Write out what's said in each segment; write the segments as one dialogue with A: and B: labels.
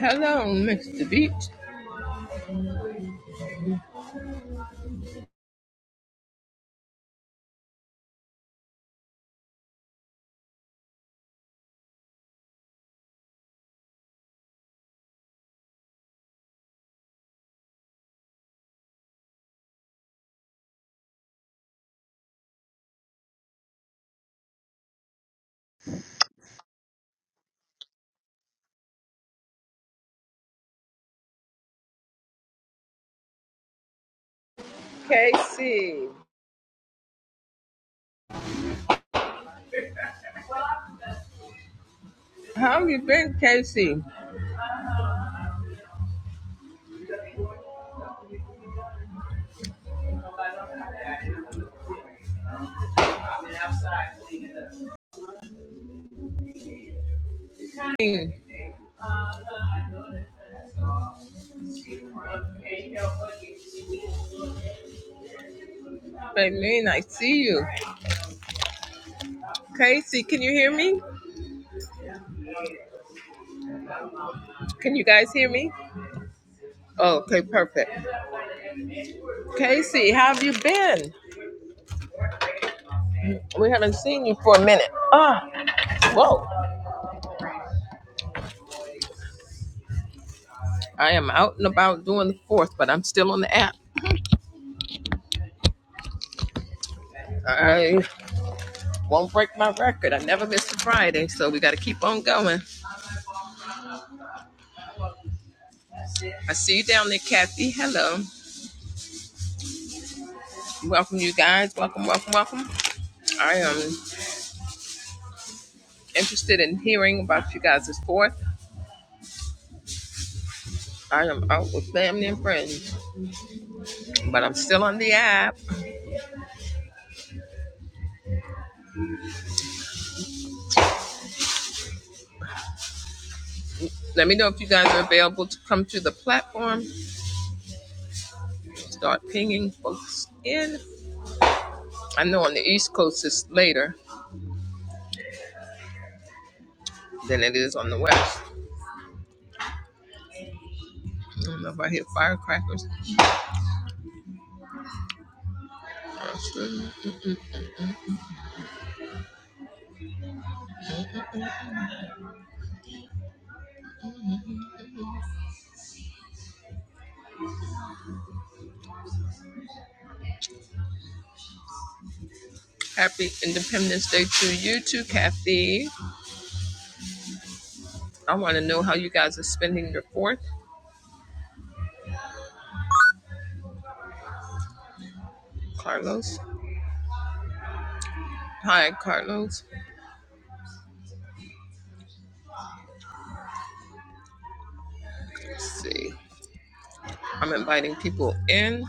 A: Hello, Mr. Beach. KC. How you been, KC? Mm, Baby, I see you. KC, can you hear me? Can you guys hear me? Oh, okay, perfect. KC, how have you been? We haven't seen you for a minute. Ah, whoa. I am out and about doing the fourth, but I'm still on the app. I Won't break my record. I never miss a Friday, so we got to keep on going. I see you down there, Kathy. Hello. Welcome, you guys. Welcome, welcome, welcome. I am interested in hearing about you guys' fourth. I am out with family and friends, but I'm still on the app. Let me know if you guys are available to come to the platform. Start pinging folks in. I know on the East Coast it's later than it is on the West. I don't know if I hear firecrackers. Happy Independence Day to you too, Kathy. I want to know how you guys are spending your fourth. Carlos. Hi, Carlos. Let's see. I'm inviting people in.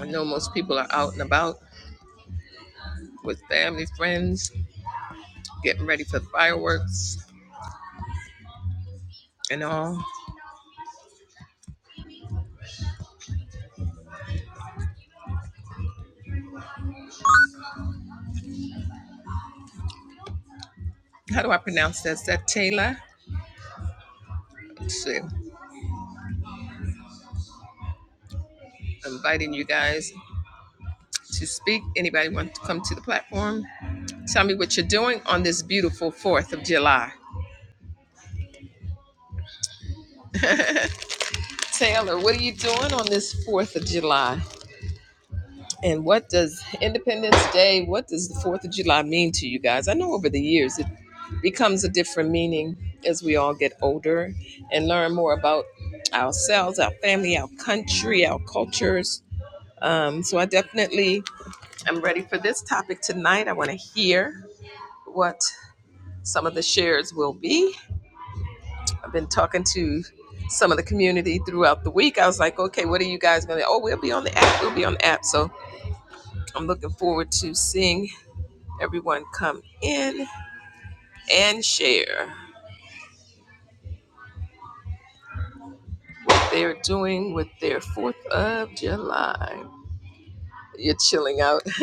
A: I know most people are out and about with family, friends, getting ready for fireworks and all. How do I pronounce that? Is that Taylor? Let's see. I'm Inviting you guys to speak. Anybody want to come to the platform? Tell me what you're doing on this beautiful 4th of July. Taylor, what are you doing on this 4th of July? And what does Independence Day, what does the 4th of July mean to you guys? I know over the years it becomes a different meaning as we all get older and learn more about ourselves, our family, our country, our cultures. Um, so I definitely am ready for this topic tonight. I want to hear what some of the shares will be. I've been talking to some of the community throughout the week. I was like, okay, what are you guys going to? Oh, we'll be on the app. We'll be on the app. So I'm looking forward to seeing everyone come in and share what they're doing with their 4th of July. You're chilling out.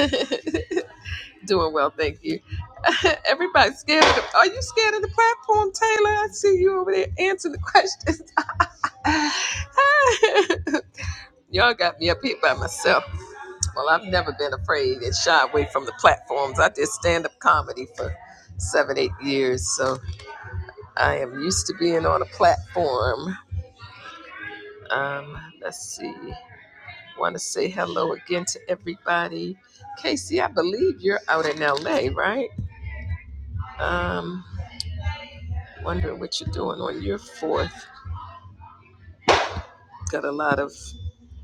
A: doing well, thank you. Everybody's scared. Of the, are you scared of the platform, Taylor? I see you over there answering the questions. Y'all got me up here by myself. Well, I've never been afraid and shy away from the platforms. I did stand up comedy for seven, eight years, so I am used to being on a platform Um, let's see. Want to say hello again to everybody. Casey, I believe you're out in LA, right? Um, wondering what you're doing on your fourth. Got a lot of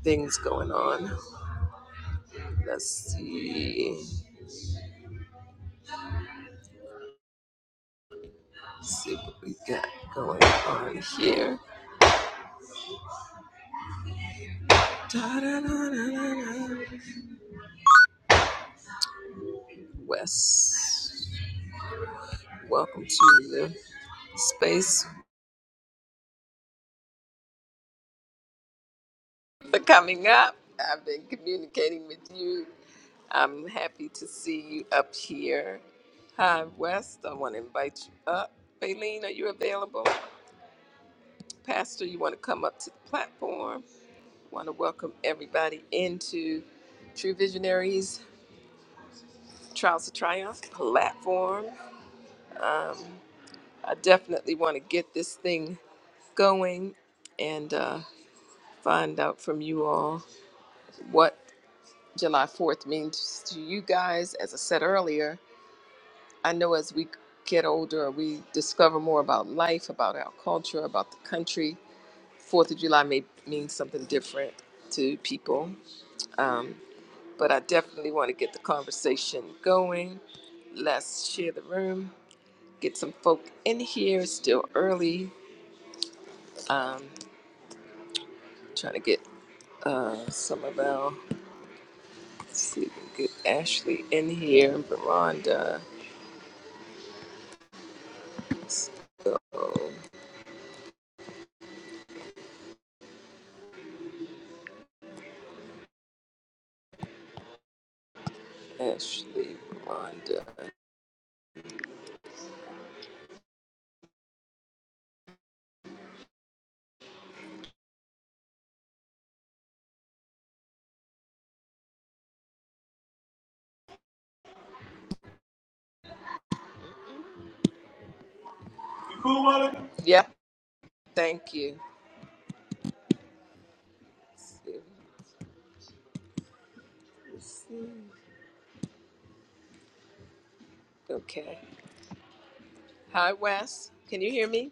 A: things going on. Let's see. see what we got going on here. Da-da-da-da-da-da. Wes, welcome to the space for coming up. I've been communicating with you I'm happy to see you up here. Hi, West. I want to invite you up. Baleen, are you available? Pastor, you want to come up to the platform? Want to welcome everybody into True Visionaries Trials of Triumph platform. Um, I definitely want to get this thing going and uh, find out from you all what July 4th means to you guys. As I said earlier, I know as we get older, we discover more about life, about our culture, about the country. Fourth of July may mean something different to people, um, but I definitely want to get the conversation going. Let's share the room, get some folk in here. It's still early. Um, trying to get uh, some of our. Let's see if we can get Ashley in here. Veranda. So Ashley, Veranda. Cool, Monica? Yep. Thank you. Let's see. Let's see. Okay. Hi, Wes. Can you hear me?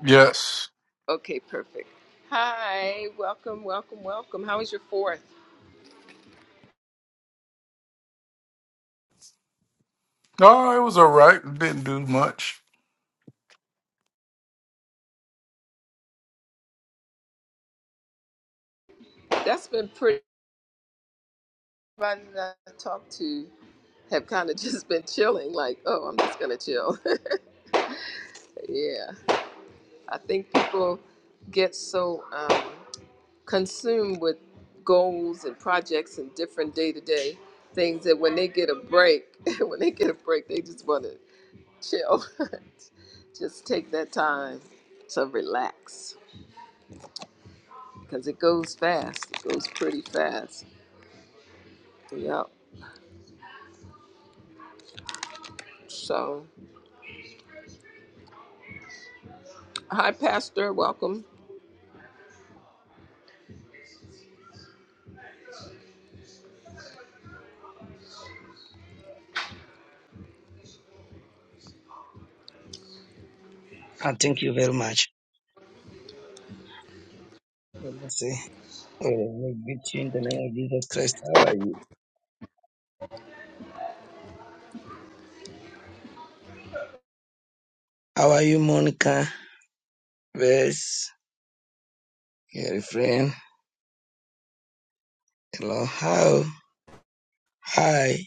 B: Yes.
A: Okay, perfect. Hi, welcome, welcome, welcome. How was your fourth?
B: No, it was all right. It didn't do much.
A: That's been pretty. Everybody that I talked to have kind of just been chilling, like, oh, I'm just going to chill. yeah. I think people get so um, consumed with goals and projects and different day to day things that when they get a break, when they get a break, they just want to chill. Just take that time to relax because it goes fast. It goes pretty fast. Yep. So, hi, Pastor. Welcome.
C: Ah, thank you very much. Let me you. Oh, we greet you in the name of Jesus Christ. How are you? How are you, Monica? Yes, your friend. Hello. How? Hi.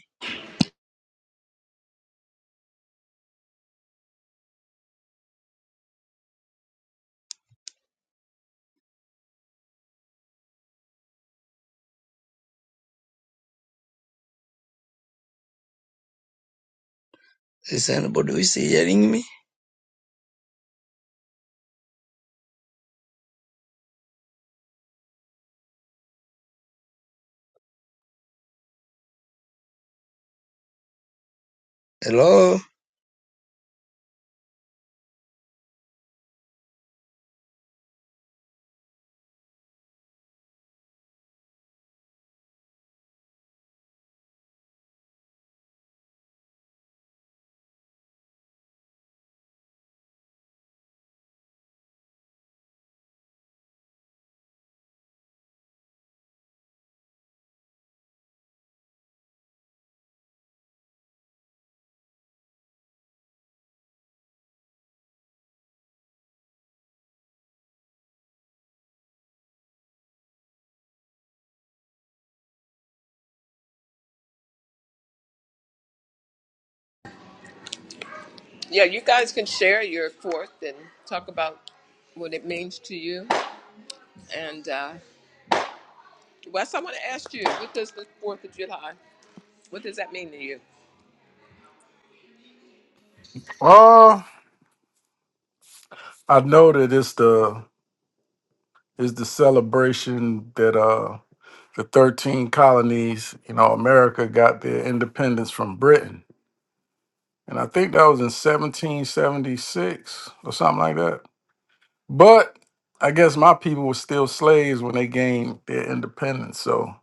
C: Is anybody who is hearing me? Hello.
A: Yeah, you guys can share your fourth and talk about what it means to you. And uh, Wes, I want to ask you, what does the Fourth of July? What does that mean to you?
B: Uh I know that it's the it's the celebration that uh the thirteen colonies, you know, America got their independence from Britain. And I think that was in seventeen seventy six or something like that. But I guess my people were still slaves when they gained their independence. So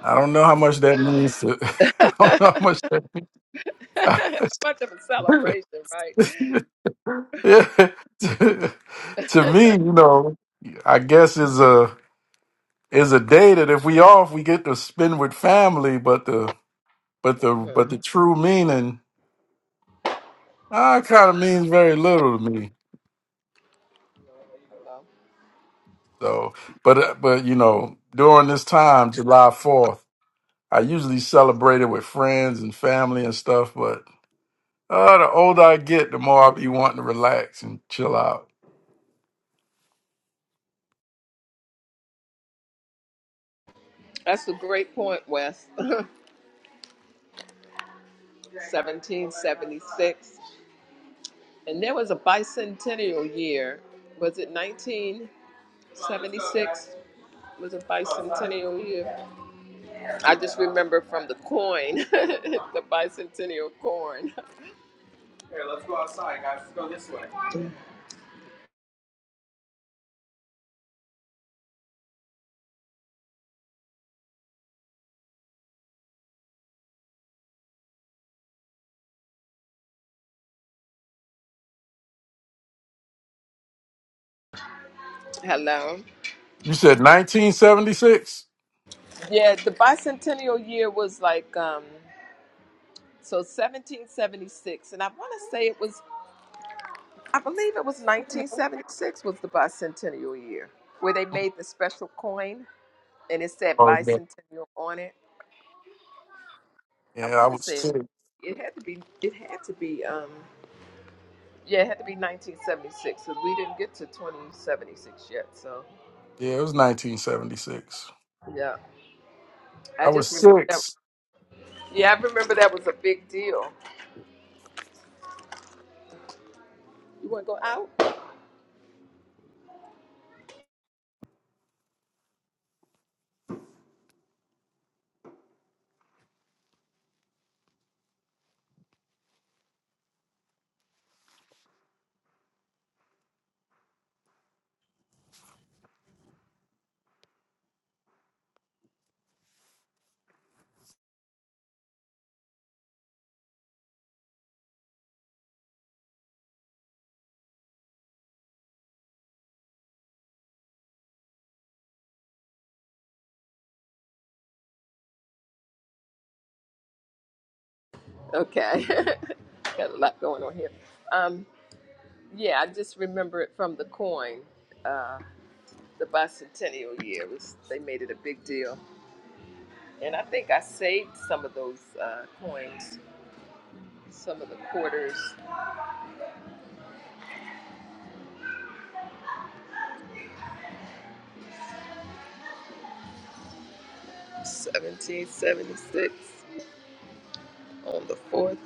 B: I don't know how much that means to I don't know how much
A: Much of a
B: that
A: celebration, right?
B: Yeah. to, to me, you know, I guess is a is a day that if we off, we get to spend with family. But the but the
A: hmm
B: but the true meaning, uh, kind of means very little to me. So, but uh, but you know, during this time, July Fourth, I usually celebrate it with friends and family and stuff. But uh, the older I get, the more I be wanting to relax and chill out.
A: That's a great point, Wes. 1776. And there was a bicentennial year. Was it 1976? Was a bicentennial year. I just remember from the coin, the bicentennial coin. Here, let's go outside, guys. Let's go this way. Hello.
B: You said 1976.
A: Yeah, the bicentennial year was like um so 1776 and I want to say it was I believe it was 1976 was the bicentennial year where they made the special coin and it said
B: Oh yeah,
A: bicentennial on it. I
B: yeah, I
A: want to
B: was.
A: say
B: sick.
A: it had to be. It had to be. Um, yeah, it had to be 1976 because we didn't get to 2076 yet. So
B: Yeah, it was 1976.
A: yeah,
B: I
A: I
B: was
A: just remember that.
B: six.
A: Yeah, I remember that was a big deal. You want to go out? Okay, got a lot going on here. Um, yeah, I just remember it from the coin. Uh, the bicentennial year It was they made it a big deal, and I think I saved some of those uh, coins, some of the quarters, 1776. on the 4th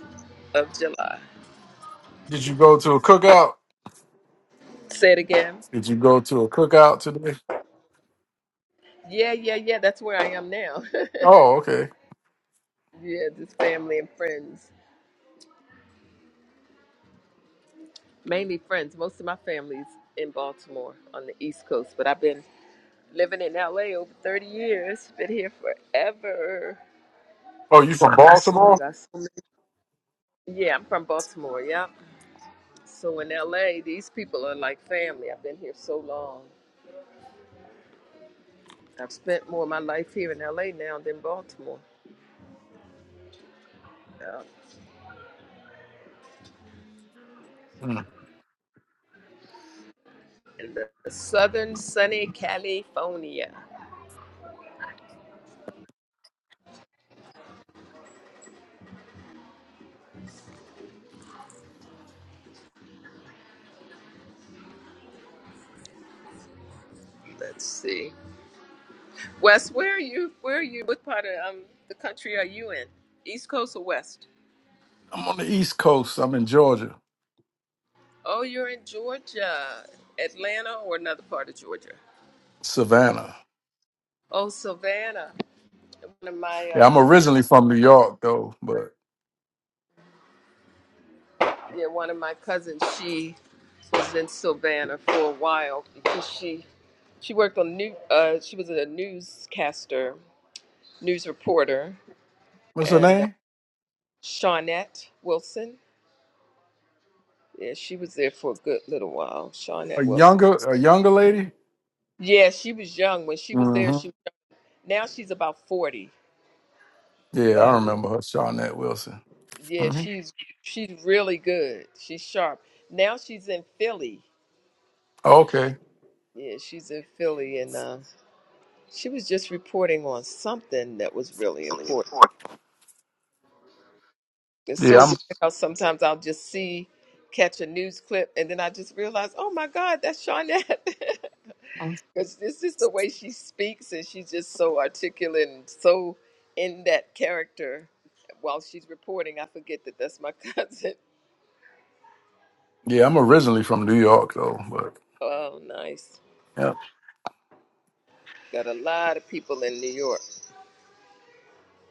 A: of July.
B: Did you go to a cookout?
A: Say it again.
B: Did you go to a cookout today?
A: Yeah, yeah, yeah. That's where I am now.
B: Oh, okay.
A: yeah, just family and friends. Mainly friends. Most of my family's in Baltimore on the East Coast, but I've been living in LA over 30 years. Been here forever.
B: Oh, you from
A: So I
B: Baltimore?
A: got so many. Yeah, I'm from Baltimore. Yep. So in LA, these people are like family. I've been here so long. I've spent more of my life here in LA now than Baltimore. Um,
B: Mm.
A: in the southern sunny California. Let's see. Wes, where are you? Where are you? What part of um, the country are you in? East Coast or West?
B: I'm on the East Coast. I'm in Georgia,
A: Oh, you're in Georgia, Atlanta, or another part of Georgia?
B: Savannah.
A: Oh, Savannah. One of my
B: Yeah, I'm
A: uh,
B: originally from New York though. But
A: yeah, one of my cousins. She was in Savannah for a while because she she worked on new. Uh, she was a newscaster, news reporter,
B: what's her
A: and uh,
B: name?
A: Shawnette Wilson. Yeah, she was there for a good little while.
B: A
A: Shawnette Wilson.
B: younger, a younger lady.
A: Yeah, she was young when she was there.
B: hmm
A: She was young. now she's about forty,
B: Yeah, I
A: but
B: remember her, Shawnette Wilson.
A: yeah,
B: hmm
A: she's she's really good. She's sharp. Now she's in Philly.
B: Okay.
A: Yeah, she's in Philly, and uh, she was just reporting on something that was really important. It's so
B: Yeah,
A: weird how sometimes I'll just see catch a news clip, and then I just realize, oh my God, that's Shawnette.
B: I'm.
A: Because this is the way she speaks, and she's just so articulate and so in that character. While she's reporting, I forget that that's my cousin.
B: Yeah, I'm originally from New York though. But
A: Oh, nice.
B: yeah.
A: Got a lot of people in New York.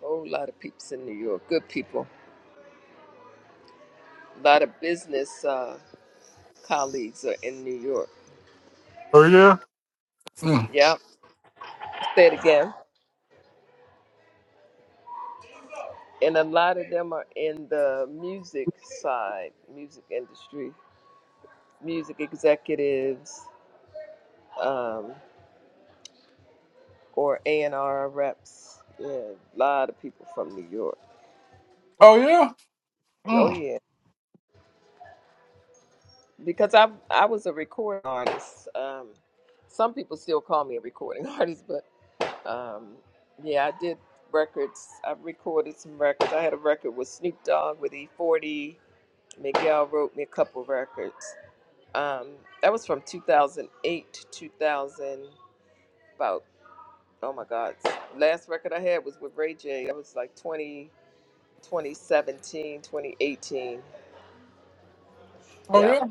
A: whole lot of peeps in New York. Good people. A lot of business uh, colleagues are in New York.
B: Oh yeah. Mm.
A: Yeah. Say it again. And a lot of them are in the music side, music industry, music executives. um, or A and R reps. Yeah, a lot of people from New York.
B: Oh yeah.
A: Oh
B: Mm.
A: yeah, because I I was a recording artist. Um, some people still call me a recording artist, but um, yeah, I did records. I recorded some records. I had a record with Snoop Dogg with E40. Miguel wrote me a couple records. Um, that was from 2008 to 2000. About oh my God, last record I had was with Ray J. That was like 20. 2017, 2018.
B: Oh
A: Yeah,
B: yeah.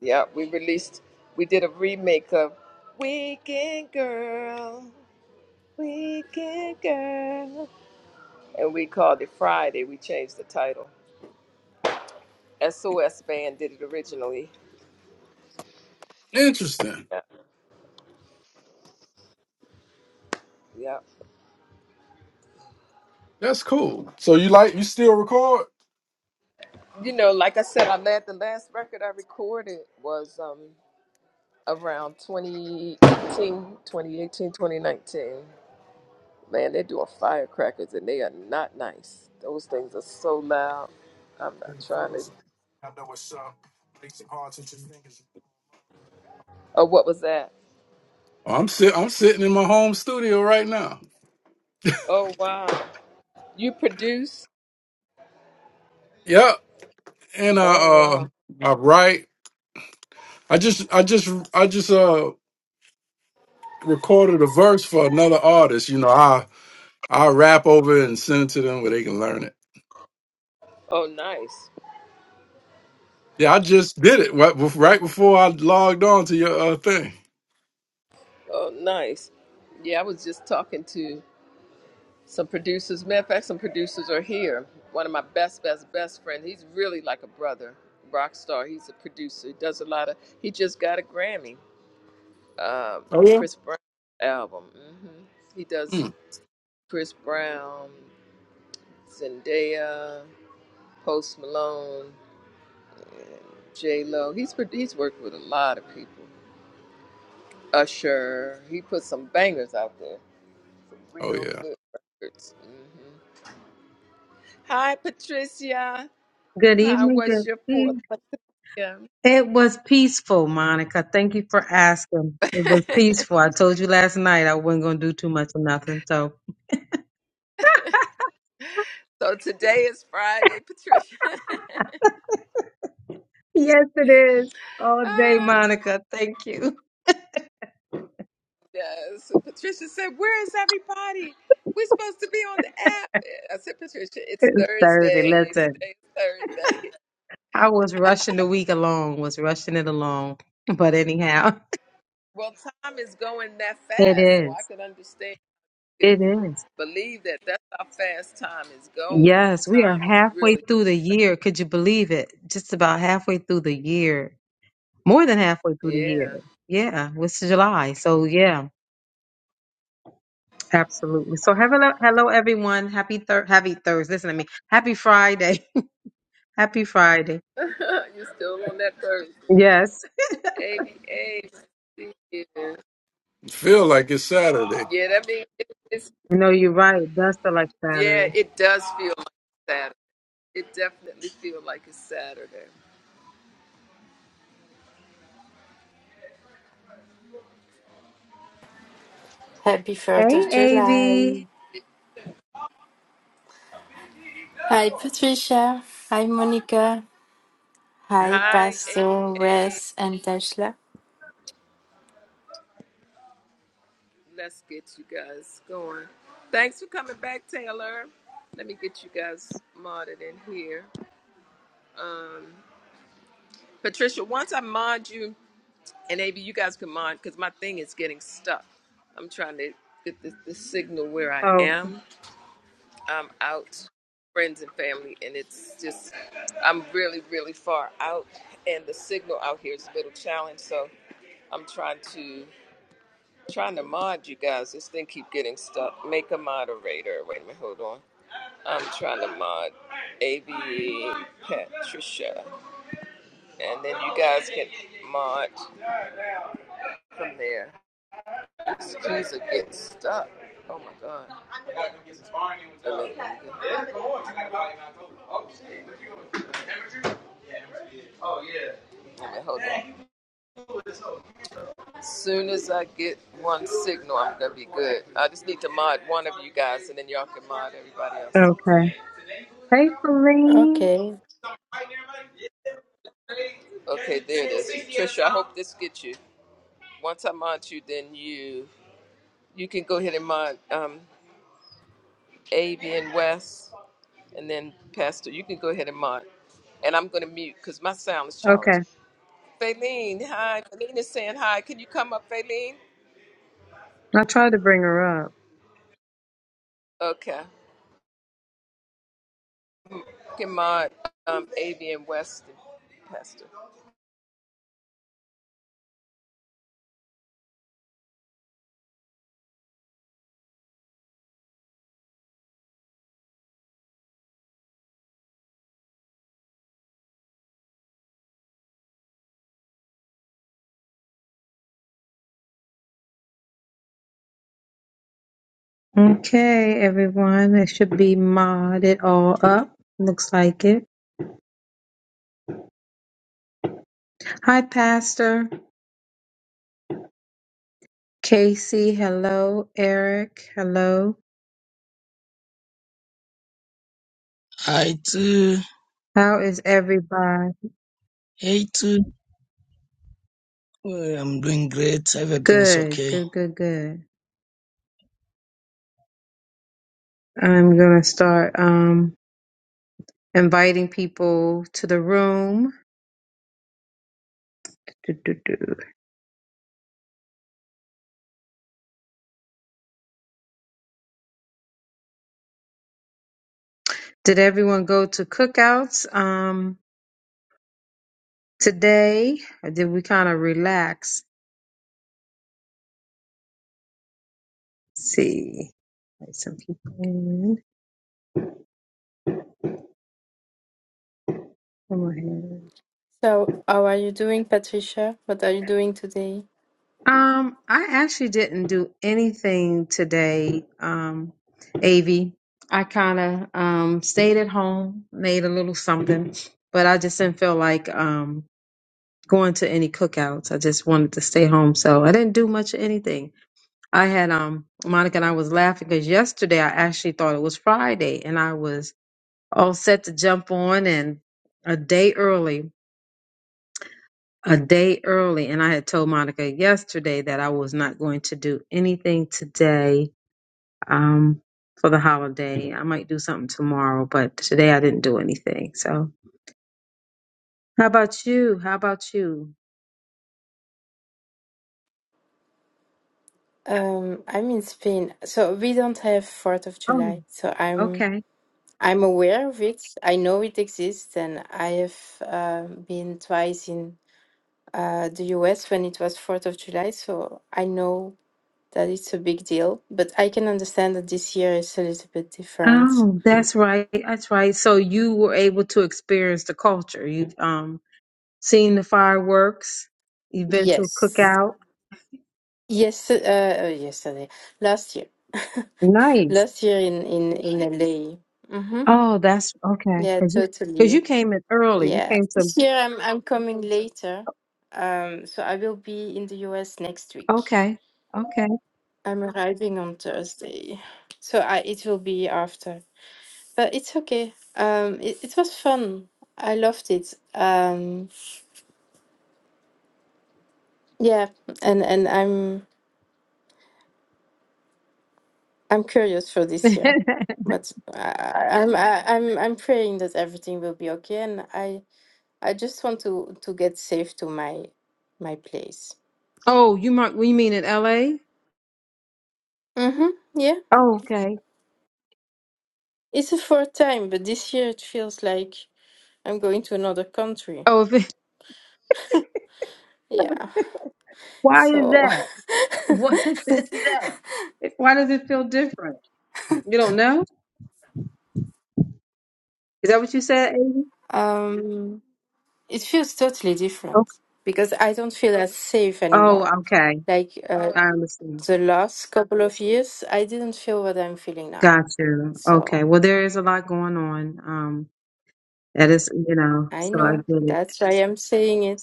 A: yeah. We released, we did a remake of Weekend Girl, Weekend Girl. And we called it Friday. We changed the title. SOS Band did it originally.
B: Interesting.
A: Yeah. Yeah.
B: That's cool. So you like you still record?
A: You know, like I said, I led the last record I recorded was um around 2018, 2018, 2019. Man, they're doing firecrackers and they are not nice. Those things are so loud. I'm not trying to. Oh, what was that?
B: I'm sit I'm sitting in my home studio right now.
A: Oh, wow. You produce?
B: Yep. And I
A: Oh,
B: uh
A: wow.
B: I write. I just I just I just uh recorded a verse for another artist. You know, I I rap over it and send it to them where they can learn it.
A: Oh, nice.
B: Yeah, I just did it right, bef- right before I logged on to your uh, thing.
A: Oh, nice. Yeah, I was just talking to some producers. Matter of fact, some producers are here. One of my best, best, best friend. He's really like a brother, rock star. He's a producer. He does a lot of. He just got a Grammy. Um,
B: Oh yeah.
A: Chris Brown album. hmm He does
B: Mm.
A: Chris Brown. Zendaya, Post Malone, and J Lo. He's pro- he's worked with a lot of people. Usher. He put some bangers out there. Some
B: Oh
A: real
B: yeah.
A: good records. hmm Hi, Patricia.
D: Good
A: How
D: evening.
A: was
D: Good
A: your fourth
D: evening.
A: p.m.?
D: It was peaceful, Monica. Thank you for asking. It was peaceful. I told you last night I wasn't going to do too much of nothing. So,
A: so today is Friday, Patricia.
D: yes, it is. All day,
A: ah,
D: Monica. Thank you.
A: yes. Patricia said, "Where is everybody? We're supposed to be on the app." I said, "Patricia, it's
D: It's Thursday.
A: Thursday.
D: Listen,
A: Today's Thursday."
D: I was rushing the week along, was rushing it along. But anyhow,
A: Well, time is going that
D: it
A: fast, so I
D: is.
A: could understand, could
D: It is.
A: believe that that's how fast time is going.
D: Yes, we are
A: Time is
D: halfway
A: really,
D: through the year. Could you believe it? Just about halfway through the year. More than halfway through the year.
A: yeah.
D: Yeah, it's July. So, yeah. Absolutely. So hello, hello everyone. Happy thir- happy Thursday. Listen to me. Happy Friday. happy Friday.
A: You're still on that Thursday.
D: Yes.
A: ABA. Yeah,
B: Feel like it's Saturday.
A: yeah that means it, it's,
D: No, you're right. That's the like
A: yeah,
D: Saturday.
A: it does feel like Saturday. It definitely feels like it's Saturday.
E: Happy 4th of
D: Hey,
E: July.
D: Avi.
E: Hi, Patricia. Hi, Monica. Hi,
A: Hi,
E: Pastor,
A: ABA.
E: Wes, and Tesla.
A: Let's get you guys going. Thanks for coming back, Taylor. Let me get you guys modded in here. Um, Patricia, once I mod you, and maybe you guys can mod because my thing is getting stuck. I'm trying to get the, the signal where I
D: Oh,
A: am. I'm out, friends and family, and it's just, I'm really, really far out, and the signal out here is a little challenged. So I'm trying to trying to mod you guys. This thing keep getting stuck. Make a moderator. Wait a minute, hold on. I'm trying to mod AB Patricia, and then you guys can mod. from there. These kids are getting stuck. Oh my god. Oh yeah. me hold on. As Soon as I get one signal, I'm gonna be good. I just need to mod one of you guys, and then y'all can mod everybody else.
D: okay. Hey, Feline.
E: Okay.
A: Okay, there it is. Trisha, I hope this gets you. Once I mod you, then you You can go ahead and mod um, Avi and Wes, and then Pastor. You can go ahead and mod. And I'm going to mute because my sound is
D: Okay.
A: challenged. Faylene, hi. Faylene is saying hi. Can you come up, Faylene?
D: I tried to bring her up.
A: Okay. You can mod um, Avi and Wes, and Pastor.
D: Okay, everyone. It should be modded all up. Looks like it. Hi, Pastor. Casey. Hello. Eric. Hello.
C: Hi too.
D: How is everybody?
C: Hey too. Well, I'm doing great. Everything is
D: Good.
C: okay.
D: Good, good, good. I'm gonna start um inviting people to the room. Do, do, do. Did everyone go to cookouts um today? Or did we kind of relax? Let's see. Let some people in. Come on here.
E: So, how are you doing, Patricia? What are you doing today?
D: Um, I actually didn't do anything today, um, Avi. I kind of um stayed at home, made a little something, but I just didn't feel like um, going to any cookouts. I just wanted to stay home, so I didn't do much of anything. I had um Monica and I was laughing because yesterday I actually thought it was Friday, and I was all set to jump on and a day early, a day early, and I had told Monica yesterday that I was not going to do anything today um for the holiday. I might do something tomorrow, but today I didn't do anything. So how about you? How about you?
E: Um, I'm in Spain, so we don't have 4th of
D: Oh,
E: July. So I'm
D: okay.
E: I'm aware of it. I know it exists, and I have uh, been twice in uh, the US when it was 4th of July. So I know that it's a big deal, but I can understand that this year is a little bit different.
D: Oh, that's right. That's right. So you were able to experience the culture. You've um seen the fireworks. You've been to a
E: Yes.
D: cookout.
E: Yes, uh, uh, yesterday, last year,
D: Nice.
E: last year in in in LA. Mm-hmm.
D: Oh, that's okay.
E: Yeah,
D: Cause you, cause
E: totally.
D: you came in early. You
E: Yeah,
D: came to.
E: this year I'm I'm coming later, um, so I will be in the US next week.
D: Okay. Okay.
E: I'm arriving on Thursday, so I it will be after, but it's okay. Um, it, it was fun. I loved it. Um, yeah, and and I'm. I'm curious for this year, but I, I'm I, I'm I'm praying that everything will be okay, and I I just want to to get safe to my my place.
D: oh, you might. We mean in L.A.
E: Mm-hmm. Yeah,
D: Oh, okay.
E: it's a fourth time, but this year it feels like I'm going to another country.
D: Oh, if it,
E: Yeah,
D: why is
E: so
D: that? What?
E: yeah.
D: why does it feel different? You don't know? Is that what you said, Amy?
E: um, it feels totally
D: Okay.
E: different because I don't feel as safe
D: Oh,
E: anymore.
D: okay.
E: Like uh,
D: I understand.
E: the last couple of years, I didn't feel what I'm feeling now.
D: Got you.
E: So.
D: Okay. Well, there is a lot going on. Um, that is, you know,
E: I
D: so I
E: know.
D: get it.
E: That's why I'm saying it.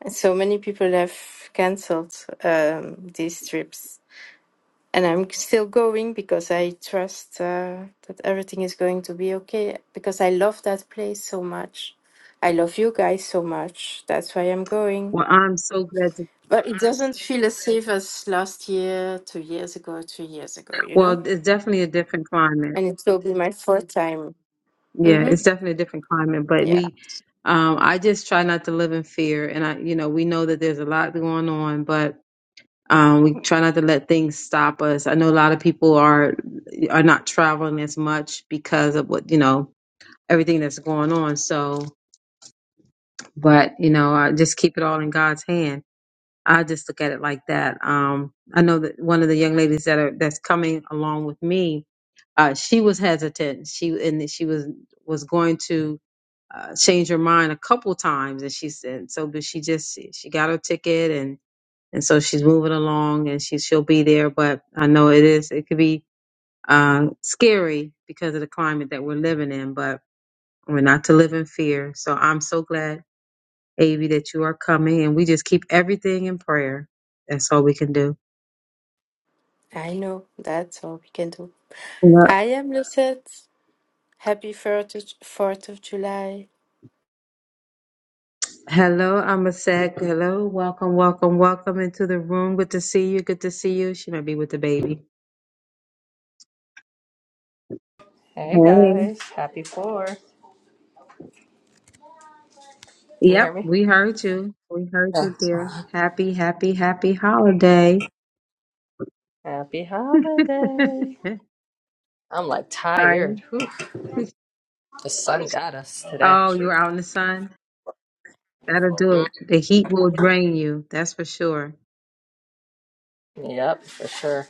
E: And So many people have cancelled um, these trips. And I'm still going because I trust uh, that everything is going to be okay because I love that place so much. I love you guys so much. That's why I'm going.
D: Well, I'm so glad to,
E: But it doesn't feel as safe as last year, two years ago, three years ago, you know?
D: well, it's definitely a different climate.
E: And it will be my fourth time.
D: Yeah,
E: Mm-hmm.
D: it's definitely a different climate, but
E: Yeah,
D: we, um, I just try not to live in fear. And I, you know, we know that there's a lot going on, but, um, we try not to let things stop us. I know a lot of people are, are not traveling as much because of what, you know, everything that's going on. So, but, you know, I just keep it all in God's hand I just look at it like that. Um, I know that one of the young ladies that are that's coming along with me, uh, she was hesitant. She and she was was going to uh, change her mind a couple times, and she said so. But she just she got her ticket, and and so she's moving along, and she she'll be there. But I know it is it could be uh, scary because of the climate that we're living in, but we're not to live in fear. So I'm so glad Avi, that you are coming, and we just keep everything in prayer. That's all we can do.
E: I know. That's all we can do.
D: Yep.
E: I am Lucette. Happy 4th 4th of July.
D: Hello, I'm a sec. Hello, welcome, welcome, welcome into the room. Good to see you. Good to see you. She might be with the baby.
F: Hey
D: Hey.
F: guys, happy four. You hear
D: Yep,
F: me?
D: we heard you. We heard
F: Yeah.
D: you, dear. Happy, happy, happy holiday.
F: Happy holiday. I'm like
D: Are you?
F: tired. Whew. The sun got us today.
D: Oh, you are out in the sun? That'll do
F: Mm,
D: it. The heat will drain you. That's for sure.
F: yep, for sure.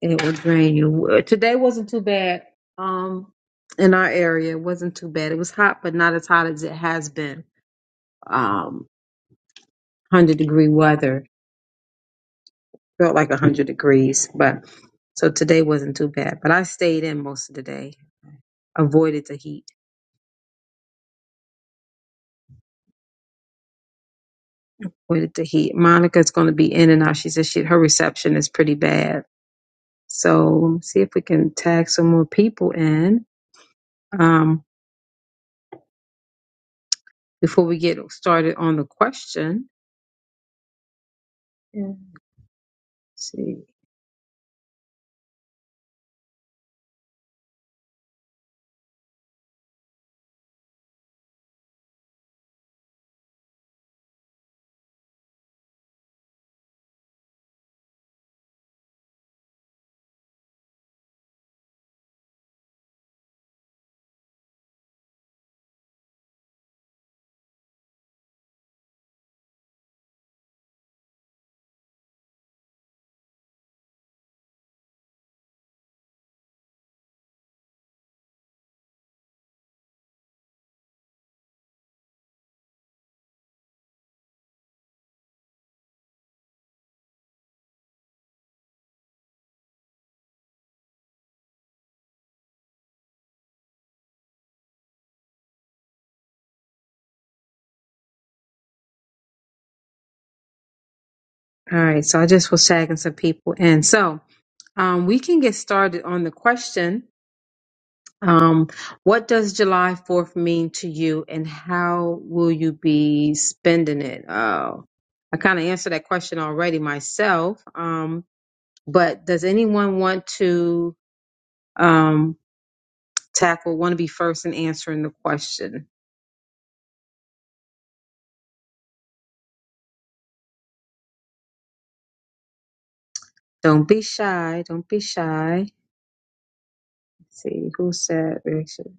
D: It will drain you. Uh, Today wasn't too bad. Um, in our area, it wasn't too bad. It was hot, but not as hot as it has been. Um, hundred degree weather felt like a hundred degrees, but so today wasn't too bad. But I stayed in most of the day, avoided the heat, avoided the heat. Monica's going to be in and out. She said she her reception is pretty bad, so let me see if we can tag some more people in um before we get started on the question. Yeah. See. All right, so I just was tagging some people in. So um, we can get started on the question um, What does July 4th mean to you, and how will you be spending it? Oh, I kind of answered that question already myself, um, but does anyone want to um, tackle, want to be first in answering the question? Don't be shy. Don't be shy. Let's see who said,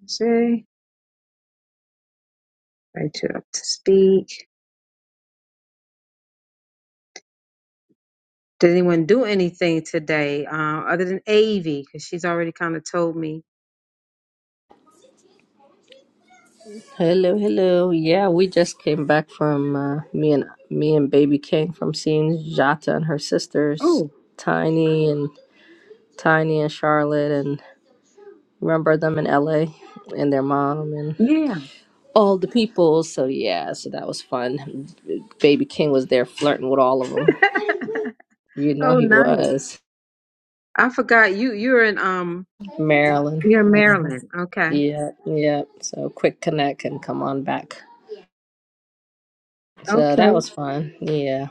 D: say, right you up to speak. Did anyone do anything today uh, other than Avie? Because she's already kind of told me.
F: Hello, hello. Yeah, we just came back from uh, me and me and baby came from seeing Jata and her sisters,
D: Oh,
F: Tiny and Tiny and Charlotte, and remember them in LA and their mom and
D: yeah.
F: all the people. So yeah, so that was fun. Baby King was there flirting with all of them. You know
D: oh,
F: he
D: nice.
F: was.
D: I forgot you. You're in um.
F: Maryland.
D: You're in
F: hmm
D: Maryland. Okay.
F: Yeah, yeah. So quick connect and come on back. So that
D: Okay.
F: was fun. Yeah.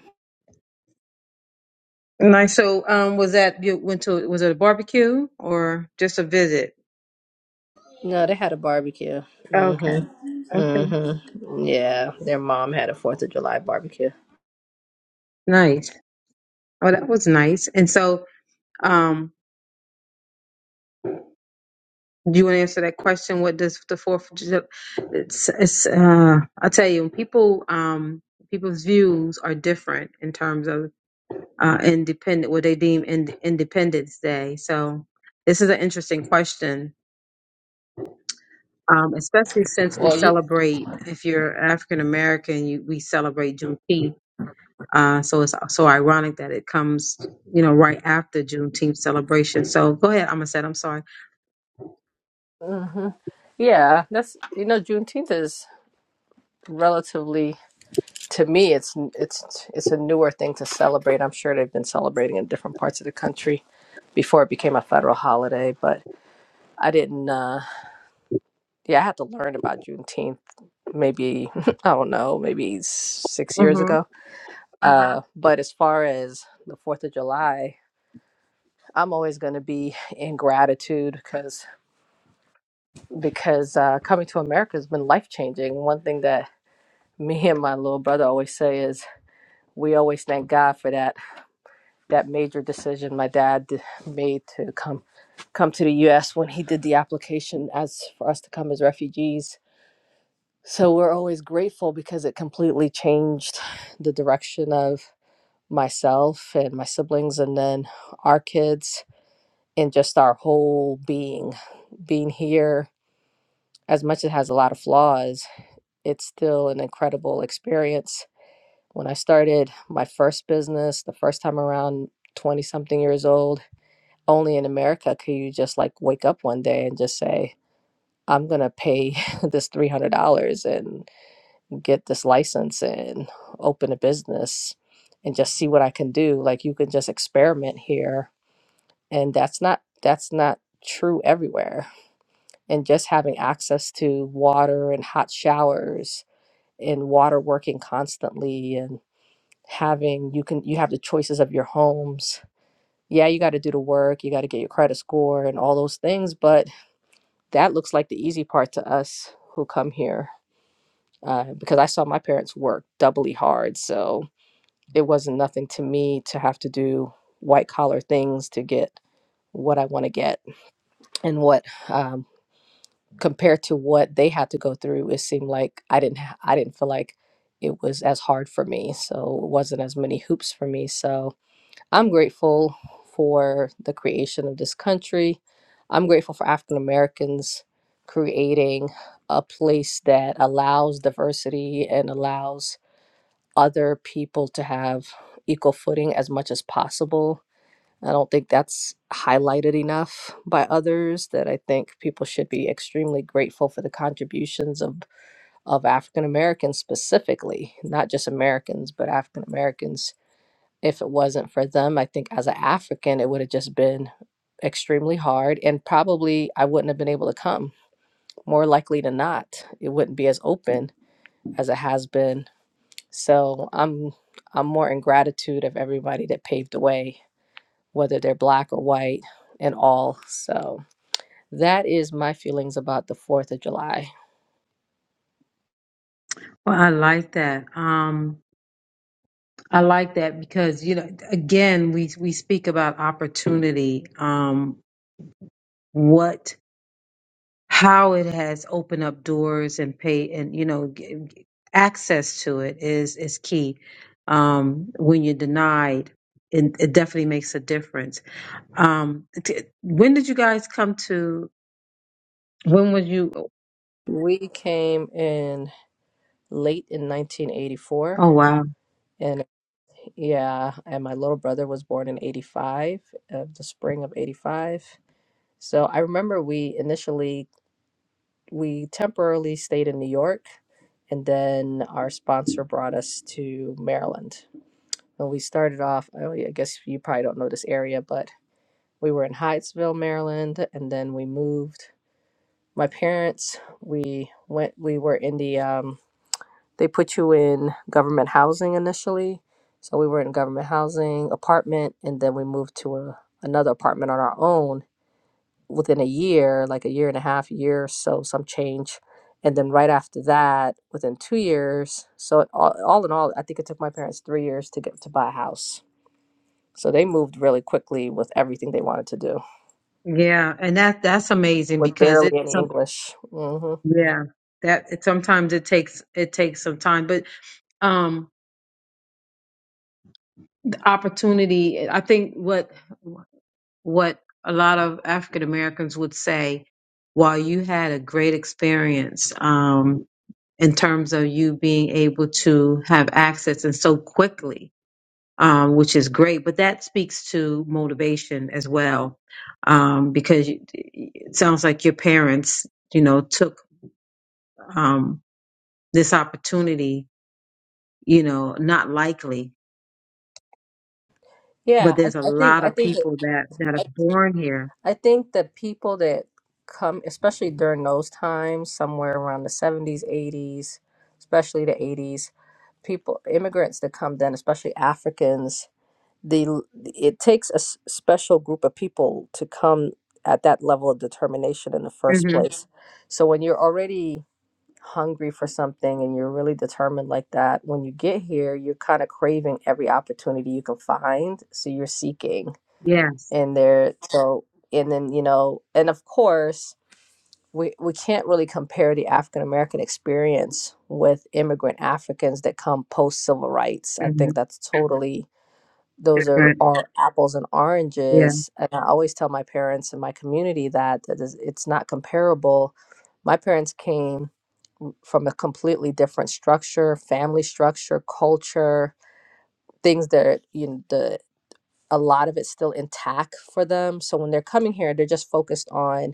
D: Nice. So, um, was that you went to? Was it a barbecue or just a visit?
F: No, they had a barbecue.
D: Okay.
F: Mhm.
D: Okay.
F: Mhm. Yeah, their mom had a Fourth of July barbecue.
D: Nice. Oh, that was nice. And so, um, Do you want to answer that question? What does the Fourth of July? It's, it's uh, I'll tell you, people, um, people's views are different in terms of uh, independent, what they deem in, Independence Day. So this is an interesting question, um, especially since we
F: Well, you,
D: celebrate. If you're African American, you, we celebrate Juneteenth. Uh, so it's so ironic that it comes, you know, right after Juneteenth celebration. So go ahead, I'm gonna say, I'm sorry. hmm
F: hmm yeah, that's you know Juneteenth is relatively to me it's it's it's a newer thing to celebrate. I'm sure they've been celebrating in different parts of the country before it became a federal holiday, but I didn't. Uh, yeah, I had to learn about Juneteenth maybe, I don't know, maybe six years ago. Uh, but as far as the Fourth of July, I'm always going to be in gratitude because because uh, coming to America has been life changing. One thing that me and my little brother always say is we always thank God for that that major decision my dad d- made to come come to the U.S. when he did the application as for us to come as refugees So we're always grateful because it completely changed the direction of myself and my siblings and then our kids and just our whole being. Being here, as much as it has a lot of flaws, it's still an incredible experience. When I started my first business, the first time around 20 something years old, only in America could you just like wake up one day and just say, I'm going to pay this $300. get this license and open a business and just see what I can do. Like you can just experiment here and that's not that's not true everywhere. And just having access to water and hot showers and water working constantly and having you can you have the choices of your homes. Yeah, you got to do the work, you got to get your credit score and all those things, but that looks like the easy part to us who come here. Uh, because I saw my parents work doubly hard, so it wasn't nothing to me to have to do white collar things to get what I want to get and what um, compared to what they had to go through it seemed like I didn't ha- I didn't feel like it was as hard for me so it wasn't as many hoops for me so I'm grateful for the creation of this country I'm grateful for African Americans creating a place that allows diversity and allows other people to have equal footing as much as possible. I don't think that's highlighted enough by others that I think people should be extremely grateful for the contributions of, of African Americans specifically, not just Americans, but African Americans. If it wasn't for them, I think as an African, it would have just been extremely hard and probably I wouldn't have been able to come. More likely than not, it wouldn't be as open as it has been so I'm I'm more in gratitude of everybody that paved the way, whether they're black or white and all. So that is my feelings about the 4th of July.
D: Well, I like that. Um, I like that because you know, again, we we speak about opportunity. Um, what how it has opened up doors and pay and you know g- g- access to it is is key um when you're denied it, it definitely makes a difference um t- when did you guys come to when was you
F: We came in late in 1984
D: oh wow
F: and yeah, and my little brother was born in 85, of the spring of 85. So I remember we initially we temporarily stayed in New York and then our sponsor brought us to Maryland When we started off, I I guess you probably don't know this area, but we were in Hyattsville, Maryland, and then we moved. My parents, we went, we were in the, um, they put you in government housing initially. So we were in government housing apartment, and then we moved to a, another apartment on our own within a year, like a year and a half, year or so, some change. And then right after that, within two years, so all, all in all, I think it took my parents three years to get to buy a house so they moved really quickly with everything they wanted to do
D: yeah and that that's amazing
F: with
D: because it
F: barely any
D: some
F: English. hmm
D: yeah that it, sometimes it takes it takes some time but um the opportunity i think what what a lot of African Americans would say, while you had a great experience um, in terms of you being able to have access and so quickly, um, which is great, but that speaks to motivation as well, um, because you- it sounds like your parents, you know, took um, this opportunity, you know, not likely, but
F: Yeah, I,
D: there's a
F: I think
D: lot
F: I
D: of
F: think that-
D: people that that are
F: I
D: born here
F: think that people that come, especially during those times, somewhere around the seventies, eighties, especially the eighties, people immigrants that come then, especially Africans, the it takes a s- special group of people to come at that level of determination in the first Mhm.
D: Mm-hmm.
F: place. So when you're already hungry for something and you're really determined like that, when you get here, you're kind of craving every opportunity you can find. So you're seeking.
D: Yes.
F: And there, so, and then, you know, and of course, we, we can't really compare the African American experience with immigrant Africans that come post civil rights. I
D: Mm-hmm.
F: think that's totally, those are,
D: Different.
F: are apples and
D: Yeah.
F: oranges. And I always tell my parents and my community that, that is, it's not comparable. My parents came from a completely different structure, family structure, culture, things that you know, the a lot of it's still intact for them. So when they're coming here, they're just focused on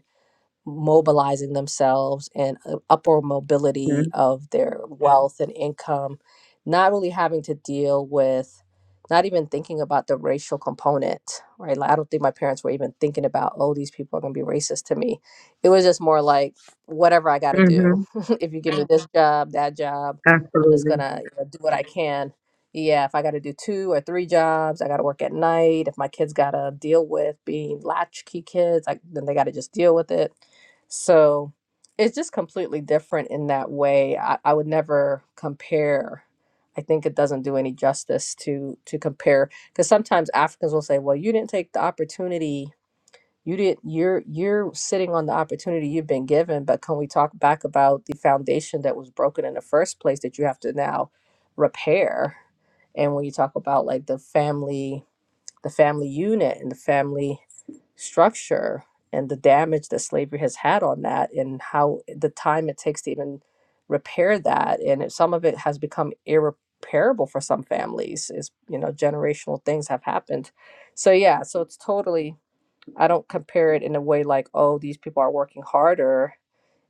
F: mobilizing themselves and uh, upward mobility
D: Mm-hmm.
F: of their Yeah. wealth and income, not really having to deal with, not even thinking about the racial component, right? Like, I don't think my parents were even thinking about, oh, these people are going to be racist to me. It was just more like, whatever I got to do.
D: Mm-hmm.
F: if you give me this Mhm. job, that job, I'm just going
D: Absolutely.
F: to do what I Mhm. can. Yeah, if I got to do two or three jobs, I got to work at night. If my kids got to deal with being latchkey kids, like then they got to just deal with it so it's just completely different in that way. I, I would never compare. I think it doesn't do any justice to to compare because sometimes Africans will say, "Well, you didn't take the opportunity. You didn't. You're you're sitting on the opportunity you've been given." But can we talk back about the foundation that was broken in the first place that you have to now repair? And when you talk about like the family the family unit and the family structure and the damage that slavery has had on that and how the time it takes to even repair that and it, some of it has become irreparable for some families is you know generational things have happened so yeah so it's totally i don't compare it in a way like oh these people are working harder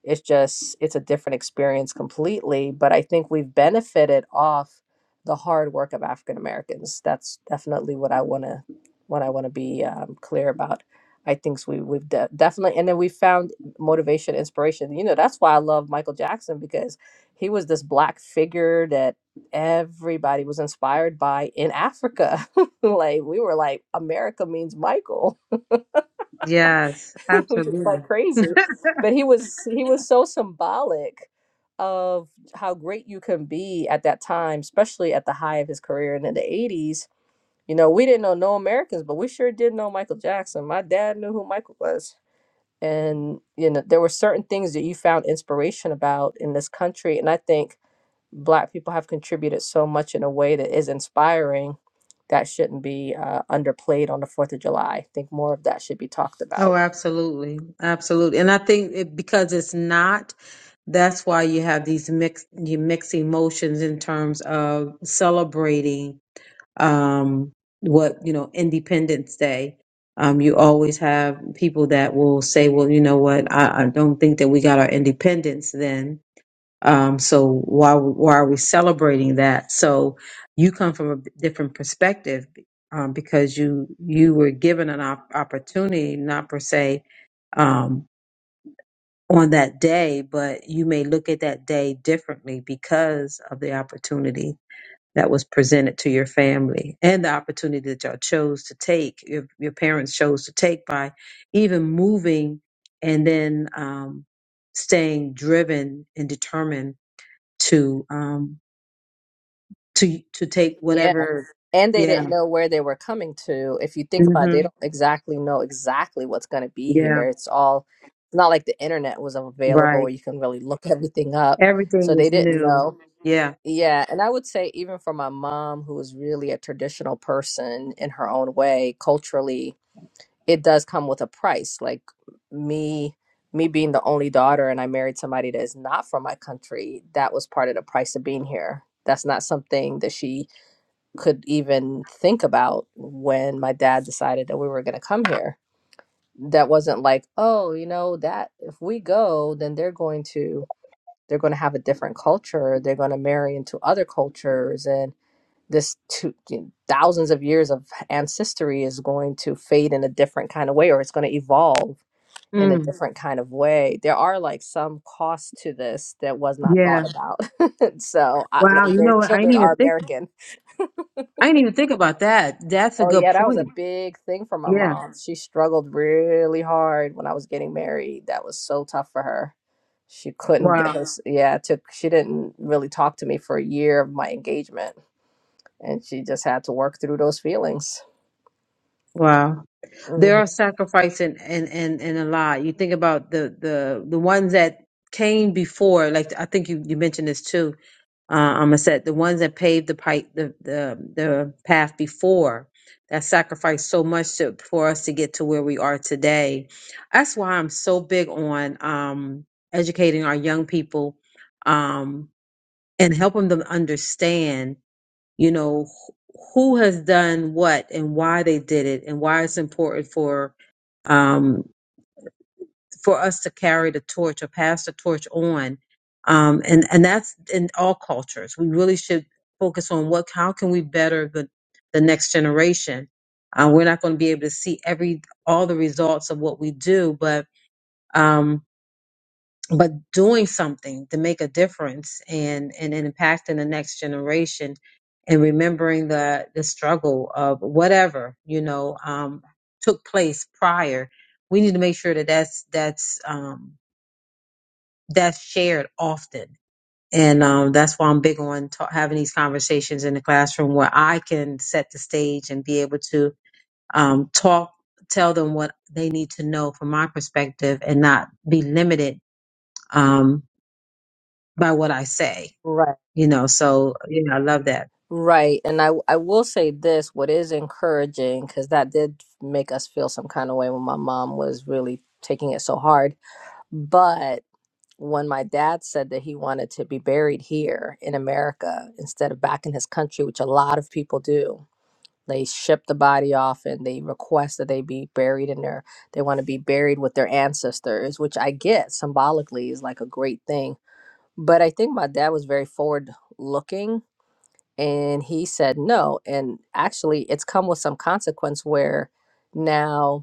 F: it's just, it's a different experience completely. But I think we've benefited off the hard work of African Americans. That's definitely what I want to, what I want to be um, clear about. I think we, we've de- definitely, and then we found motivation, inspiration. You know, that's why I love Michael Jackson because he was this black figure that everybody was inspired by in Africa. like we were like, America means Michael
D: Yes.
F: which is like
D: Absolutely.
F: crazy. But he was he was so symbolic of how great you can be at that time, especially at the high of his career. And in the eighties, you know, we didn't know no Americans, but we sure did know Michael Jackson. My dad knew who Michael was. And you know, there were certain things that you found inspiration about in this country. And I think black people have contributed so much in a way that is inspiring that shouldn't be uh, underplayed on the fourth of july i think more of that should be talked
D: Oh,
F: about
D: absolutely. Absolutely. And I think it, because it's not That's why you have these mixed you mix emotions in terms of celebrating um, what you know Independence Day. Um, you always have people that will say, "Well, you know what? I, I don't think that we got our independence then. Um, so why why are we celebrating that?" So you come from a different perspective um, because you you were given an op- opportunity, not per se. Um, on that day, but you may look at that day differently because of the opportunity that was presented to your family and the opportunity that y'all chose to take, your, your parents chose to take by even moving and then um, staying driven and determined to um, to to take
F: Yeah.
D: whatever.
F: and they
D: Yeah.
F: didn't know where they were coming to. If you think about it,
D: hmm
F: they don't exactly know exactly what's going to be
D: Yeah.
F: here. It's all it's not like the internet was available
D: Right.
F: where you can really look everything up.
D: Everything
F: So they
D: was
F: didn't
D: new.
F: know.
D: Yeah.
F: Yeah, and I would say even for my mom who is really a traditional person in her own way, culturally, it does come with a price. Like me me being the only daughter and I married somebody that is not from my country, that was part of the price of being here. That's not something that she could even think about when my dad decided that we were going to come here that wasn't like oh you know that if we go then they're going to they're going to have a different culture they're going to marry into other cultures and this two, you know, thousands of years of ancestry is going to fade in a different kind of way or it's going to evolve in a Mhm.
D: Mm,
F: different kind of way there are like some costs to this that was not
D: yeah.
F: thought about so I,
D: Wow.
F: like
D: You
F: their
D: know what? I didn't
F: children
D: even
F: are
D: think.
F: american
D: I didn't even think about that. That's a
F: Oh
D: good
F: yeah, that was a
D: point.
F: big thing for my
D: Yeah.
F: mom. She struggled really hard when I was getting married. That was so tough for her. She couldn't get
D: Wow.
F: us. Yeah, it took she didn't really talk to me for a year of my engagement, and she just had to work through those feelings.
D: Wow. There
F: hmm
D: are sacrifice and and and and a lot. You think about the the the ones that came before. Like I think you you mentioned this too. Uh, I'm gonna say the ones that paved the pipe the the the path before that sacrificed so much to, for us to get to where we are today. That's why I'm so big on um educating our young people um and helping them understand you know wh- who has done what and why they did it and why it's important for um for us to carry the torch or pass the torch on um and and that's in all cultures we really should focus on what how can we better the the next generation uh, we're not going to be able to see every all the results of what we do but um, but doing something to make a difference and and, impacting the next generation and remembering the the struggle of whatever you know um, took place prior we need to make sure that that's that's um, that's shared often and um, that's why i'm big on ta- having these conversations in the classroom where i can set the stage and be able to um, talk tell them what they need to know from my perspective and not be limited um, by what i say
F: Right.
D: you know so yeah i love that
F: Right, and I I will say this: what is encouraging, because that did make us feel some kind of way when my mom was really taking it so hard, but. when my dad said that he wanted to be buried here in America instead of back in his country, which a lot of people do. They ship the body off and they request that they be buried in their, they want to be buried with their ancestors, which I get symbolically is like a great thing. But I think my dad was very forward looking and he said no. And actually, it's come with some consequence where now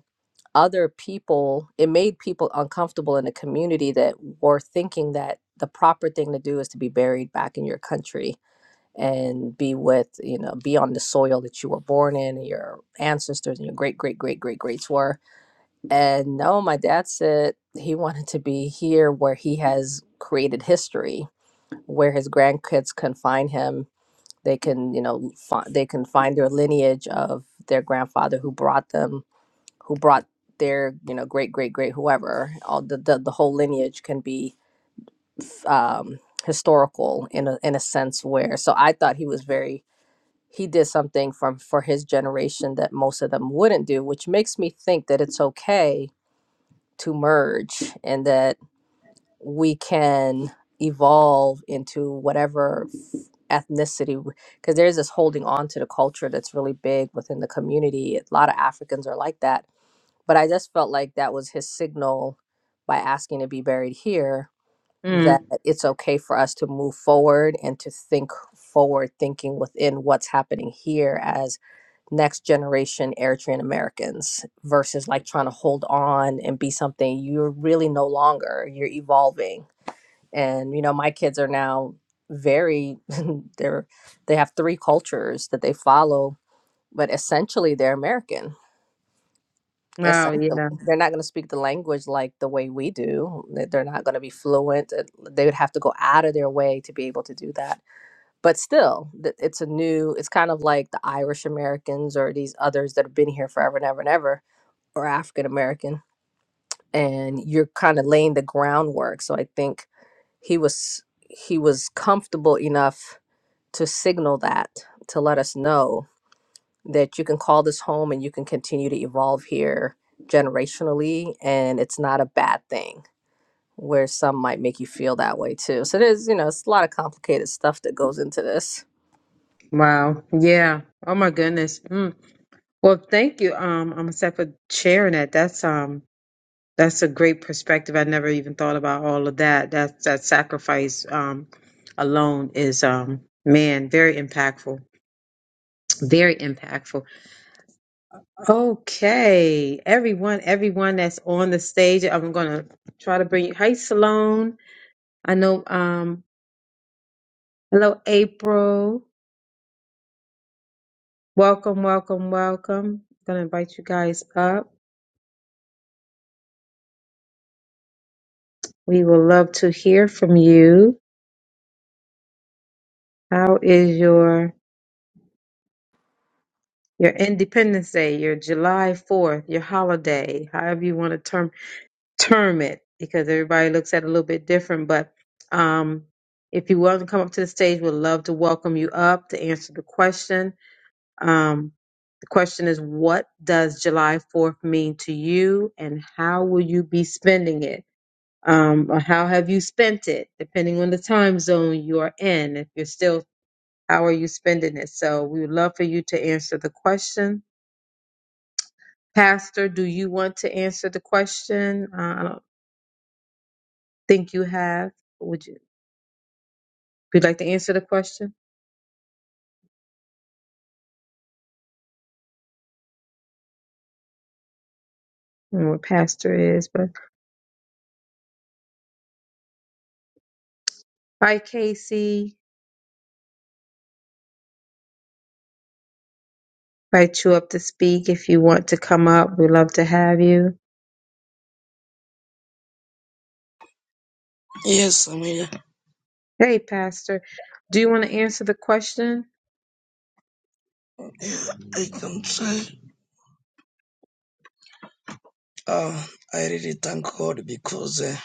F: other people it made people uncomfortable in the community that were thinking that the proper thing to do is to be buried back in your country and be with you know be on the soil that you were born in and your ancestors and your great great great great greats were and no my dad said he wanted to be here where he has created history where his grandkids can find him they can you know find, they can find their lineage of their grandfather who brought them who brought their you know great great great whoever all the the, the whole lineage can be um historical in a in a sense where so i thought he was very he did something from for his generation that most of them wouldn't do which makes me think that it's okay to merge and that we can evolve into whatever ethnicity because there's this holding on to the culture that's really big within the community a lot of africans are like that but I just felt like that was his signal by asking to be buried here that
D: mm.
F: it's okay for us to move forward and to think forward, thinking within what's happening here as next generation Eritrean Americans versus like trying to hold on and be something you're really no longer. You're evolving. And, you know, my kids are now very, they're, they have three cultures that they follow, but essentially they're American
D: wow
F: essentially
D: yeah
F: they're not going to speak the language like the way we do They- they're not going to be fluent uh, they would have to go out of their way to be able to do that but still th- it's a new it's kind of like the irish americans or these others that have been here forever and ever and ever or african american and you're kind of laying the groundwork so i think he was he was comfortable enough to signal that to let us know that you can call this home and you can continue to evolve here generationally and it's not a bad thing where some might make you feel that way too so there's you know it's a lot of complicated stuff that goes into this
D: wow yeah oh my goodness mm. well thank you um i'm set for sharing that that's um that's a great perspective i never even thought about all of that that that sacrifice um alone is um man very impactful very impactful okay everyone everyone that's on the stage i'm gonna try to bring you hi Salone. i know um hello april Welcome, welcome, welcome. I'm going to invite you guys up. We would love to hear from you. How is your your Independence Day, your July 4th, your holiday, however you want to term term it, because everybody looks at it a little bit different. But um, if you want to come up to the stage, we'd love to welcome you up to answer the question. Um, the question is, what does July 4th mean to you, and how will you be spending it? um, or how have you spent it, depending on the time zone you are in. If you're still, how are you spending it? So we would love for you to answer the question. Pastor, do you want to answer the question? Uh, I don't think you have. Would you? Would you like to answer the question? I don't know what pastor is, but hi, Casey. Invite you up to speak if you want to come up. We'd love to have you.
C: Yes, I'm here.
D: Hey, pastor, do you want to answer the question?
C: I can try. Uh, I really thank God because uh,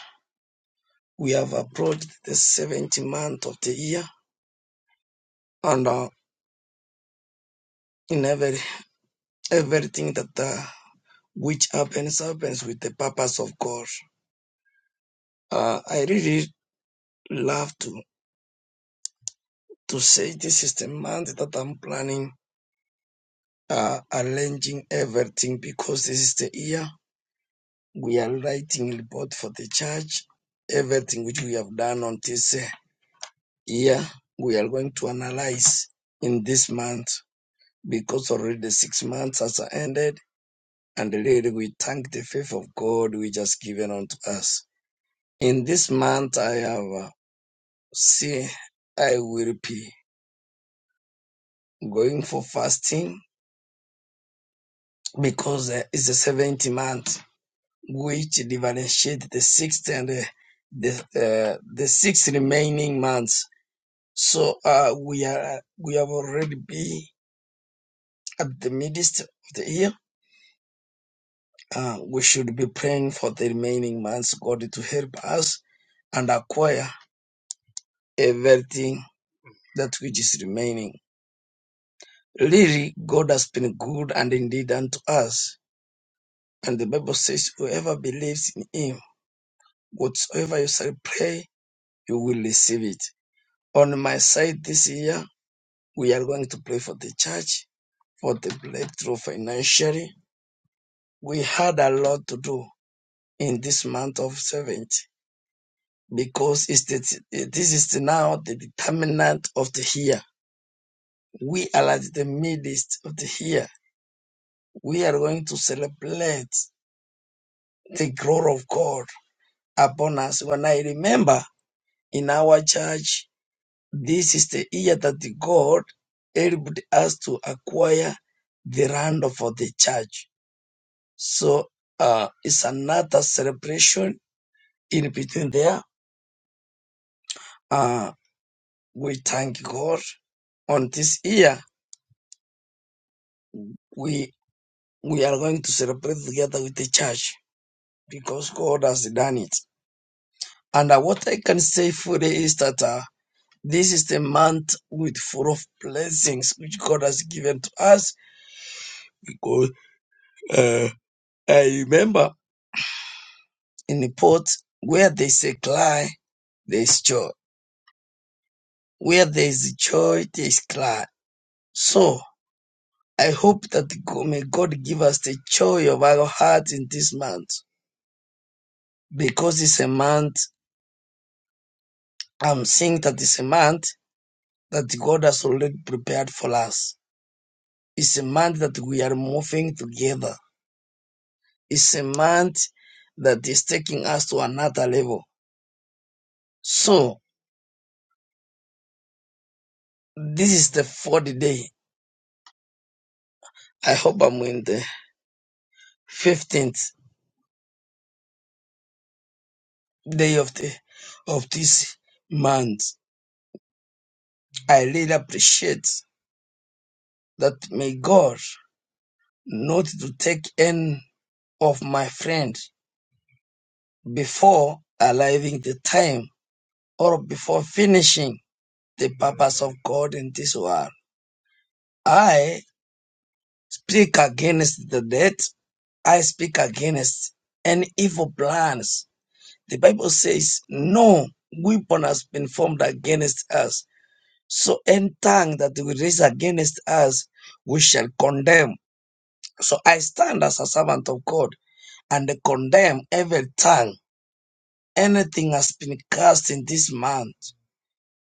C: we have approached the 70th month of the year, and uh, in every everything that uh, which have in servants with the purpose of God. Uh, I really love to to say this is the month that I'm planning uh, arranging everything because this is the year we are writing report for the church. Everything which we have done on this uh, year, we are going to analyze in this month because already the six months has ended, and really we thank the faith of God which has given unto us. In this month, I have. uh, See, I will be going for fasting because uh, it's the seventh month, which differentiate the sixth and uh, the uh, the six remaining months. So uh, we are we have already be at the midst of the year. Uh, we should be praying for the remaining months, God, to help us and acquire everything that which is remaining. Really, God has been good and indeed unto us. And the Bible says, whoever believes in him, whatsoever you shall pray, you will receive it. On my side this year, we are going to pray for the church, for the breakthrough financially. We had a lot to do in this month of 70 because it's the, this is the now the determinant of the year. We are at the midst of the year. We are going to celebrate the glory of God upon us. When I remember in our church, This is the year that God helped us to acquire the land for the church. So uh, it's another celebration in between there. Uh, we thank God on this year. We we are going to celebrate together with the church because God has done it. And uh, what I can say fully is that uh, this is the month with full of blessings which God has given to us. Because uh, I remember in the pot where there's a cry, there's joy. Where there's joy, there's cry. So I hope that God, may God give us the joy of our heart in this month. Because it's a month, I'm saying that it's a month that God has already prepared for us. It's a month that we are moving together. It's a month that is taking us to another level. So this is the fourth day. I hope I'm in the 15th. day of the of this month. I really appreciate that may God not to take any of my friend before arriving the time or before finishing the purpose of God in this world. I speak against the death. I speak against any evil plans. The Bible says no weapon has been formed against us So any tongue that will raise against us, we shall condemn. So I stand as a servant of God and condemn every tongue. Anything has been cast in this month,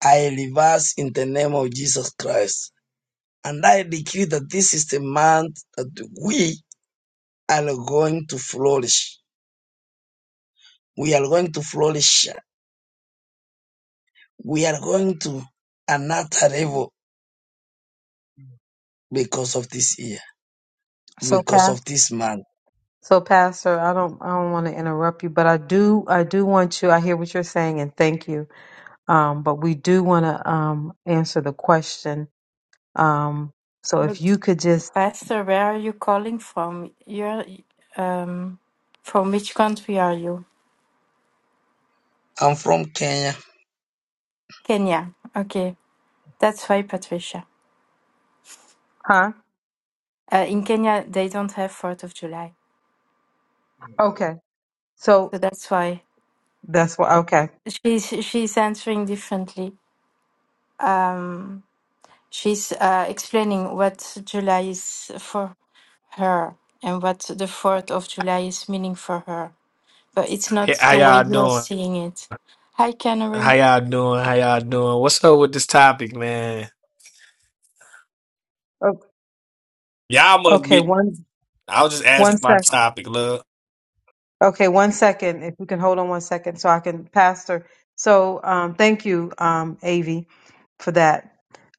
C: I reverse in the name of Jesus Christ. And I decree that this is the month that we are going to flourish. We are going to flourish. We are going to another level because of this year,
D: So,
C: because
D: Pastor.
C: of this month.
D: So, Pastor, I don't, I don't want to interrupt you, but I do, I do want you. I hear what you're saying, and thank you. Um, but we do want to um, answer the question. Um, so,
E: But
D: if you could just,
E: Pastor, where are you calling from? You're um, from which country are you?
C: I'm from Kenya.
E: Kenya. Okay, that's why, Patricia.
D: huh?
E: Uh, in Kenya, they don't have 4th of July.
D: Okay. So
E: So that's why
D: that's what. Okay.
E: she's, she's answering differently. Um, she's uh, explaining what July is for her and what the 4th of July is meaning for her. But it's
G: Hey,
E: not
G: how
E: the way
G: y'all
E: you're
G: doing?
E: seeing it. Hi, Canary.
G: How y'all doing? How y'all doing? What's up with this topic, man?
D: O-
G: Y'all must
D: Okay.
G: be.
D: One,
G: I was just
D: one
G: asking my
D: sec.
G: topic, love.
D: Okay, one second. If you can hold on one second, so I can, Pastor. So, um, thank you, um, Avi, for that.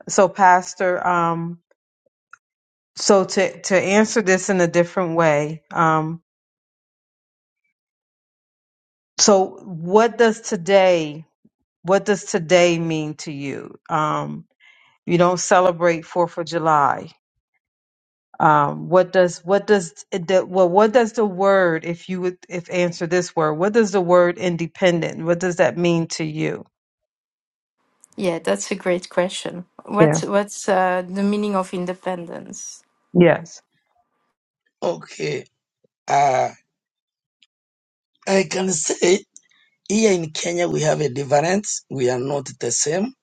D: So, Pastor, um, so to to answer this in a different way, um, so what does today what does today mean to you um you don't celebrate fourth of july um what does what does the well what does the word if you would if answer this word what does the word independent what does that mean to you
E: Yeah, that's a great question.
D: yeah
E: What's what's uh, the meaning of independence?
D: yes
C: Okay. Uh, I can say here in Kenya we have a difference. We are not the same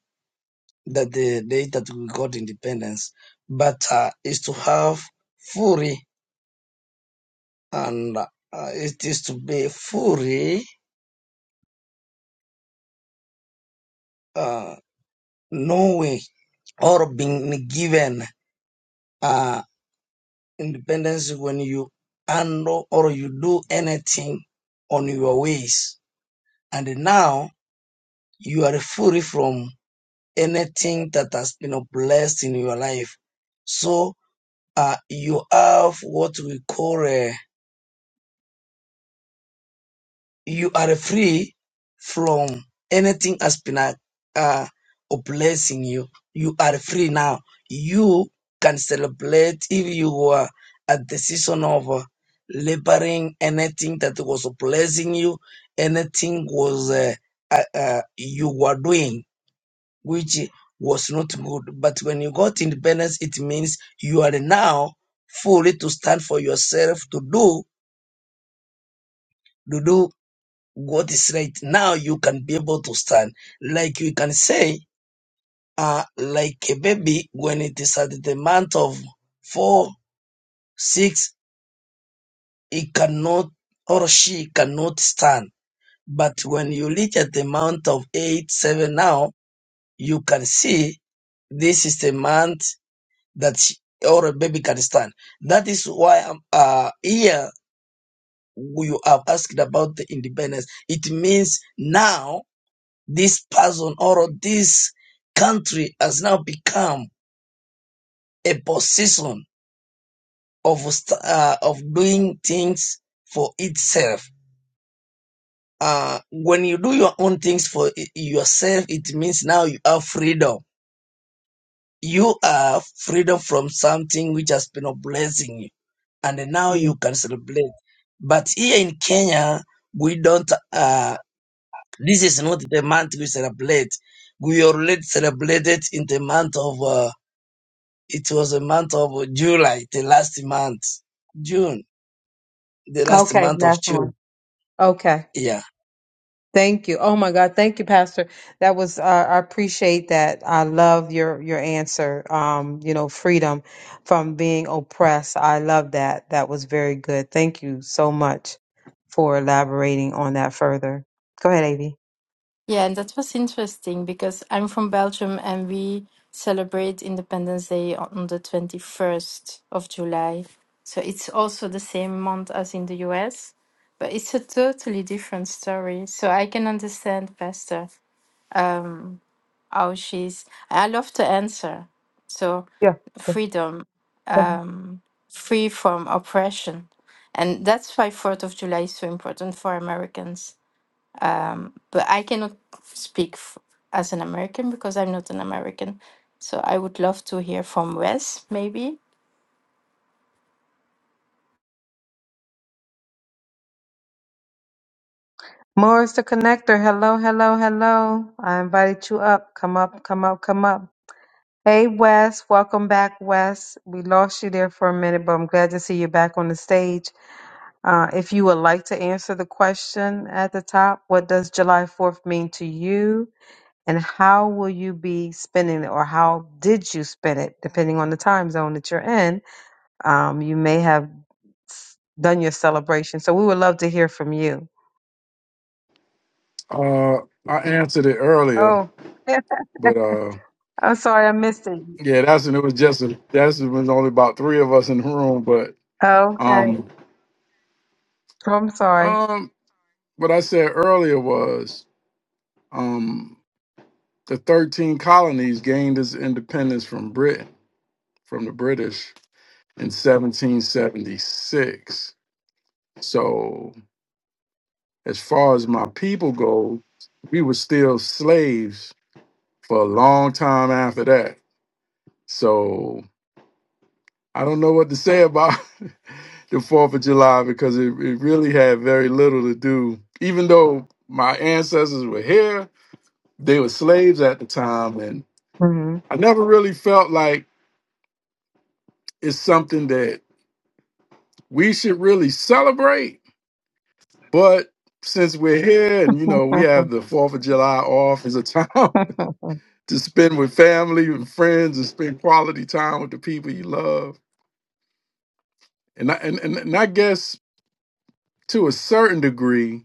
C: that the day that we got independence, but uh, is to have fully and uh, it is to be fully uh, knowing or being given uh, independence when you handle or you do anything on your ways. And now you are free from anything that has been blessed in your life. So uh, you have what we call a, you are free from anything has been a, uh, a blessing you. You are free now. You can celebrate if you were at the season of uh, laboring anything that was blessing you, anything was uh, uh, uh, you were doing which was not good. But when you got independence, it means you are now fully to stand for yourself to do to do what is right. Now you can be able to stand. Like you can say, uh, like a baby when it is at the month of four, six, it cannot or she cannot stand. But when you reach at the month of eight, seven now, you can see this is the month that or a baby can stand. That is why I'm uh, here. You have asked about the independence. It means now this person or this country has now become a position of st- uh, of doing things for itself. Uh, when you do your own things for i- yourself, it means now you have freedom You are freedom from something which has been a blessing you, and now
D: Mm.
C: you can celebrate. But here in Kenya, we don't. Uh, this is not the month we celebrate. We already celebrated in the month of. Uh, it was a month of July, the last month, June, the last
D: okay
C: month of
D: last one
C: June.
D: okay
C: Yeah.
D: Thank you. Oh my God. Thank you, Pastor. That was, uh, I appreciate that. I love your, your answer. Um, you know, freedom from being oppressed. I love that. That was very good. Thank you so much for elaborating on that further. Go ahead, Avy.
E: Yeah, and that was interesting because I'm from Belgium and we celebrate Independence Day on the 21st of July. So it's also the same month as in the US, but it's a totally different story. So I can understand, Pastor. um, how she's i love to answer so
D: Yeah. go-
E: freedom
D: go
E: um, free from oppression and that's why fourth of july is so important for americans um, but i cannot speak f- as an american because i'm not an american so i would love to hear from wes maybe
D: Morris the connector. Hello, hello, hello. I invited you up. Come up, come up, come up. Hey, Wes. Welcome back, Wes. We lost you there for a minute, but I'm glad to see you back on the stage. Uh, if you would like to answer the question at the top, what does July 4th mean to you? And how will you be spending it, or how did you spend it, depending on the time zone that you're in? Um, you may have s- done your celebration. So we would love to hear from you.
B: Uh, I answered it earlier,
D: Oh,
B: but uh.
D: I'm sorry, I missed it.
B: Yeah, that's and it was just a, that's it was only about three of us in the room, but
D: Oh, okay.
B: um
D: Oh, I'm sorry.
B: um what I said earlier was um the thirteen colonies gained its independence from Britain from the British in 1776. So as far as my people go, we were still slaves for a long time after that. So I don't know what to say about the Fourth of July because it, it really had very little to do. Even though my ancestors were here, they were slaves at the time, and
D: hmm
B: I never really felt like it's something that we should really celebrate. But since we're here, and you know, we have the Fourth of July off as a time to spend with family and friends, and spend quality time with the people you love, and I, and and, and I guess to a certain degree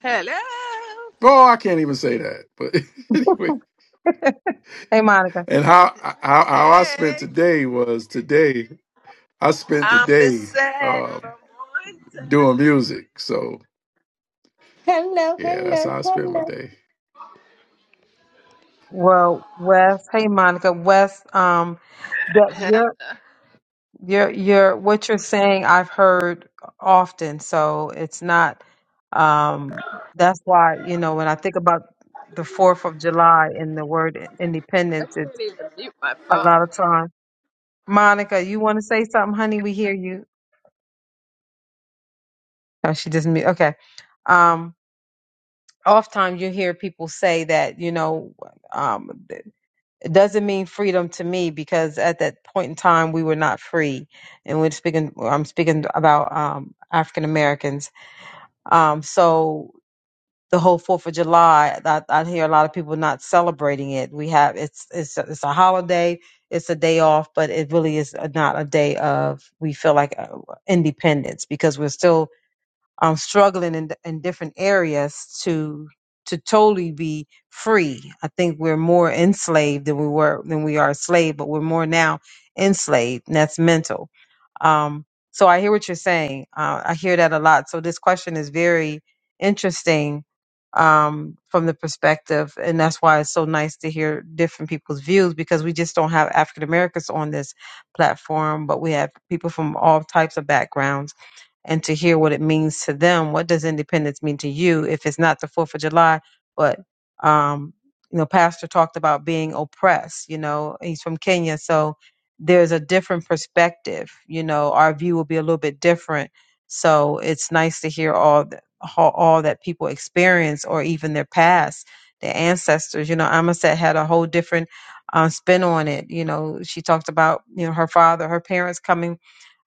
A: Hello.
B: Oh, I can't even say that. But anyway,
D: hey, Monica.
B: and how how how I spent
A: Hey.
B: today was today. I spent the
A: I'm the
B: day
A: sad
B: um,
A: Veronda.
B: doing music. So
H: Hello,
B: yeah, that's
H: hello,
B: how I spent my
H: hello.
B: day.
D: Well, Wes. Hey, Monica. Wes. Um, that
A: Hello.
D: you're You're, you're, what you're saying, I've heard often, so it's not, um, that's why, you know, when I think about the Fourth of July and the word
A: I
D: independence, it's
A: can't even mute my
D: a
A: phone.
D: lot of time. Monica, you want to say something, honey? We hear you. Oh, she just mute. Okay. Um, oftentimes you hear people say that, you know, um, it doesn't mean freedom to me because at that point in time we were not free, and we're speaking. I'm speaking about um, African Americans Um, so the whole Fourth of July, I, I hear a lot of people not celebrating it. We have it's it's a, it's a holiday, it's a day off, but it really is not a day of we feel like uh, independence because we're still um, struggling in, in different areas to to totally be free. I think we're more enslaved than we were than we are slave, but we're more now enslaved, and that's mental. Um, so I hear what you're saying. Uh, I hear that a lot. So this question is very interesting um, from the perspective, and that's why it's so nice to hear different people's views because we just don't have African Americans on this platform, but we have people from all types of backgrounds and to hear what it means to them. What does independence mean to you if it's not the Fourth of July? But um, you know, Pastor talked about being oppressed. You know, he's from Kenya, so there's a different perspective. You know, our view will be a little bit different. So it's nice to hear all that all that people experience or even their past, their ancestors. You know, Amaset had a whole different uh, spin on it. You know, she talked about you know her father, her parents coming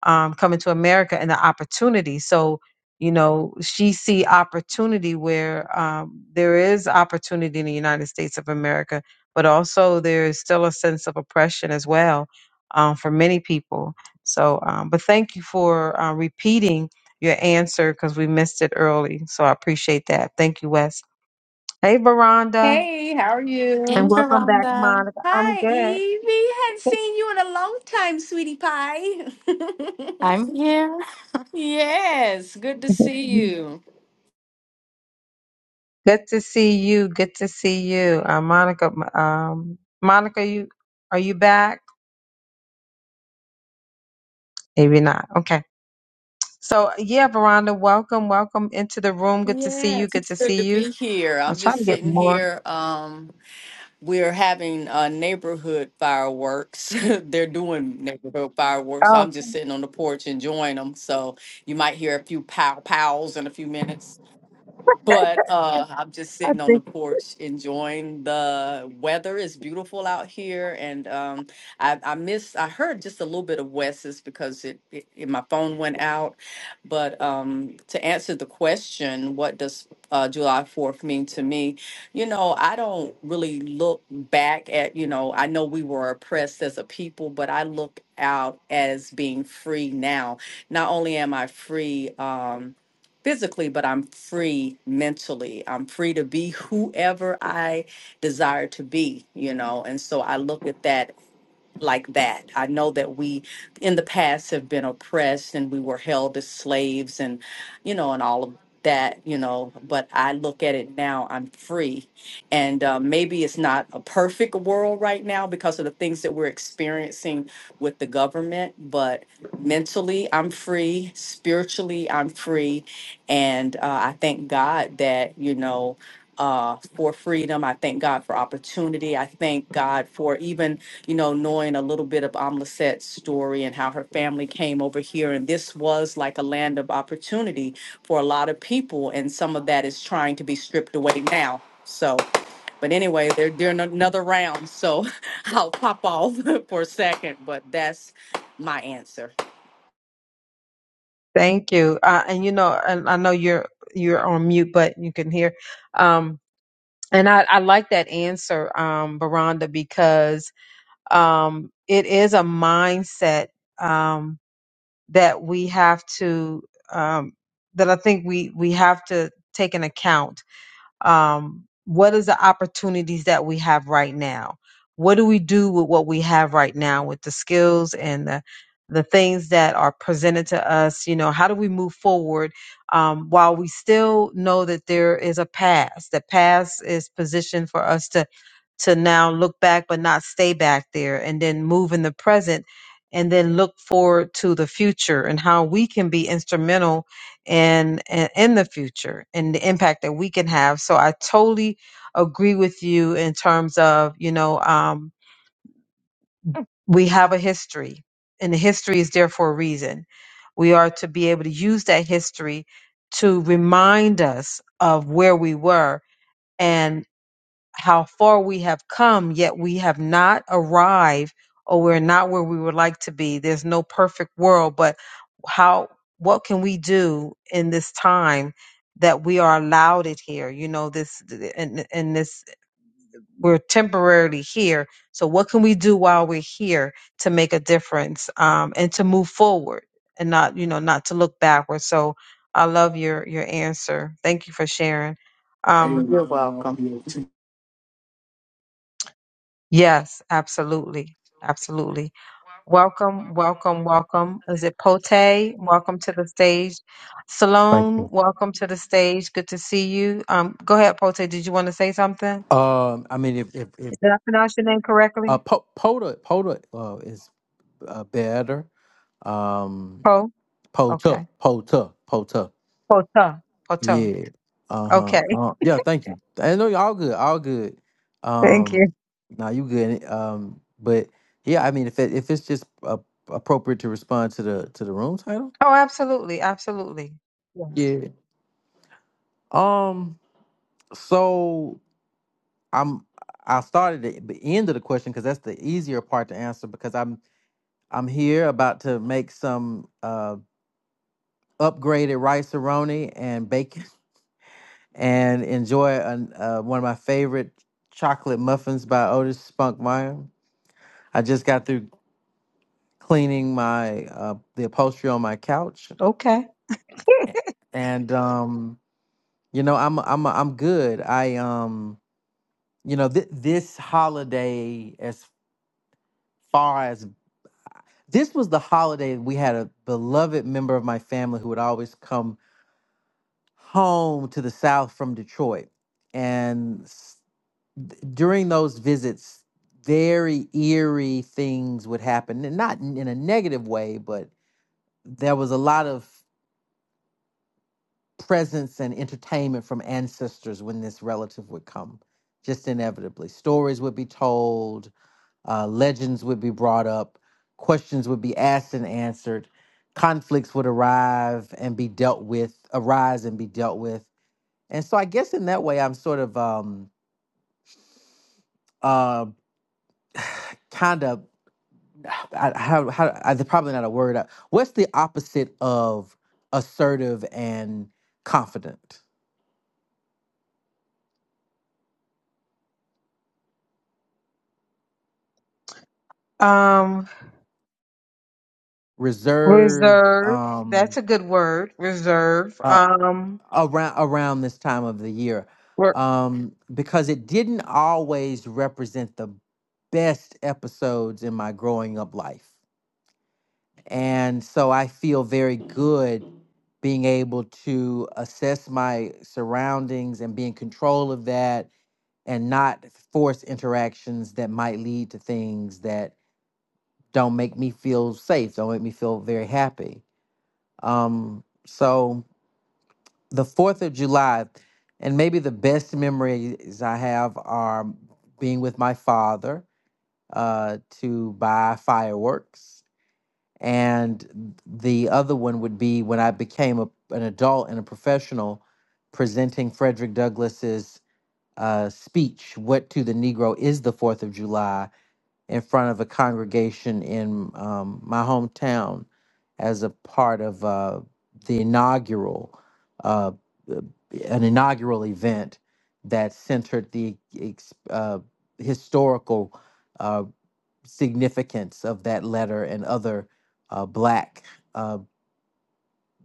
D: um, coming to America and the opportunity. So, you know, she see opportunity where um, there is opportunity in the United States of America, but also there is still a sense of oppression as well um, for many people. So, um, but thank you for uh, repeating your answer because we missed it early. So I appreciate that. Thank you, Wes. Hey, Veranda,
H: Hey, how are
E: Hey,
D: and
H: you?
D: welcome back,
E: Veranda.
D: Monica. I'm
H: Hi,
D: good.
H: Evie. Hadn't seen you in a long time, sweetie pie.
E: i'm here
H: Yes, good to see you.
D: Good to see you. Good to see you. Uh, Monica, um, Monica, you are you back? Maybe not. Okay. So yeah, Veranda, welcome, welcome into the room. Good to see you.
H: Yes,
D: Good
H: it's
D: to
H: good to
D: see you.
H: be here.
D: I'm
H: I'm
D: trying
H: just
D: to get
H: sitting
D: more.
H: here. Um, we're having uh, neighborhood fireworks. They're doing neighborhood fireworks. So
D: Oh,
H: I'm just sitting on the porch enjoying them. So you might hear a few pow pows in a few minutes. But uh, I'm just
D: I
H: sitting on the
D: think.
H: porch enjoying the weather. It's beautiful out here, and um, I, I missed. I heard just a little bit of Wes's because it, it, it- my phone went out. But um, to answer the question, what does uh, July Fourth mean to me? You know, I don't really look back at. You know, I know we were oppressed as a people, but I look out as being free now. Not only am I free. Um, physically, but I'm free mentally. I'm free to be whoever I desire to be, you know. And so I look at that like that. I know that we in the past have been oppressed and we were held as slaves and you know and all of that you know but i look at it now i'm free and uh, maybe it's not a perfect world right now because of the things that we're experiencing with the government but mentally i'm free spiritually i'm free and uh, i thank god that you know uh, for freedom. I thank God for opportunity. I thank God for even, you know, knowing a little bit of Amlaset's story and how her family came over here. And this was like a land of opportunity for a lot of people. And some of that is trying to be stripped away now. So, but anyway, they're doing another round. So I'll pop off for a second, but that's my answer.
D: Thank you. Uh, and you know, and I know you're you're on mute, but you can hear. Um, and I, I like that answer, um, Veranda, because um, it is a mindset. Um, that we have to um, that I think we we have to take an account. Um, what is the opportunities that we have right now? What do we do with what we have right now with the skills and the the things that are presented to us? You know, how do we move forward um, while we still know that there is a past? The past is positioned for us to to now look back but not stay back there and then move in the present and then look forward to the future and how we can be instrumental in, in in the future and the impact that we can have so i totally agree with you in terms of you know um, we have a history and the history is there for a reason we are to be able to use that history to remind us of where we were how far we have come, yet we have not arrived or we're not where we would like to be. There's no perfect world, but how, what can we do in this time that we are allowed it here? You know, this, and, and this, we're temporarily here. So what can we do while we're here to make a difference, um, and to move forward and not, you know, not to look backwards. So I love your, your answer. Thank you for sharing. Um,
H: You're welcome.
D: Yes, absolutely. Absolutely. Welcome, welcome, welcome. Is it Pote? Welcome to the stage.
I: Thank
D: Salone,
I: you.
D: welcome to the stage. Good to see you. Um, go ahead, Pote. Did you want to say something?
I: Um, I mean, if if if
D: Did I pronounce your name
I: uh,
D: correctly?
I: po- Pota Pota uh, is uh, better. Um,
D: Po?
I: Pota
D: Okay.
I: Pota Pota.
D: Pota. Poto.
I: Yeah. Uh-huh.
D: Okay.
I: Uh, yeah. Thank you. I know y'all good. All good.
D: Thank
I: Um,
D: you.
I: now you good. Um, but yeah, I mean, if it, if it's just uh, appropriate to respond to the to the room title.
D: Oh, absolutely. Absolutely. Yes.
I: Yeah. Um. So I'm. I started at the end of the question because that's the easier part to answer because I'm I'm here about to make some uh, upgraded rice aroni and bacon and enjoy an, uh, one of my favorite chocolate muffins by Otis Spunkmeyer. I just got through cleaning my uh, the upholstery on my couch,
D: Okay.
I: and um, you know I'm I'm I'm good. I um you know th- this holiday as far as this was the holiday we had a beloved member of my family who would always come home to the South from Detroit. And s- during those visits, very eerie things would happen, and not in in a negative way, but there was a lot of presence and entertainment from ancestors when this relative would come, just inevitably. Stories would be told, uh, legends would be brought up, questions would be asked and answered, conflicts would arrive and be dealt with, arise and be dealt with And so I guess in that way, I'm sort of um uh kind of I, how how I, probably not a word. Uh, What's the opposite of assertive and confident?
D: Um,
I: Reserved
D: reserve.
I: um
D: That's a good word. Reserve.
I: uh
D: Um,
I: around around this time of the year.
D: we're,
I: Um because it didn't always represent the best episodes in my growing up life. And so I feel very good being able to assess my surroundings and be in control of that and not force interactions that might lead to things that don't make me feel safe, don't make me feel very happy. Um, so the 4th of July, and maybe the best memories I have are being with my father uh, to buy fireworks and the other one would be when I became a, an adult and a professional, presenting Frederick Douglass's uh, speech "What to the Negro is the Fourth of July" in front of a congregation in um, my hometown as a part of uh, the inaugural uh, uh, an inaugural event that centered the ex- uh, historical. uh, significance of that letter and other uh, Black uh,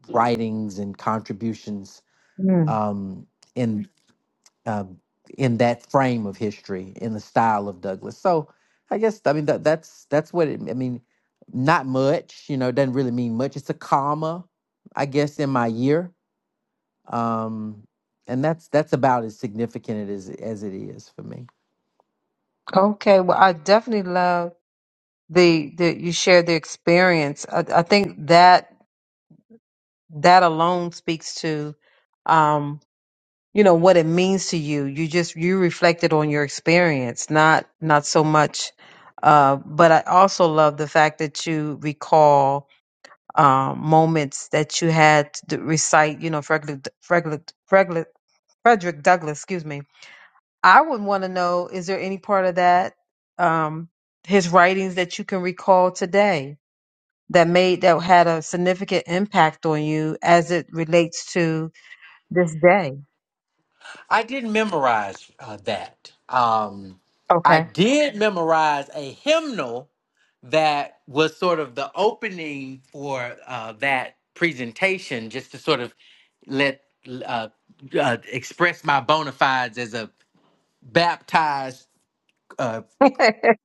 I: writings and contributions
D: mm,
I: um, in uh, in that frame of history, in the style of Douglas. So I guess I mean that, that's that's what it. I mean, not much. You know, it doesn't really mean much. It's a comma, I guess, in my year um, and that's that's about as significant it is as it is for me.
D: okay. Well, I definitely love the the you shared the experience. I, I think that that alone speaks to um you know what it means to you. You just you reflected on your experience, not not so much uh but I also love the fact that you recall um moments that you had to recite, you know, Frederick Frederick Frederick Frederick Douglass, excuse me. I would want to know is there any part of that um his writings that you can recall today? that made that had a significant impact on you as it relates to this day.
I: I didn't memorize uh, that. Um, I
D: Okay.
I: did memorize a hymnal that was sort of the opening for uh, that presentation, just to sort of let uh, uh, express my bona fides as a baptized, uh,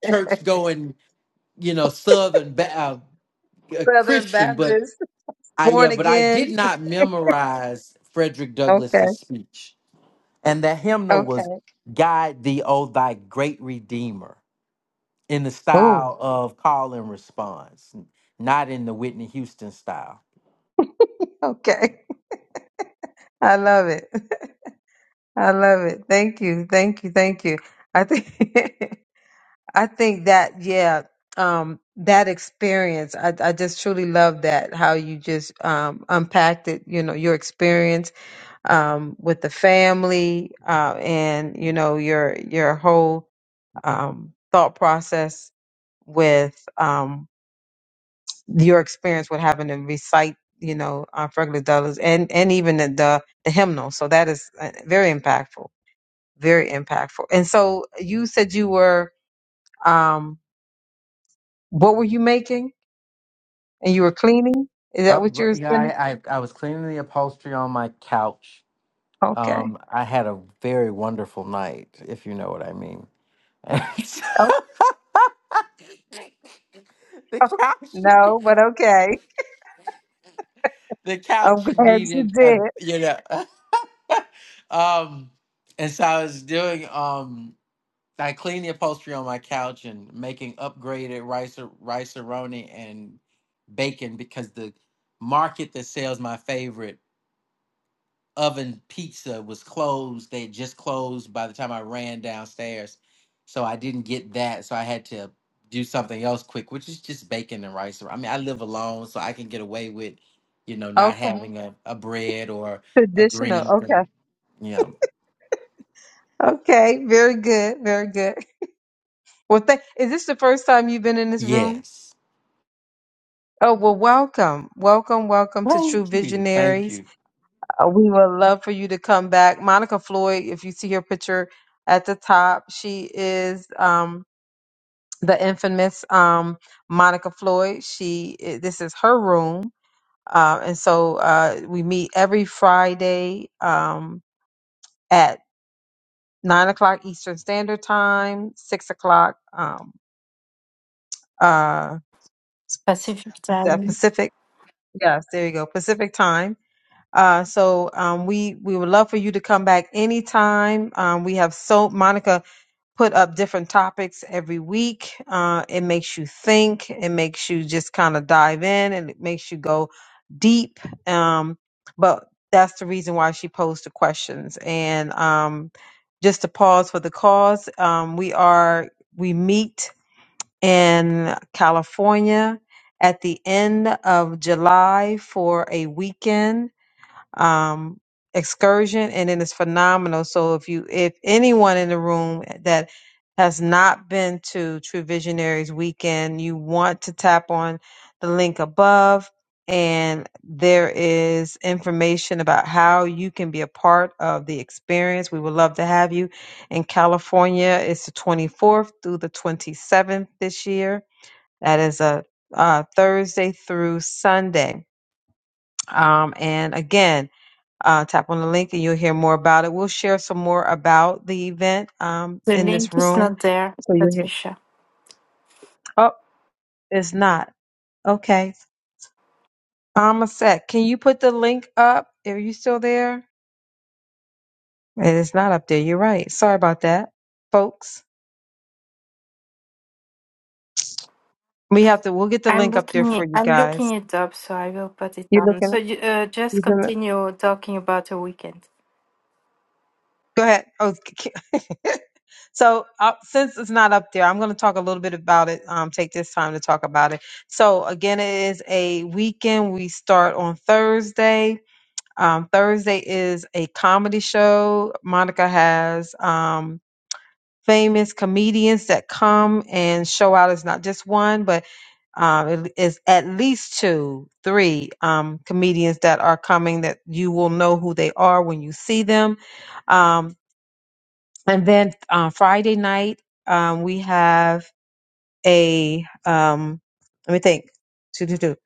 I: church going, you know, Southern ba- uh, uh,
D: Southern
I: Christian. But
D: Baptist,
I: I, yeah,
D: born
I: but I did
D: again.
I: not memorize Frederick
D: Okay.
I: Douglass's speech, and the hymnal
D: Okay.
I: was "God Thee, O Thy Great Redeemer," in the
D: Oh,
I: style of call and response not in the Whitney Houston style.
D: okay. I love it. I love it. Thank you. Thank you. Thank you. I think I think that yeah, um that experience I I just truly love that how you just um unpacked it, you know, your experience um, with the family uh, and you know your your whole um, thought process with um, your experience with having to recite you know uh, Fergus Dollars and and even the, the the hymnal. So that is uh, very impactful, very impactful. And so you said you were um, what were you making? And you were cleaning. Is that
I: Up,
D: what you were
I: yeah,
D: spending?
I: I, I I was cleaning the upholstery on my couch.
D: Okay.
I: Um, I had a very wonderful night, if you know what I mean.
D: Oh,
I: the
D: oh,
I: couch,
D: no, but okay.
I: the
D: I'm
I: couch
D: glad you
I: needed a,
D: did.
I: you know, um, and so I was doing um, I cleaned the upholstery on my couch and making upgraded rice rice and bacon because the market that sells my favorite. oven pizza was closed. They had just closed by the time I ran downstairs. So I didn't get that. So I had to do something else quick, which is just bacon and rice. I mean, I live alone, so I can get away with, you know, not
D: Okay.
I: having a, a bread or a
D: Traditional.
I: green
D: okay.
I: thing. You know.
D: Okay, very good, very good. Well, th- is this the first time you've been in this room?
I: Yes.
D: Oh, well, welcome, welcome, welcome to True
I: Thank you. Thank
D: Visionaries.
I: you.
D: Uh, we would love for you to come back. Monica Floyd, if you see her picture at the top, she is um, the infamous um, Monica Floyd. She, i- this is her room, uh, and so uh, we meet every Friday um, at nine o'clock Eastern Standard Time, six o'clock. Um, uh,
E: pacific
D: the
E: time
D: Pacific. Yes, there you go. Pacific time. Uh, so um, we we would love for you to come back anytime. Um, we have so Monica put up different topics every week. Uh, it makes you think. It makes you just kind of dive in, and it makes you go deep. Um, but that's the reason why she posed the questions. And um, just to pause for the cause, um, we are we meet in California at the end of July for a weekend um, excursion, and it is phenomenal. So if you, if anyone in the room that has not been to True Visionaries Weekend, you want to tap on the link above, and there is information about how you can be a part of the experience. We would love to have you in California. It's the 24th through the 27th this year. That is a uh, Thursday through Sunday. Um, and again, uh, tap on the link and you'll hear more about it. We'll share some more about the event um,
E: the
D: in this
E: link is
D: room.
E: not there
D: So
E: but
D: you'll hear.
E: we shall
D: Oh, it's not. Okay. Um, a sec. Can you put the link up? Are you still there? It is not up there. You're right. Sorry about that, folks. We have to. We'll get the
E: I'm
D: link up there
E: looking it,
D: for you
E: I'm looking
D: guys.
E: it up, so I will put it
D: You
E: on.
D: looking?
E: So you, uh, just
D: You looking?
E: continue talking about the weekend
D: Go ahead. Oh, So, uh, since it's not up there, I'm going to talk a little bit about it. Um, take this time to talk about it. So, again, it is a weekend. We start on Thursday. Um, Thursday is a comedy show. Monica has um, famous comedians that come and show out. It's not just one, but um, it is at least two, three um, comedians that are coming that you will know who they are when you see them. Um, and then uh, Friday night, um, we have a, um, let me think. Two, two, two.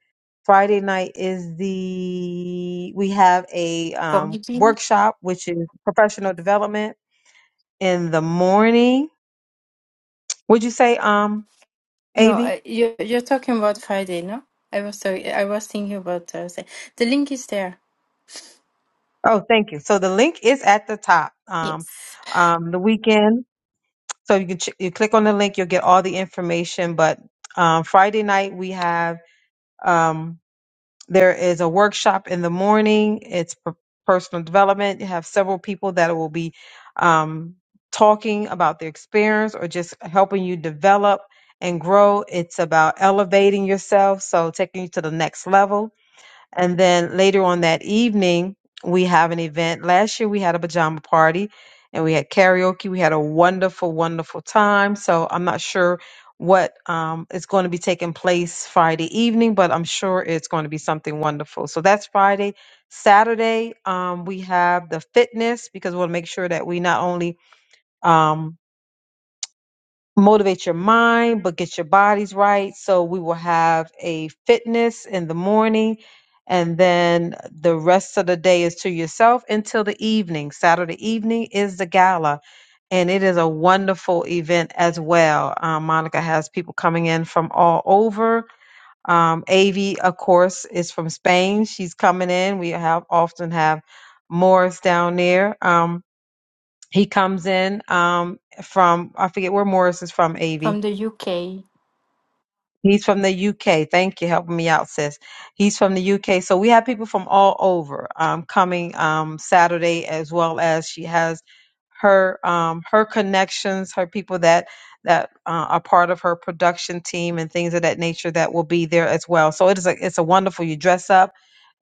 D: Friday night is the, we have a um,
E: comedy.
D: workshop, which is professional development in the morning. Would you say, um,
E: No, uh,
D: Avi?
E: you you're talking about Friday, no? I was sorry, I was thinking about Thursday. The link is there.
D: Oh, thank you. So the link is at the top. Um,
E: Yes,
D: um, the weekend. So you can ch- you click on the link, you'll get all the information. But um, Friday night we have. Um, There is a workshop in the morning. It's per- personal development. You have several people that will be um, talking about their experience or just helping you develop and grow. It's about elevating yourself, so taking you to the next level and then later on that evening, we have an event. Last year, we had a pajama party and we had karaoke. We had a wonderful, wonderful time. So I'm not sure what um, is going to be taking place Friday evening, but I'm sure it's going to be something wonderful. So that's Friday. Saturday, um, we have the fitness because we want to make sure that we not only um, motivate your mind, but get your bodies right. So we will have a fitness in the morning, and then the rest of the day is to yourself until the evening. Saturday evening is the gala, and it is a wonderful event as well. Um, Monica has people coming in from all over. Um, Avi, of course, is from Spain. She's coming in. We have often have Morris down there. Um, he comes in um, from I forget where Morris is from, Av.
E: from the UK.
D: He's from the UK. Thank you, helping me out, sis. He's from the UK. So we have people from all over um, coming um, Saturday, as well as she has her um, her connections, her people that that uh, are part of her production team and things of that nature that will be there as well. So it is a it's a wonderful. You dress up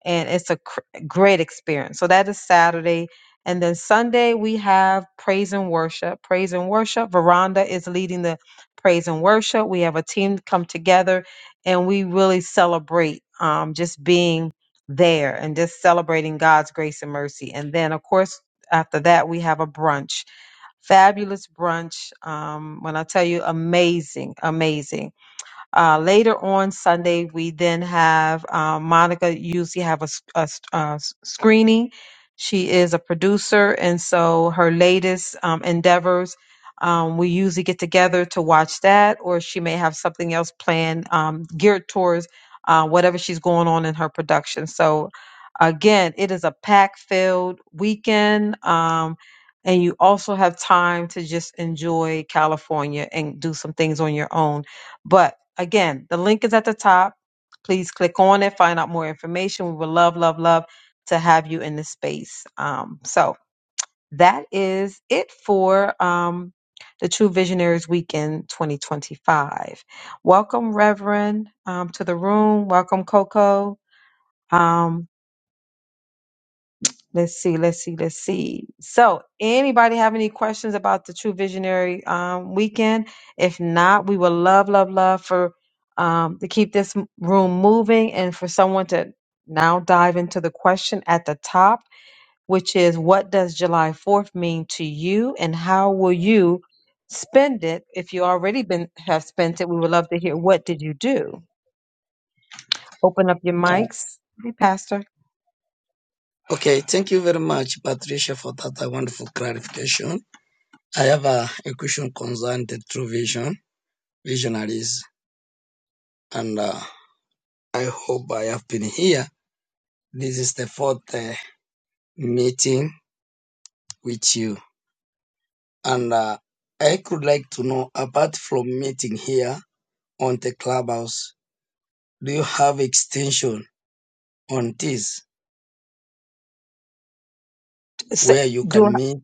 D: and it's a cr- great experience. So that is Saturday. And then Sunday, we have praise and worship. Praise and worship. Veranda is leading the praise and worship. We have a team come together and we really celebrate um, just being there and just celebrating God's grace and mercy. And then, of course, after that, we have a brunch. Fabulous brunch. Um, when I tell you, amazing, amazing. Uh, later on Sunday, we then have uh, Monica usually have a, s- a s- a s- screening. She is a producer, and so her latest um, endeavors, um, we usually get together to watch that, or she may have something else planned um, geared towards uh, whatever she's going on in her production. So, again, it is a pack-filled weekend. Um, and you also have time to just enjoy California and do some things on your own. But Again, the link is at the top. Please click on it, find out more information. We would love, love, love to have you in this space. Um, so that is it for um, the True Visionaries Weekend 2025. Welcome, Reverend, um, to the room. Welcome, Coco. Um, Let's see, let's see, let's see. So, anybody have any questions about the True Visionary um, weekend? If not, we would love, love, love for um, to keep this m- room moving and for someone to now dive into the question at the top, which is what does July 4th mean to you and how will you spend it? If you already been have spent it, we would love to hear what did you do? Open up your
C: Uh,
D: mics. Hey, Pastor.
C: okay. Thank you very much, Patricia, for that uh, wonderful clarification. I have a, a question concerning the true vision, visionaries, and. Uh, I hope I have been here. This is the fourth uh, meeting with you. And uh, I could like to know apart from meeting here on the clubhouse, do you have extension on this
D: Say-
C: where you
D: Do
C: can meet?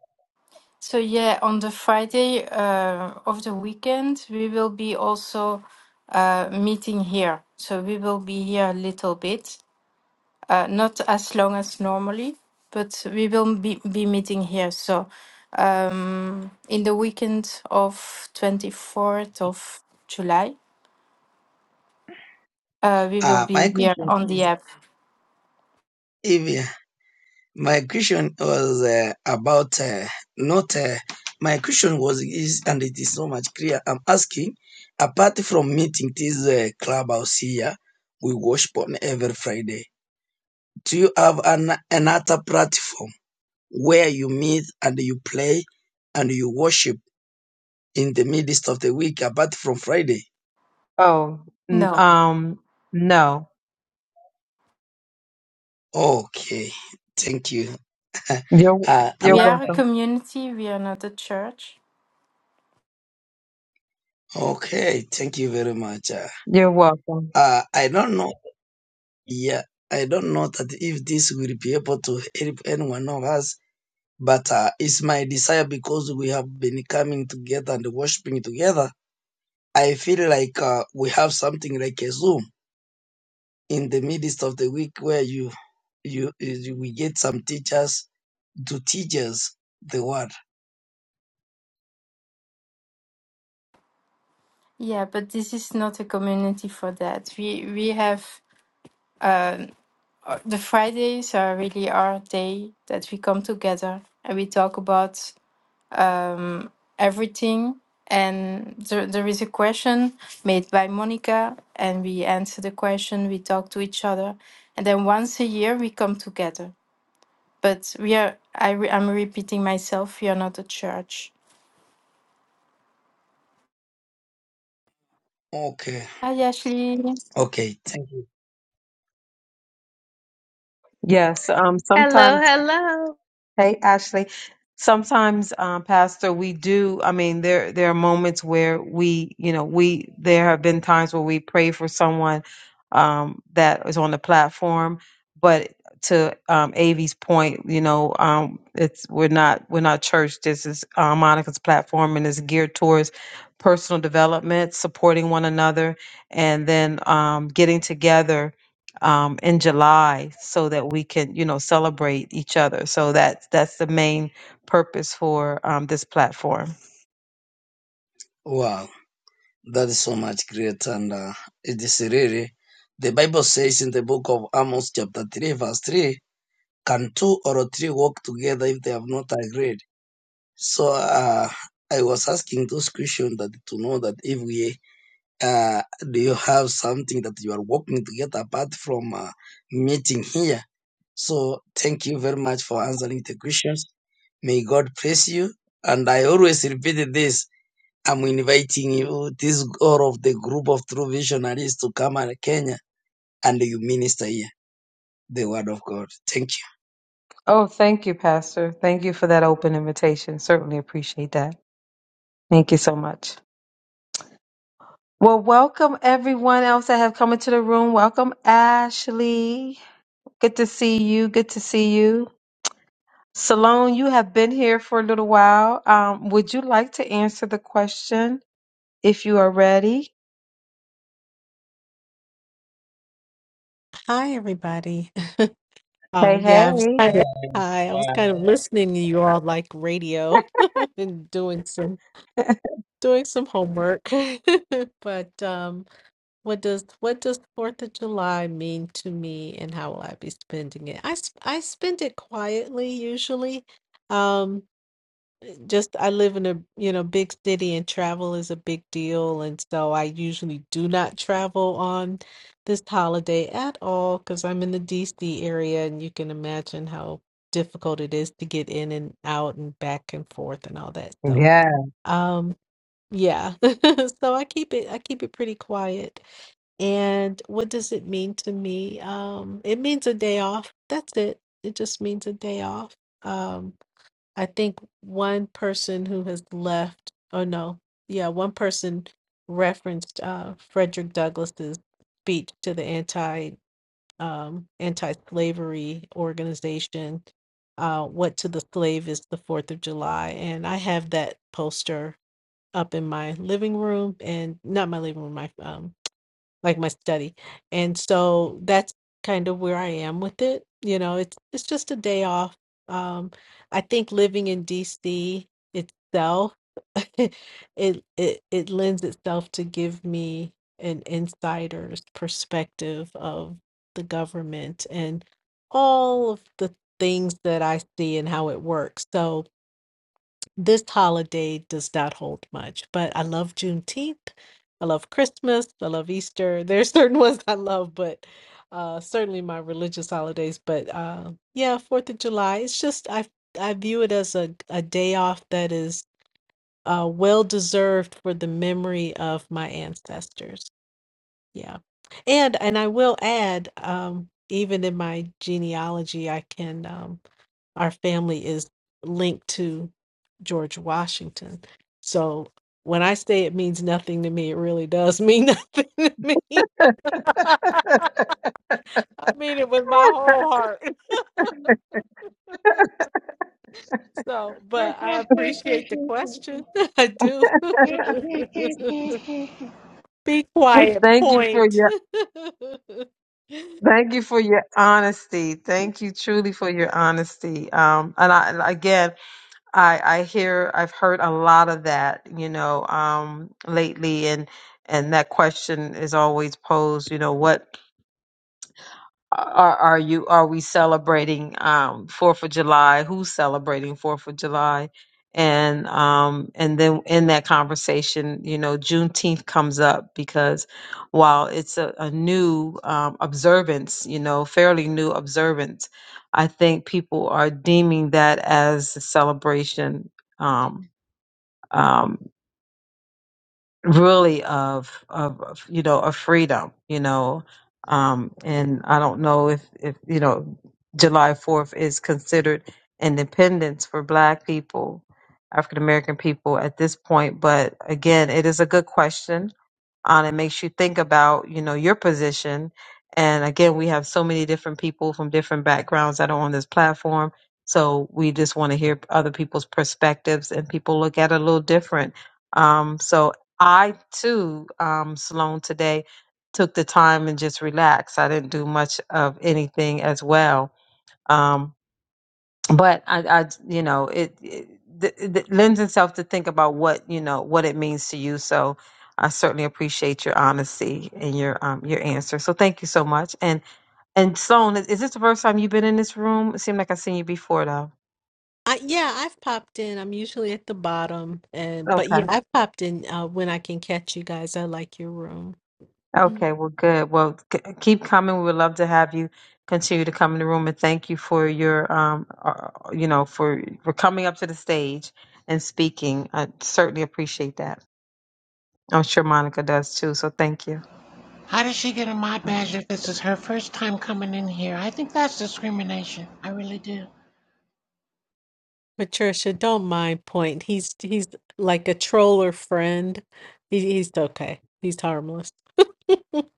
E: So yeah, on the Friday uh, of the weekend, we will be also uh, meeting here. So we will be here a little bit. uh, not as long as normally, but we will be, be meeting here. So um, in the weekend of 24th of July, uh, we will
C: Uh, my
E: be here
C: question
E: on the
C: is,
E: app.
C: Evia, my question was uh, about uh, not, uh, my question was, is, and it is so much clear. I'm asking, apart from meeting this uh, clubhouse here, we worship on every Friday Do you have an, another platform where you meet and you play and you worship in the midst of the week apart from Friday?
D: Oh, n-
E: No,
D: um, no.
C: Okay, thank you.
D: You're
C: uh,
D: you're
E: we
C: another,
E: are a
D: welcome.
E: community. We are not a church.
C: okay, thank you very much. Uh,
D: You're welcome.
C: uh, I don't know. Yeah, I don't know that if this will be able to help anyone of us, but uh, it's my desire because we have been coming together and worshiping together. I feel like uh, we have something like a Zoom in the midst of the week where you you, you we get some teachers to teach us the word
E: Yeah, but this is not a community for that. We we have um, uh, the Fridays are really our day that we come together and we talk about um, everything. And there, there is a question made by Monica, and we answer the question. We talk to each other, and then once a year we come together. But we are, I re, I'm repeating myself. We are not a church.
C: okay
E: Hi, Ashley.
C: okay thank you
D: Yes. Um.
J: Hello,
D: Sometimes.
J: hello.
D: Hey, Ashley. Sometimes, um, Pastor, we do. I mean, there there are moments where we, you know, we there have been times where we pray for someone um, that is on the platform, but to um, Avi's point, you know, um, it's we're not we're not church. This is uh, Monica's platform, and it's geared towards personal development, supporting one another, and then um, getting together um, in July so that we can, you know, celebrate each other. So that's that's the main purpose for um, this platform.
C: wow that is so much great and uh, it is really the bible says in the book of amos chapter 3 verse 3 can two or three walk together if they have not agreed so uh, i was asking those questions that to know that if we Uh, do you have something that you are working together apart from uh, meeting here? So thank you very much for answering the questions. May God bless you. And I always repeat this. I'm inviting you, this all of the group of true visionaries to come and Kenya and you minister here the word of God. Thank
D: Oh, thank you, Pastor. Thank you for that open invitation. Certainly appreciate that. Thank you so much. Well, welcome everyone else that have come into the room. Welcome, Ashley. Good to see you. Good to see you. Salone, you have been here for a little while. Um, would you like to answer the question if you are ready?
K: Hi, everybody. Uh, yeah, I was
D: Hey,
K: kind of, hi, I was kind of listening to you all like radio and doing some
D: hey.
K: doing some homework. But um, what does what does Fourth of July mean to me, and how will I be spending it? I s- I spend it quietly usually. Um, just I live in a you know big city and travel is a big deal and so I usually do not travel on this holiday at all because I'm in the DC area and you can imagine how difficult it is to get in and out and back and forth and all that so um yeah so I keep it I keep it pretty quiet and what does it mean to me um it means a day off that's it it just means a day off Um I think one person who has left, oh no, yeah, one person referenced uh, Frederick Douglass's speech to the anti um, anti-slavery organization. Uh, what to the slave is the Fourth of July, and I have that poster up in my living room, and not my living room, my um, like my study. And so that's kind of where I am with it. You know, it's it's just a day off. Um, I think living in DC itself, it it it lends itself to give me an insider's perspective of the government and all of the things that I see and how it works. So this holiday does not hold much, but I love Juneteenth. I love Christmas. I love Easter. There's certain ones I love, but uh, certainly my religious holidays. But uh, yeah, Fourth of July. It's just I I view it as a a day off that is uh, well deserved for the memory of my ancestors. Yeah, and and I will add, um, even in my genealogy, I can. Um, our family is linked to George Washington. So when I say it means nothing to me, it really does mean nothing to me. I mean it with my whole heart. So, but I appreciate the question. I do. Be quiet,
D: Thank you for
K: point.
D: your thank you for your honesty. Thank you truly for your honesty. Um, and I and again, I I hear I've heard a lot of that, you know, um, lately, and and that question is always posed, you know, what Are, are you are we celebrating um Fourth of July? Who's celebrating Fourth of July? And um and then in that conversation, you know, Juneteenth comes up because while it's a, a new um, observance, you know, fairly new observance, I think people are deeming that as a celebration. Um, um, really of, of of, you know of freedom you know um and i don't know if if you know july 4th is considered independence for black people african american people at this point but again it is a good question on it makes you think about you know your position and again we have so many different people from different backgrounds that are on this platform so we just want to hear other people's perspectives and people look at it a little different um, so i too um, sloan today took the time and just relaxed i didn't do much of anything as well Um, but I, I you know, it, it, th- th- lends itself to think about what you know what it means to you. So I certainly appreciate your honesty and your um your answer. So thank you so much. And and Sloan, is is this the first time you've been in this room? It seemed like I've seen you before though.
K: I, yeah, I've popped in. I'm usually at the bottom, and but
D: Okay.
K: yeah, I've popped in uh, when I can catch you guys. I like your room. Mm.
D: Okay. Well, good. Well, c- keep coming. We would love to have you continue to come in the room and thank you for your um uh, uh, you know for for coming up to the stage and speaking. I certainly appreciate that. I'm sure Monica does too. So thank you.
L: How did she get a mod badge if this is her first time coming in here? I think that's discrimination. I really do.
K: Patricia, don't mind Point. He's he's like a troller friend. He, he's okay. He's harmless.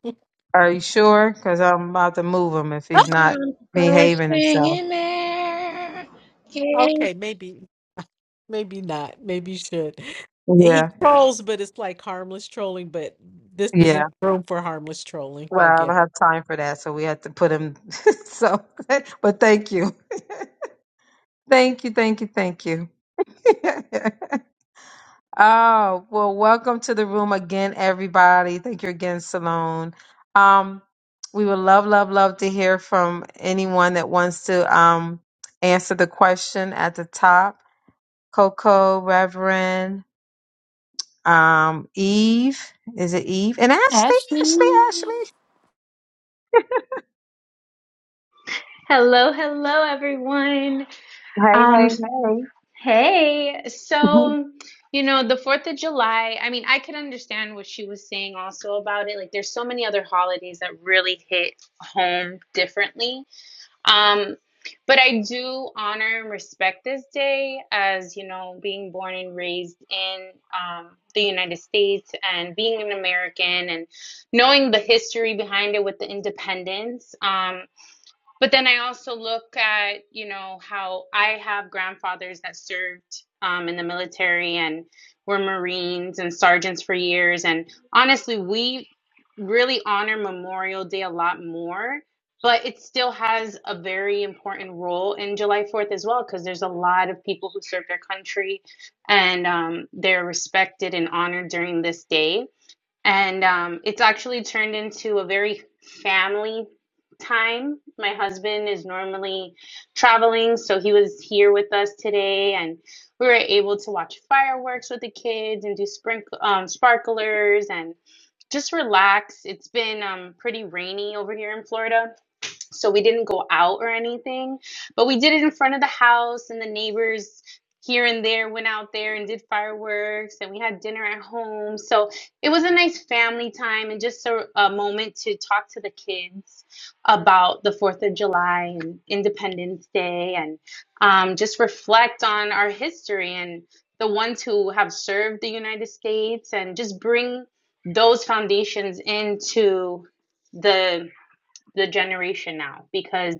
D: Are you sure? Because I'm about to move him if he's
L: The
D: not
L: mom's first
D: behaving
L: thing
D: himself.
L: in there. Can
K: Okay, maybe. Maybe not. Maybe you should. He
D: Yeah,
K: trolls, but it's like harmless trolling. But this
D: yeah.
K: isn't room for harmless trolling.
D: Well,
K: I
D: I don't
K: get. It.
D: have time for that, so we had to put him. so, but thank you, thank you, thank you, thank you. Oh, well, welcome to the room again, everybody. Thank you again, Salone. Um, we would love, love, love to hear from anyone that wants to um, answer the question at the top. Coco, Reverend, um, Eve. Is it Eve? And Ashley, Ashley,
E: Ashley.
D: Ashley.
J: Hello, hello, everyone.
D: Hey,
J: Um,
D: hey,
J: hey,
D: hey.
J: so, you know, the 4th of July, I mean, I could understand what she was saying also about it. Like, there's so many other holidays that really hit home differently. Um, but I do honor and respect this day as, you know, being born and raised in um, the United States and being an American and knowing the history behind it with the independence. Um, But then I also look at, you know, how I have grandfathers that served um, in the military and were Marines and sergeants for years. And honestly, we really honor Memorial Day a lot more, but it still has a very important role in July 4th as well, because there's a lot of people who serve their country and um, they're respected and honored during this day and um, it's actually turned into a very family time. My husband is normally traveling, so he was here with us today, and we were able to watch fireworks with the kids and do sprinkle um, sparklers and just relax. It's been um, pretty rainy over here in Florida, so we didn't go out or anything but we did it in front of the house and the neighbors here and there went out there and did fireworks and we had dinner at home so it was a nice family time and just a, a moment to talk to the kids about the fourth of july and independence day and um, just reflect on our history and the ones who have served the united states and just bring those foundations into the the generation now because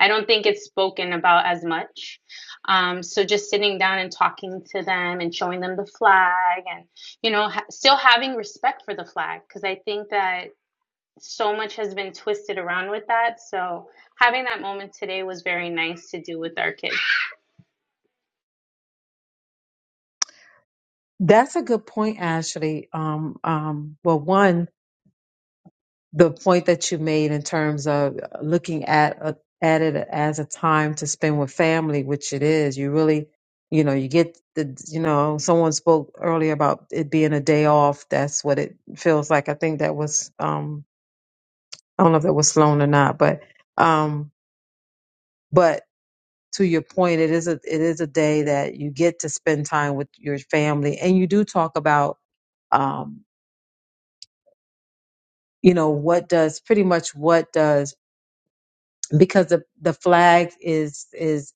J: I don't think it's spoken about as much. Um, so just sitting down and talking to them and showing them the flag and you know ha- still having respect for the flag because I think that so much has been twisted around with that. So having that moment today was very nice to do with our kids.
D: That's a good point, Ashley. Um, um, well, one. the point that you made in terms of looking at a, at it as a time to spend with family, which it is. You really, you know, you get the, you know, someone spoke earlier about it being a day off. That's what it feels like. I think that was, um, I don't know if that was Sloan or not, but, um, but to your point, it is a, it is a day that you get to spend time with your family, and you do talk about, um, you know, what does pretty much what does because the, the flag is is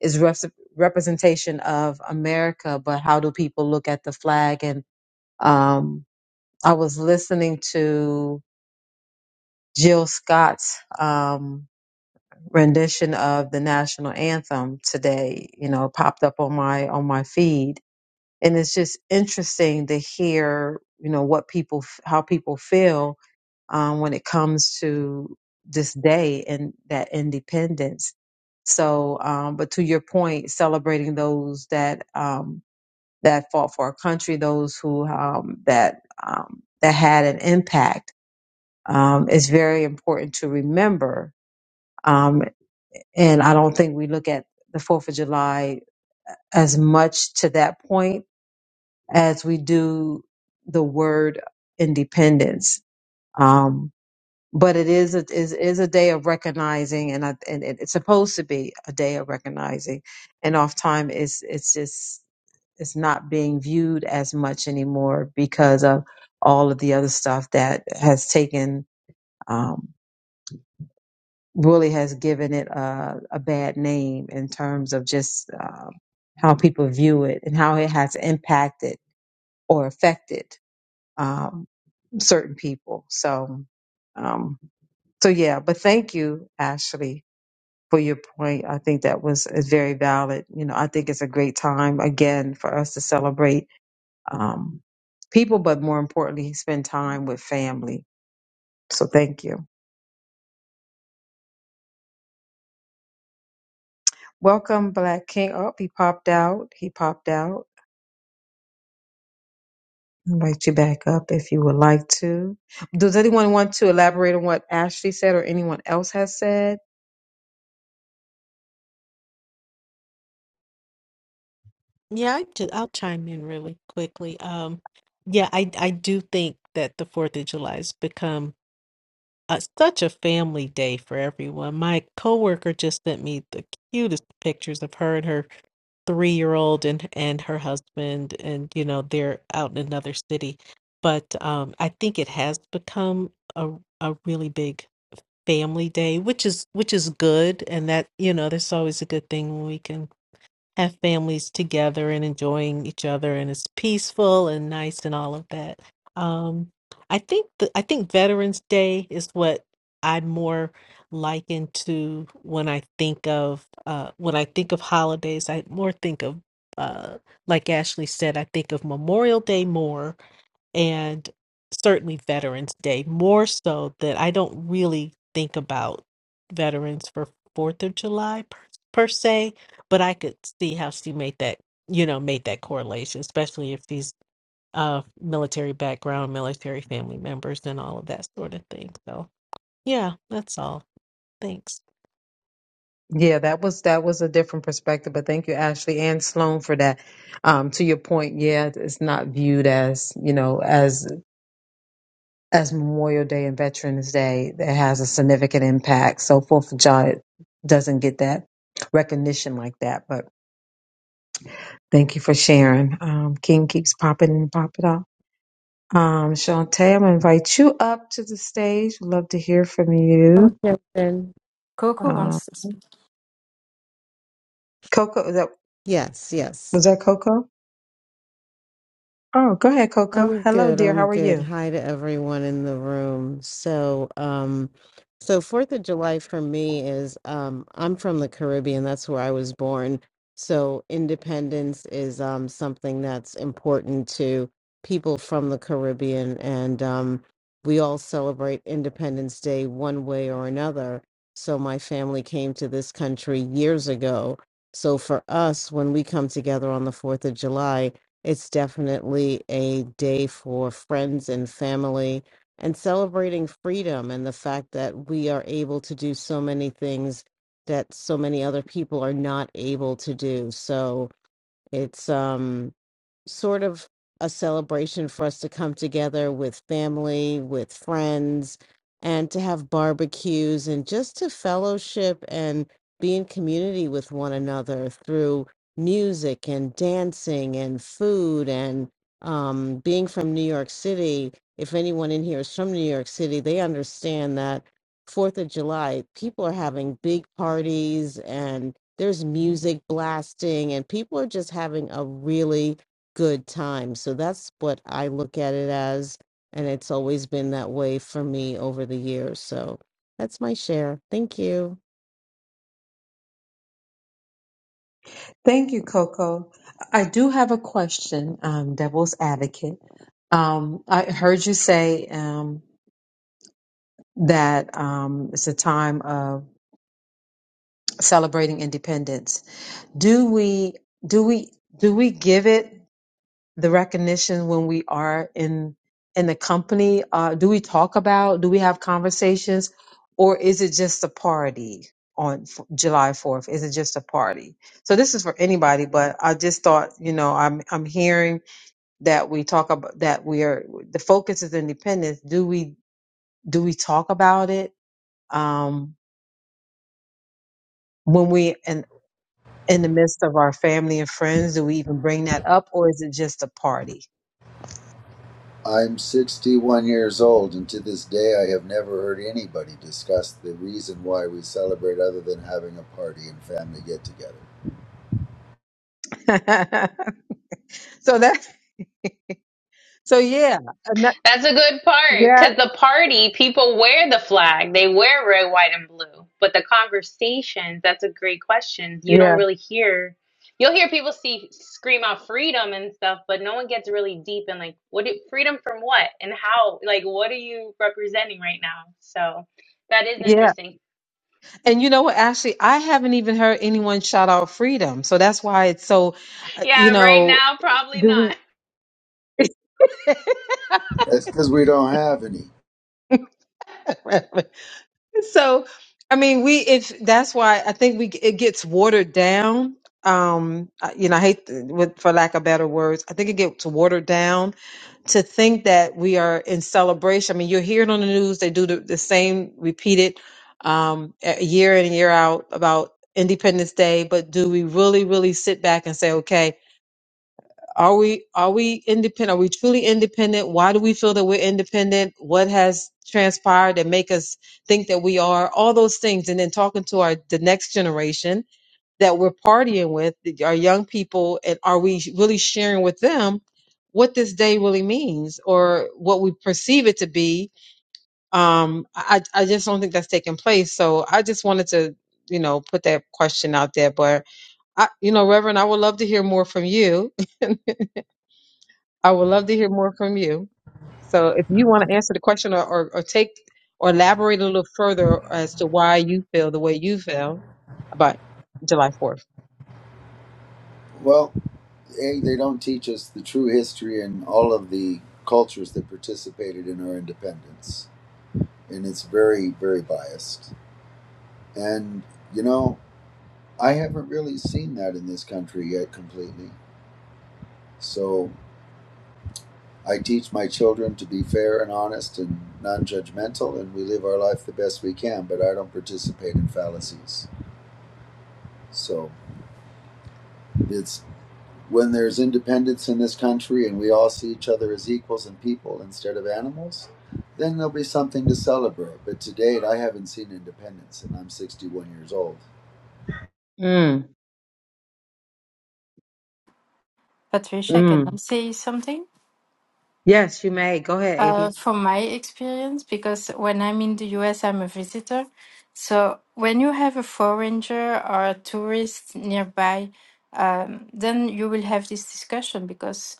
D: is rep- representation of America, but how do people look at the flag? And um, I was listening to Jill Scott's um, rendition of the national anthem today. You know, popped up on my on my feed, and it's just interesting to hear you know what people f- how people feel um, when it comes to this day and that independence. So, um, but to your point, celebrating those that um, that fought for our country, those who um, that um, that had an impact, um, is very important to remember. Um, and I don't think we look at the Fourth of July as much to that point as we do the word independence. Um, but it is a, is is a day of recognizing, and I, and it, it's supposed to be a day of recognizing, and oftentimes it's it's just it's not being viewed as much anymore because of all of the other stuff that has taken um, really has given it a, a bad name in terms of just um, how people view it and how it has impacted or affected um, certain people. So. Um, so yeah, but thank you, Ashley for your point. I think that was is very valid. You know, I think it's a great time again for us to celebrate um, people, but more importantly, spend time with family. So thank you. Welcome, Black King. Up, he popped out. He popped out. Invite you back up if you would like to. Does anyone want to elaborate on what Ashley said or anyone else has said?
K: Yeah, I ju- I'll chime in really quickly. Um, yeah, I I do think that the Fourth of July has become uh such a family day for everyone. My coworker just sent me the cutest pictures of her and her three-year-old and and her husband, and you know they're out in another city. But um, I think it has become a a really big family day, which is which is good, and that you know that's always a good thing when we can have families together and enjoying each other, and it's peaceful and nice and all of that. Um, I think the, I think Veterans Day is what I more liken to when I think of uh, when I think of holidays. I more think of uh, like Ashley said, I think of Memorial Day more and certainly Veterans Day, more so that I don't really think about veterans for Fourth of July per, per se, but I could see how she made that, you know, made that correlation, especially if these uh military background, military family members and all of that sort of thing. So yeah, that's all. Thanks.
D: Yeah, that was that was a different perspective, but thank you, Ashley and Sloan, for that. Um, to your point, yeah, it's not viewed as you know as as Memorial Day and Veterans Day that has a significant impact. So Fourth of July doesn't get that recognition like that, but Thank you for sharing. Um, King keeps popping and popping up. Um, Shantae, I'm gonna invite you up to the stage. Love to hear from you.
M: Okay, then.
E: Coco
D: Uh,
E: wants to speak.
D: Coco, was that
M: Yes, yes.
D: was that Coco? Oh, go ahead, Coco.
M: I'm
D: Hello,
M: good.
D: dear.
M: I'm
D: How are
M: good.
D: you?
M: Hi to everyone in the room. So, um, so Fourth of July for me is um, I'm from the Caribbean. That's where I was born. So independence is um, something that's important to people from the Caribbean, and um, we all celebrate Independence Day one way or another. So my family came to this country years ago. So for us, when we come together on the Fourth of July it's definitely a day for friends and family and celebrating freedom and the fact that we are able to do so many things that so many other people are not able to do. So it's um sort of a celebration for us to come together with family, with friends, and to have barbecues and just to fellowship and be in community with one another through music and dancing and food and um, being from New York City. If anyone in here is from New York City, they understand that Fourth of July, people are having big parties and there's music blasting, and people are just having a really good time. So that's what I look at it as. And it's always been that way for me over the years. So that's my share. Thank you.
D: Thank you, Coco. I do have a question, um, Devil's Advocate. Um, I heard you say um, that um, it's a time of celebrating independence. Do we do we do we give it the recognition when we are in in the company? Uh, do we talk about? Do we have conversations, or is it just a party on f- July Fourth? Is it just a party? So this is for anybody, but I just thought you know I'm I'm hearing that we talk about that we are the focus is independence do we do we talk about it um when we in in the midst of our family and friends do we even bring that up or is it just a party
N: I'm 61 years old, and to this day, I have never heard anybody discuss the reason why we celebrate other than having a party and family get together.
D: so that so yeah and that-
J: That's a good part
D: yeah
J: because the party people wear the flag, they wear red, white, and blue. But the conversations, that's a great question. You don't
D: yeah
J: really hear. You'll hear people see scream out freedom and stuff, but no one gets really deep and like, what do, freedom from what and how? Like, what are you representing right now? So that is
D: yeah
J: interesting.
D: And you know what? Actually, I haven't even heard anyone shout out freedom. So that's why it's so, uh, you
J: Yeah, right
D: know,
J: now probably
D: do
J: not.
D: we?
N: That's because we don't have any.
D: so, I mean, we, if that's why I think we, it gets watered down. Um, I- you know, I hate to- with, for lack of better words, I think it gets watered down to think that we are in celebration. I mean, you hear it on the news. They do the, the same repeated, um, a- year in and year out about Independence Day, but do we really, really sit back and say, okay, Are we are we independent? Are we truly independent? Why do we feel that we're independent? What has transpired that make us think that we are? All those things, and then talking to our the next generation that we're partying with, our young people, and are we really sharing with them what this day really means or what we perceive it to be? Um, I I just don't think that's taking place. So I just wanted to you know put that question out there, but I you know Reverend, I would love to hear more from you I would love to hear more from you. So if you want to answer the question or, or, or take or elaborate a little further as to why you feel the way you feel about July 4th.
N: Well, A, they don't teach us the true history and all of the cultures that participated in our independence. And it's very, very biased. And, you know, I haven't really seen that in this country yet completely. So I teach my children to be fair and honest and non judgmental, and we live our life the best we can, but I don't participate in fallacies. So it's when there's independence in this country and we all see each other as equals and people instead of animals, then there'll be something to celebrate. But to date, I haven't seen independence, and I'm 61 years old.
D: Mm,
E: Patricia, can I
D: mm.
E: say something?
D: Yes, you may. Go ahead,
E: Uh,
D: AV.
E: from my experience, because when I'm in the US, I'm a visitor. So when you have a foreigner or a tourist nearby, um, then you will have this discussion because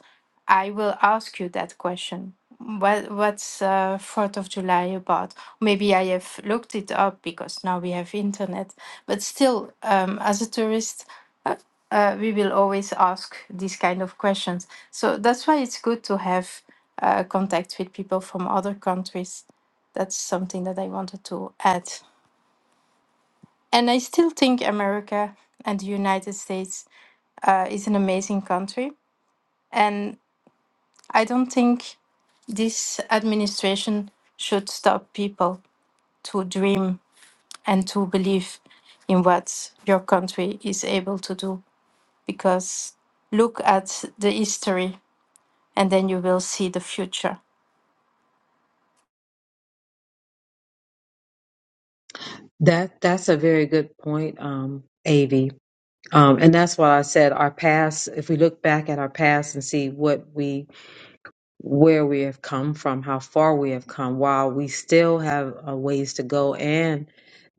E: I will ask you that question. What what's uh, Fourth of July about? Maybe I have looked it up because now we have internet. But still, um, as a tourist, uh, uh, we will always ask these kind of questions. So that's why it's good to have uh, contact with people from other countries. That's something that I wanted to add. And I still think America and the United States uh, is an amazing country. And I don't think this administration should stop people to dream and to believe in what your country is able to do. Because look at the history and then you will see the future.
D: That that's a very good point, um, AV. Um, and that's why I said our past, if we look back at our past and see what we, where we have come from, how far we have come, while we still have a ways to go. And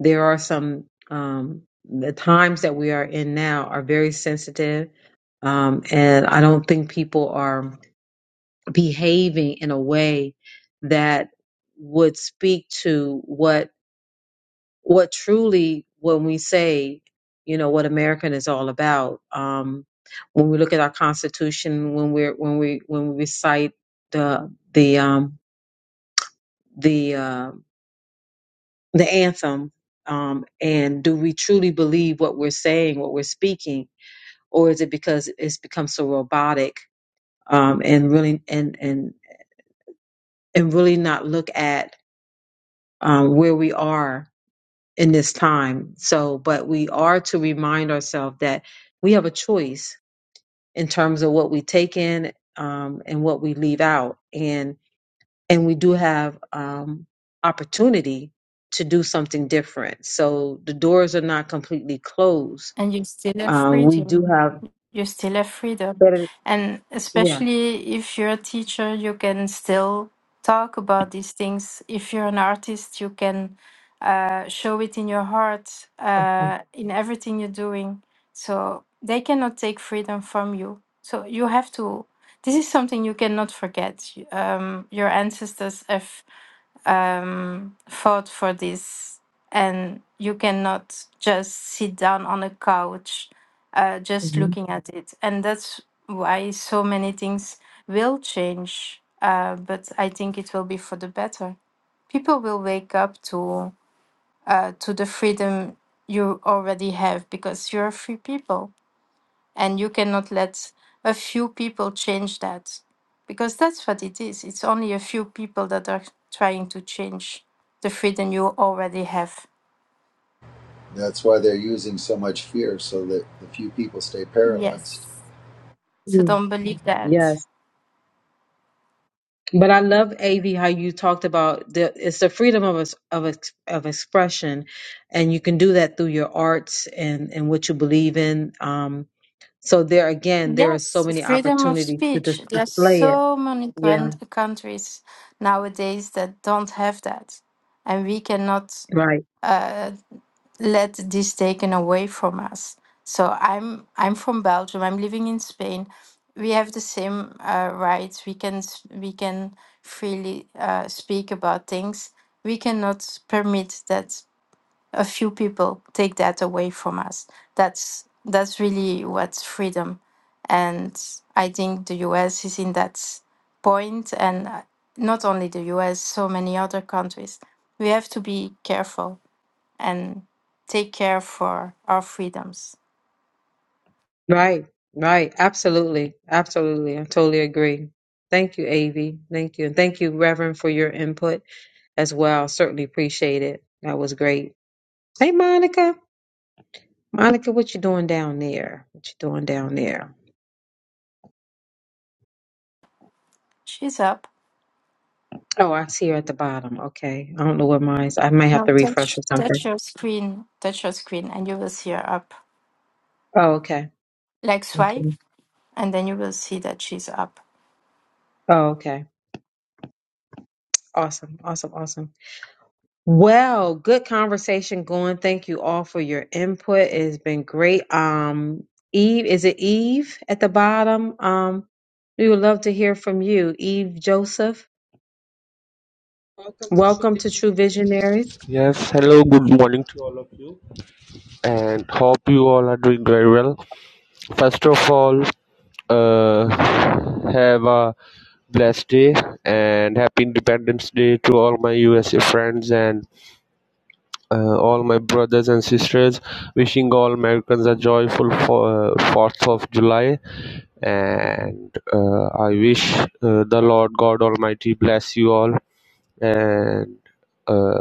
D: there are some, um, the times that we are in now are very sensitive. Um, and I don't think people are behaving in a way that would speak to what what truly when we say you know what american is all about um when we look at our constitution when we're when we when we recite the the um the uh the anthem um and do we truly believe what we're saying what we're speaking or is it because it's become so robotic um and really and and and really not look at um where we are in this time. So, but we are to remind ourselves that we have a choice in terms of what we take in um, and what we leave out, and and we do have um, opportunity to do something different. So the doors are not completely closed.
E: And you still have
D: Um, we do
E: freedom.
D: have
E: you still have freedom.
D: better,
E: And
D: yeah.
E: especially if you're a teacher, you can still talk about these things. If you're an artist, you can uh, show it in your heart,
D: Mhm.
E: uh, in everything you're doing. So they cannot take freedom from you. So you have to. This is something you cannot forget. You- Um, your ancestors have um, fought for this, and you cannot just sit down on a couch uh, just looking at it. And that's why so many things will change, uh, but I think it will be for the better. People will wake up to uh, to the freedom you already have because you're a free people and you cannot let a few people change that because that's what it is. It's only a few people that are trying to change the freedom you already have.
N: That's why they're using so much fear so that the few people stay paralyzed.
E: Yes. So
D: Mhm.
E: don't believe that.
D: Yes. But I love AV how you talked about the it's the freedom of us of ex- of expression, and you can do that through your arts and and what you believe in. Um, so there again, there are so
E: Yes,
D: many
E: freedom of
D: opportunities to
E: speech.
D: just
E: There's
D: display it.
E: so many
D: Yeah,
E: grand- countries nowadays that don't have that, and we cannot.
D: right,
E: Uh, let this taken away from us. So I'm I'm from Belgium. I'm living in Spain. We have the same uh, rights. We can s- we can freely uh, speak about things. We cannot permit that a few people take that away from us. That's that's really what's freedom, and I think the U.S. is in that s- point, and uh, not only the U.S. So many other countries. We have to be careful and take care for our freedoms.
D: right, right. Absolutely, absolutely. I totally agree. Thank you, AV. Thank you, and thank you, Reverend, for your input as well. Certainly appreciate it. That was great. Hey, Monica. Monica, what you doing down there? What you doing down there?
E: She's up.
D: Oh, I see her at the bottom. Okay. I don't know what mine's. I might have
E: Now
D: to refresh
E: touch
D: or something.
E: touch your screen, touch your screen, and you will see her up.
D: Oh, okay.
E: Like swipe,
D: Okay.
E: and then you will see that she's up.
D: Oh, okay. Awesome. Awesome. Awesome. Well, good conversation going. Thank you all for your input. It's been great. Um, Eve, is it Eve at the bottom? Um, we would love to hear from you, Eve Joseph. Welcome to True Visionaries.
O: Yes, hello, good morning to you, and hope you all are doing very well. First of all, uh, have a blessed day and happy Independence Day to all my USA friends and uh, all my brothers and sisters. Wishing all Americans a joyful for, 4th of July, and uh, I wish uh, the Lord God Almighty bless you all and. Uh,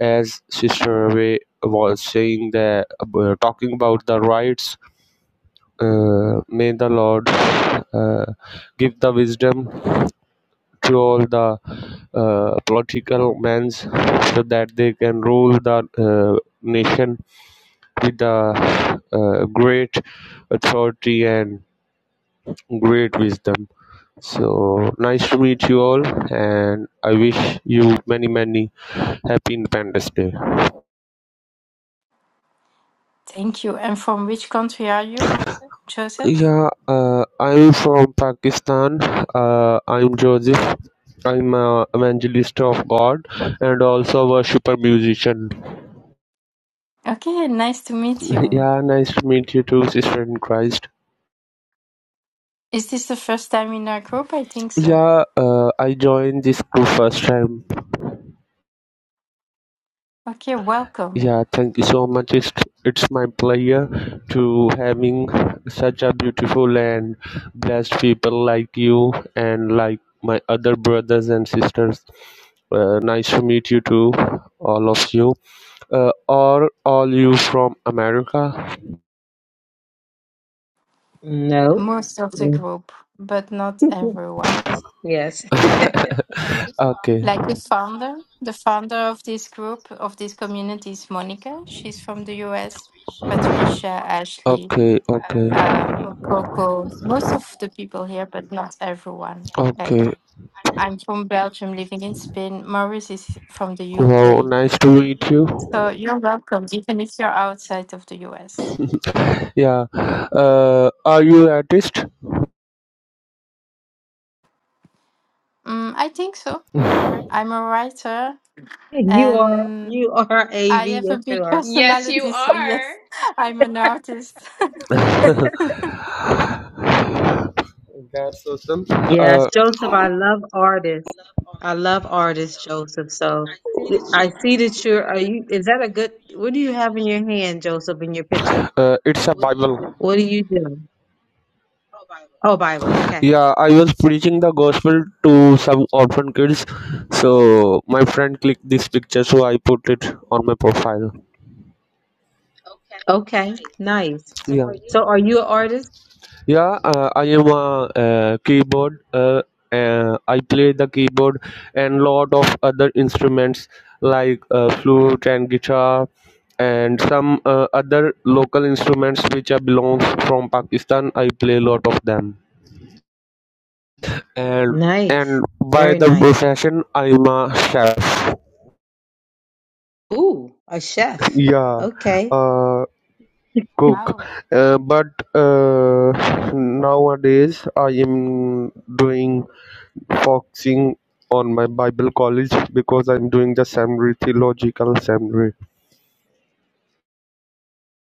O: as Sister Ray was saying that uh, talking about the rights, uh, may the Lord uh, give the wisdom to all the uh, political men so that they can rule the uh, nation with the uh, great authority and great wisdom. So nice to meet you all, and I wish you many, many happy Independence Day.
E: Thank you. And from which country are you, Joseph?
O: Yeah, uh, I'm from Pakistan. Uh, I'm Joseph. I'm a evangelist of God and also worshiper musician.
E: Okay, nice to meet you.
O: Yeah, nice to meet you too, sister in Christ.
E: Is this the first time in our group? I think so.
O: Yeah, uh, I joined this group first time.
E: Okay, welcome.
O: Yeah, thank you so much. It's, it's my pleasure to having such a beautiful and blessed people like you and like my other brothers and sisters. Uh, nice to meet you too, all of you. Uh, are all you from America?
D: No.
E: Most of the group, but not everyone.
D: yes.
O: Okay.
E: Like the founder, the founder of this group, of this community is Monica. She's from the US. Patricia, Ashley,
O: Okay, okay.
E: um, Coco, most of the people here, but not everyone. Like
O: Okay.
E: I'm from Belgium, living in Spain. Maurice is from the
O: Wow,
E: UK.
O: nice to meet you.
E: So you're welcome, even if you're outside of the US.
O: Yeah. Uh, are you artist?
E: Mm, I think so. I'm a writer
D: you are.
E: and
D: You are
E: I
D: Av.
E: have a
D: Yes, you
E: big
D: are.
J: Yes, you
E: personality. So,
J: are.
E: yes, I'm an artist.
D: Yes,
O: Uh,
D: Joseph, I love artists. I love artists, Joseph. So you- I see that you're, are you, is that a good, what do you have in your hand, Joseph, in your picture?
O: uh, it's a Bible.
D: What are you doing? Oh, Bible. Okay.
O: Yeah, I was preaching the gospel to some orphan kids. So my friend clicked this picture, so I put it on my profile.
D: Okay. Nice.
O: Yeah.
D: So are you an artist?
O: Yeah, uh, I am a uh, keyboard. Uh, uh, I play the keyboard and lot of other instruments like uh, flute and guitar and some uh, other local instruments which are belongs from Pakistan. I play a lot of them. And
D: Nice.
O: and by
D: Very
O: the
D: nice.
O: profession, I'm a chef.
D: Ooh, a chef.
O: yeah
D: Okay.
O: uh cook
E: Wow.
O: uh, but uh nowadays i am doing focusing on my bible college because i'm doing the seminary theological seminary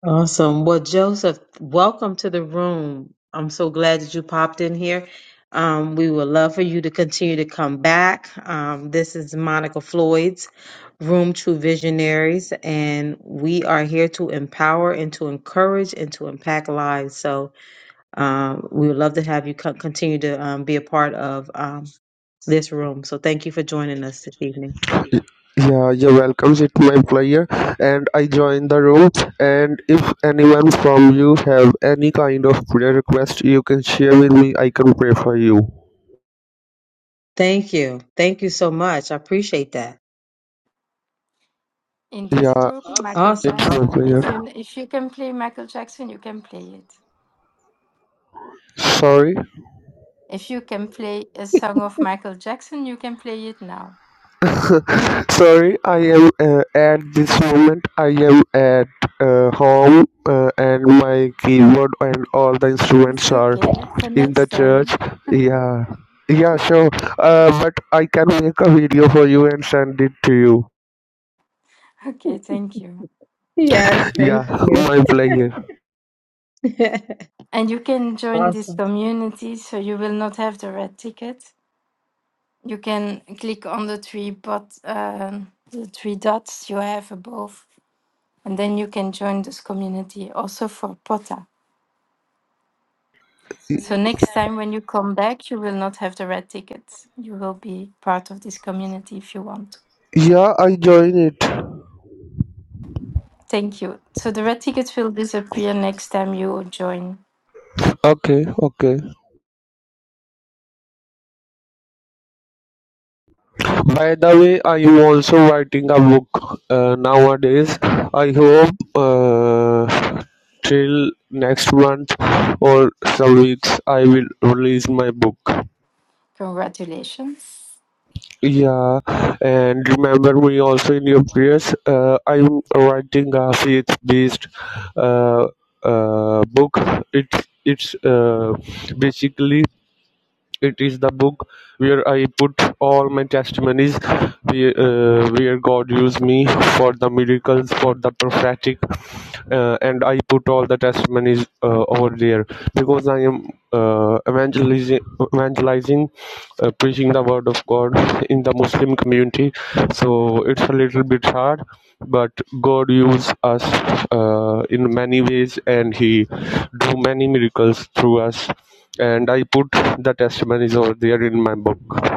D: Awesome. Well, Joseph, welcome to the room. I'm so glad that you popped in here. Um, we would love for you to continue to come back. Um, this is Monica Floyd's Room True Visionaries, and we are here to empower and to encourage and to impact lives. So um, we would love to have you co- continue to um, be a part of um, this room. So thank you for joining us this evening.
O: yeah you're welcome it's my player and i join the room and if anyone from you have any kind of prayer request you can share with me i can pray for you
D: Thank you. Thank you so much. I appreciate that.
E: In this
O: Yeah.
E: group, Michael
D: Awesome.
O: It's my
E: Jackson.
D: Awesome.
O: clear.
E: If you if you can play Michael Jackson, you can play it.
O: Sorry,
E: If you can play a song of Michael Jackson, you can play it now.
O: sorry. I am uh, at this moment. I am at uh, home, uh, and my keyboard and all the
E: It's
O: instruments are
E: okay for
O: in
E: next
O: the church.
E: time.
O: Yeah, yeah, sure. Uh, but I can make a video for you and send it to you.
E: Okay, thank you.
D: Yes, thank
O: Yeah,
D: you.
O: my player.
E: And you can join this
D: Awesome.
E: community, so you will not have the red ticket. You can click on the three but um, the three dots you have above, and then you can join this community also for Pota. So next time when you come back, you will not have the red ticket. You will be part of this community if you want.
O: Yeah, I join it.
E: Thank you. So the red ticket will disappear next time you join.
O: Okay, okay. By the way, I'm also writing a book uh, nowadays. I hope uh, till next month or some weeks I will release my book.
E: Congratulations.
O: Yeah, and remember me also in your prayers. Uh, I'm writing a faith-based uh, uh, book. It's it's uh, basically It is the book where I put all my testimonies, where uh, where God used me for the miracles, for the prophetic, uh, and I put all the testimonies uh, over there because I am uh, evangelizing, evangelizing uh, preaching the word of God in the Muslim community. So it's a little bit hard, but God used us uh, in many ways, and He do many miracles through us. And I put the testimonies over there in my book.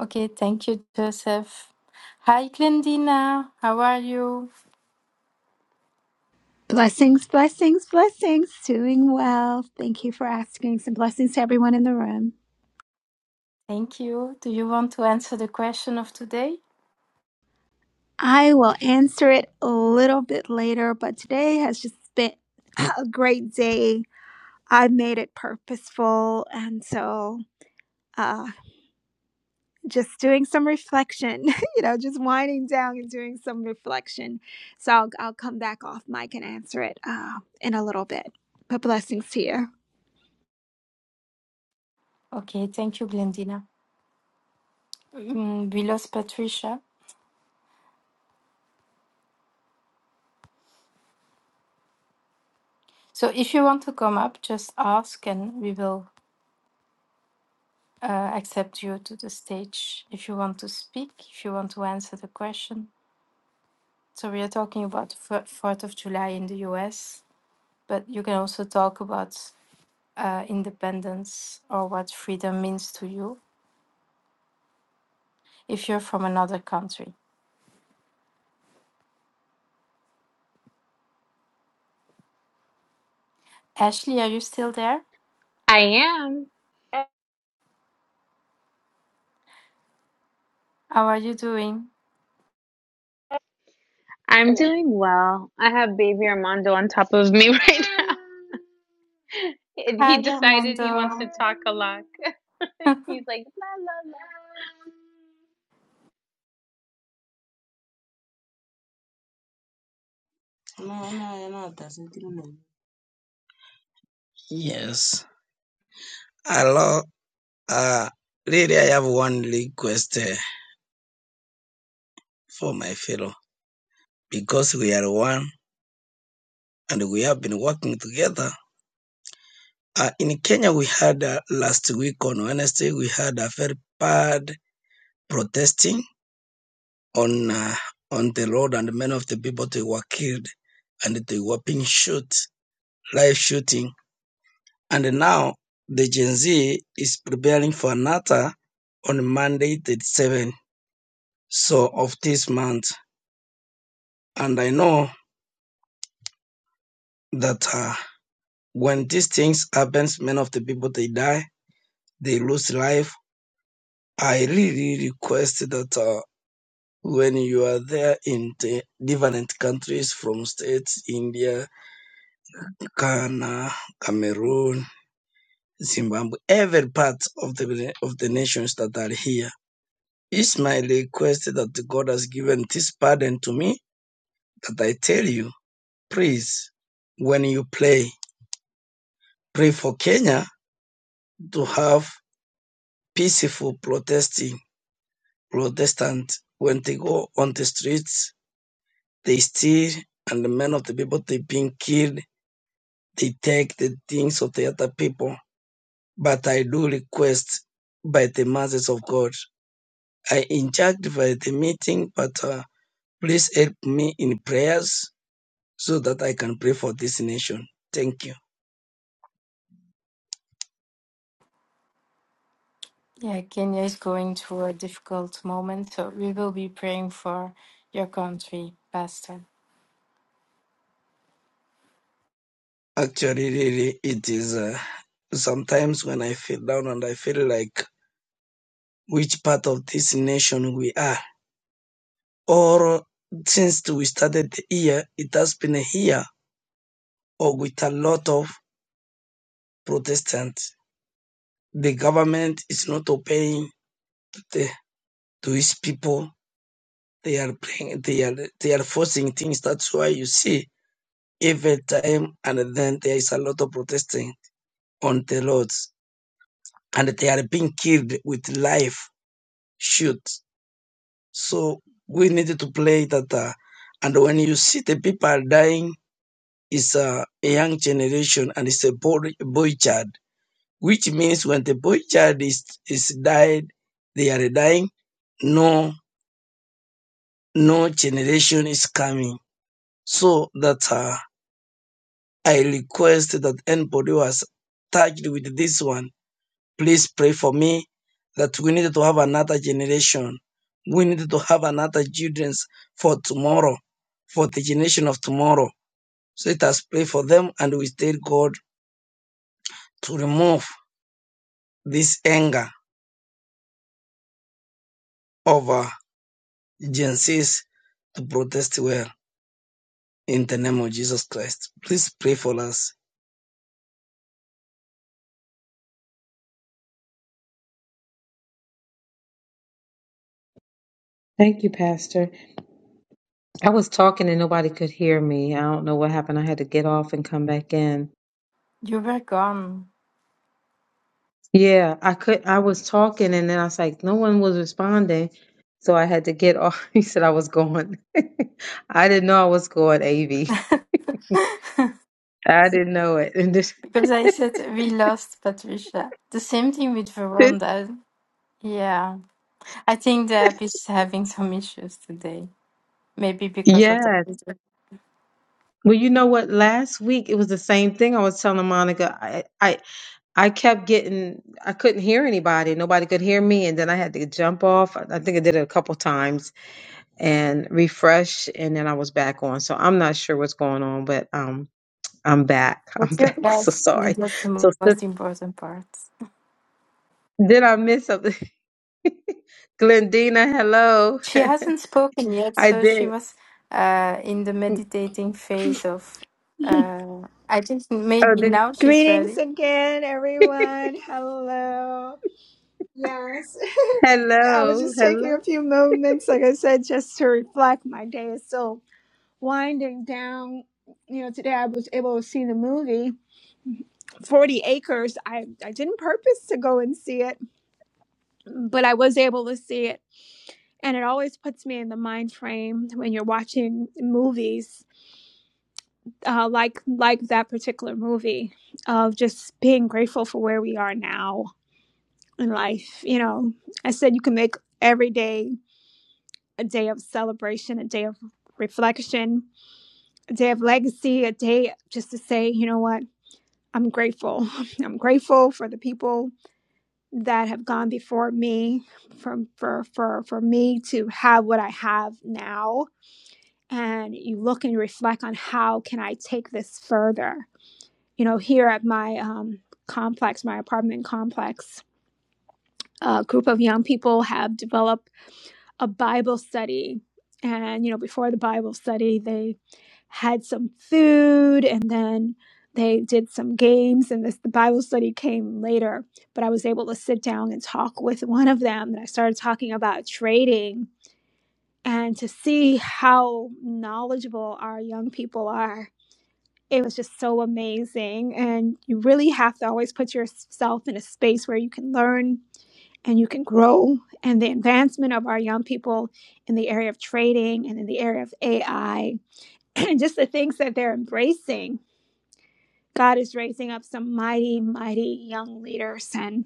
E: Okay, thank you, Joseph. Hi, Glendina. How are you?
P: Blessings, blessings, blessings. Doing well. Thank you for asking. Some blessings to everyone in the room.
E: Thank you. Do you want to answer the question of today?
P: I will answer it a little bit later, but today has just been a great day. I made it purposeful. And so, uh, just doing some reflection, you know, just winding down and doing some reflection. So, I'll, I'll come back off mic and answer it uh, in a little bit. But blessings to you.
E: Okay, thank you, Glendina. Mm, we lost Patricia. So if you want to come up, just ask and we will uh, accept you to the stage if you want to speak, if you want to answer the question. So we are talking about the Fourth of July in the U.S., but you can also talk about uh, independence or what freedom means to you if you're from another country. Ashley, are you still there?
J: I am.
E: How are you doing?
J: I'm doing well. I have baby Armando on top of me right now. And
E: Hi,
J: he decided he wants to
E: Armando.
J: talk a lot. He's like, la, la, la.
C: you. No, no, no, no. Yes. Hello. Uh, really, I have one request uh, for my fellow because we are one and we have been working together. Uh, in Kenya, we had uh, last week on Wednesday, we had a very bad protesting on uh, on the road, and many of the people they were killed, and they were being shot, live shooting. And now the Gen Z is preparing for another on Monday, the 7th so of this month. And I know that uh, when these things happens, many of the people they die, they lose life I really request that uh, when you are there in the different countries from states, India, Ghana, Cameroon, Zimbabwe, every part of the of the nations that are here, it's my request that God has given this pardon to me that I tell you, please, when you pray, pray for Kenya to have peaceful protesting Protestant when they go on the streets They steal, and the men of the people they being killed, they take the things of the other people. But I do request by the masses of God. I in by the meeting, but uh, please help me in prayers so that I can pray for this nation. Thank you.
E: Yeah, Kenya is going through a difficult moment, so we will be praying for your country, Pastor.
C: Actually, really, it is uh, sometimes when I feel down and I feel like which part of this nation we are. Or since we started the year, it has been a year or with a lot of Protestant. The government is not obeying the, to its people. They are playing, they are they are forcing things. That's why you see every time and then there is a lot of protesting on the roads, and they are being killed with live shoots. So we need to play that. uh, and when you see the people dying, it's a, a young generation and it's a boy, boy child, which means when the boy child is is died, they are dying no no generation is coming so that uh, i request that anybody who has touched with this one please pray for me that we need to have another generation we need to have another childrens for tomorrow for the generation of tomorrow so let us pray for them and we tell god to remove this anger over gen Zs to protest well in the name of jesus christ please pray for us
D: Thank you, Pastor. I was talking and nobody could hear me. I don't know what happened. I had to get off and come back in.
E: You were gone.
D: Yeah, I could I was talking and then I was like, no one was responding. So I had to get off. He said I was going. I didn't know I was going, AV. I didn't know it. And this,
E: Because I said we lost Patricia. The same thing with
D: this
E: Veranda. Yeah. I think the app is having some issues today. Maybe because of the
D: yes.
E: video.
D: Well, you know what? Last week it was the same thing. I was telling Monica. I, I. I kept getting, I couldn't hear anybody. Nobody could hear me. And then I had to jump off. I I think I did it a couple times and refresh. And then I was back on. So I'm not sure what's going on, but um, I'm back. I'm
E: What's your
D: back. So
E: best?
D: sorry.
E: That's the
D: So sis-
E: most important part.
D: did I miss something? Glendina, hello.
E: She hasn't spoken yet,
D: I
E: so she
D: did.
E: was uh, in the meditating phase of. Uh, I think
D: Oh,
E: maybe
D: did,
E: now she's
P: Greetings
E: ready.
P: again, everyone. Hello. Yes, I was
D: hello.
P: just taking
D: Hello.
P: a few moments, like I said, just to reflect. My day is still winding down. You know, today I was able to see the movie 40 Acres. I, I didn't purpose to go and see it, but I was able to see it. And it always puts me in the mind frame when you're watching movies uh, like like that particular movie of just being grateful for where we are now in life. You know, I said you can make every day a day of celebration, a day of reflection, a day of legacy, a day just to say, you know what, I'm grateful. I'm grateful for the people that have gone before me, from for for for me to have what I have now. And you look and you reflect on how can I take this further you know, here at my um, complex, my apartment complex, a group of young people have developed a Bible study. And, you know, before the Bible study, they had some food and then they did some games. And this, the Bible study came later, but I was able to sit down and talk with one of them. And I started talking about trading and to see how knowledgeable our young people are it was just so amazing. And you really have to always put yourself in a space where you can learn and you can grow. And the advancement of our young people in the area of trading and in the area of AI and just the things that they're embracing. God is raising up some mighty, mighty young leaders. And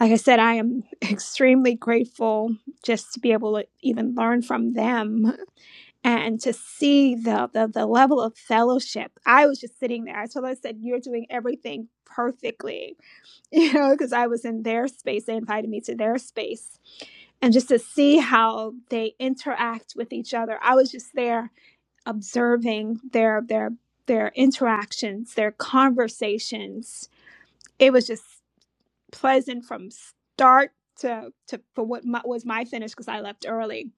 P: like I said, I am extremely grateful just to be able to even learn from them and to see the, the the level of fellowship i was just sitting there i told her i said you're doing everything perfectly you know because i was in their space they invited me to their space and just to see how they interact with each other i was just there observing their their their interactions their conversations it was just pleasant from start to to for what my, was my finish because i left early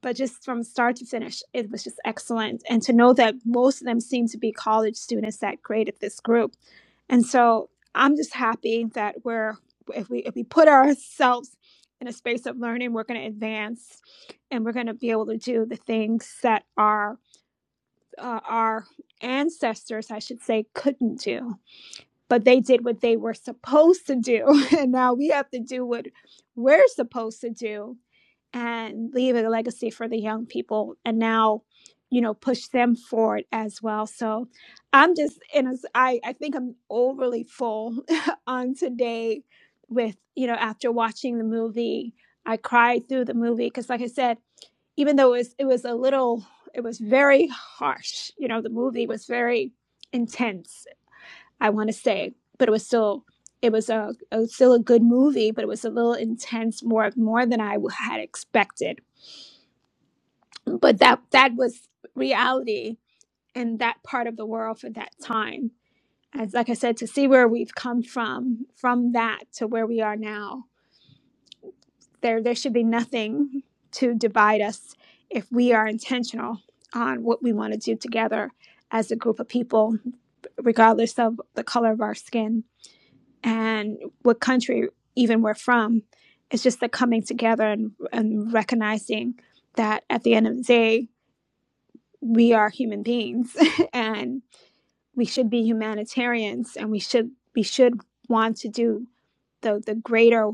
P: but just from start to finish, it was just excellent. And to know that most of them seem to be college students that created this group, and so I'm just happy that we're if we if we put ourselves in a space of learning, we're going to advance, and we're going to be able to do the things that our uh, our ancestors, I should say, couldn't do. But they did what they were supposed to do, and now we have to do what we're supposed to do and leave a legacy for the young people and now you know push them forward as well so i'm just in a i, I think i'm overly full on today with you know after watching the movie i cried through the movie because like i said even though it was it was a little it was very harsh you know the movie was very intense i want to say but it was still it was a, a still a good movie but it was a little intense more more than i had expected but that that was reality in that part of the world for that time as like i said to see where we've come from from that to where we are now there there should be nothing to divide us if we are intentional on what we want to do together as a group of people regardless of the color of our skin and what country even we're from it's just the coming together and, and recognizing that at the end of the day we are human beings and we should be humanitarians and we should we should want to do the the greater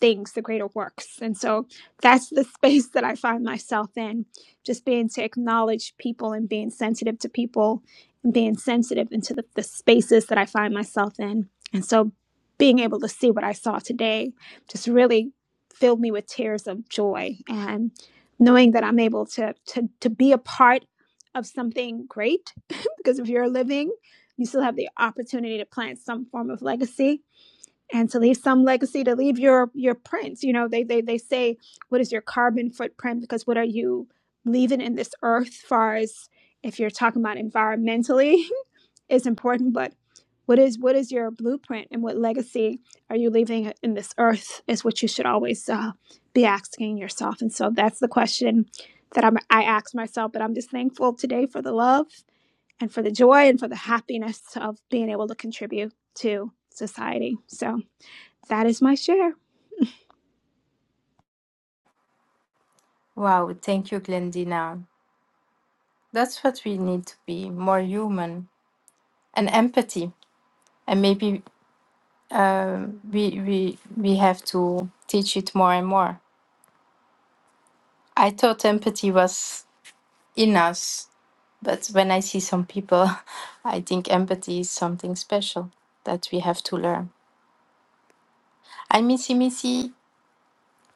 P: things, the greater works. And so that's the space that I find myself in, just being to acknowledge people and being sensitive to people and being sensitive into the, the spaces that I find myself in. And so being able to see what I saw today just really filled me with tears of joy and knowing that I'm able to to to be a part of something great because if you're living, you still have the opportunity to plant some form of legacy and to leave some legacy to leave your your prints you know they they, they say what is your carbon footprint because what are you leaving in this earth far as if you're talking about environmentally is important but what is what is your blueprint and what legacy are you leaving in this earth is what you should always uh, be asking yourself and so that's the question that I'm, i ask myself but i'm just thankful today for the love and for the joy and for the happiness of being able to contribute to society so that is my share.
E: Wow, thank you, Glendina. That's what we need to be more human and empathy. And maybe um, we we we have to teach it more and more. I thought empathy was in us, but when I see some people, I think empathy is something special that we have to learn. I missy missy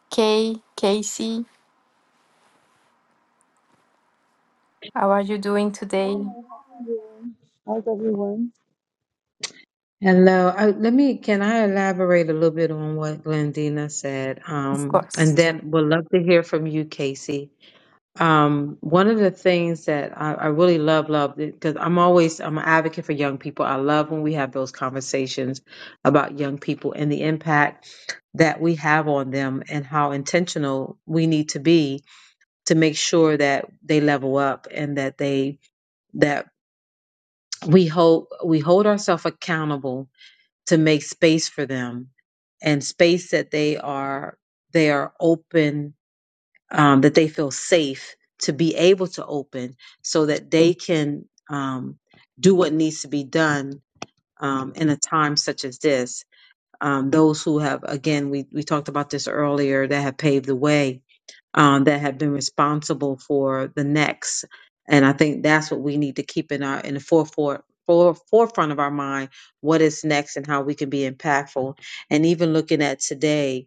E: Kay Casey. How are you doing today?
Q: Morning, happy New Year. How's everyone?
D: Hello. Uh, let me, can I elaborate a little bit on what Glendina said?
E: Of
D: Um,
E: course.
D: and then we'll love to hear from you, Casey. Um, one of the things that I, I really love, love, because I'm always I'm an advocate for young people. I love when we have those conversations about young people and the impact that we have on them and how intentional we need to be to make sure that they level up and that they that we hold we hold ourselves accountable to make space for them and space that they are they are open um, that they feel safe to be able to open so that they can um, do what needs to be done um, in a time such as this. Um, those who have, again, we, we talked about this earlier, that have paved the way, um, that have been responsible for the next. And I think that's what we need to keep in our in the forefront, for, forefront of our mind, what is next and how we can be impactful. And even looking at today,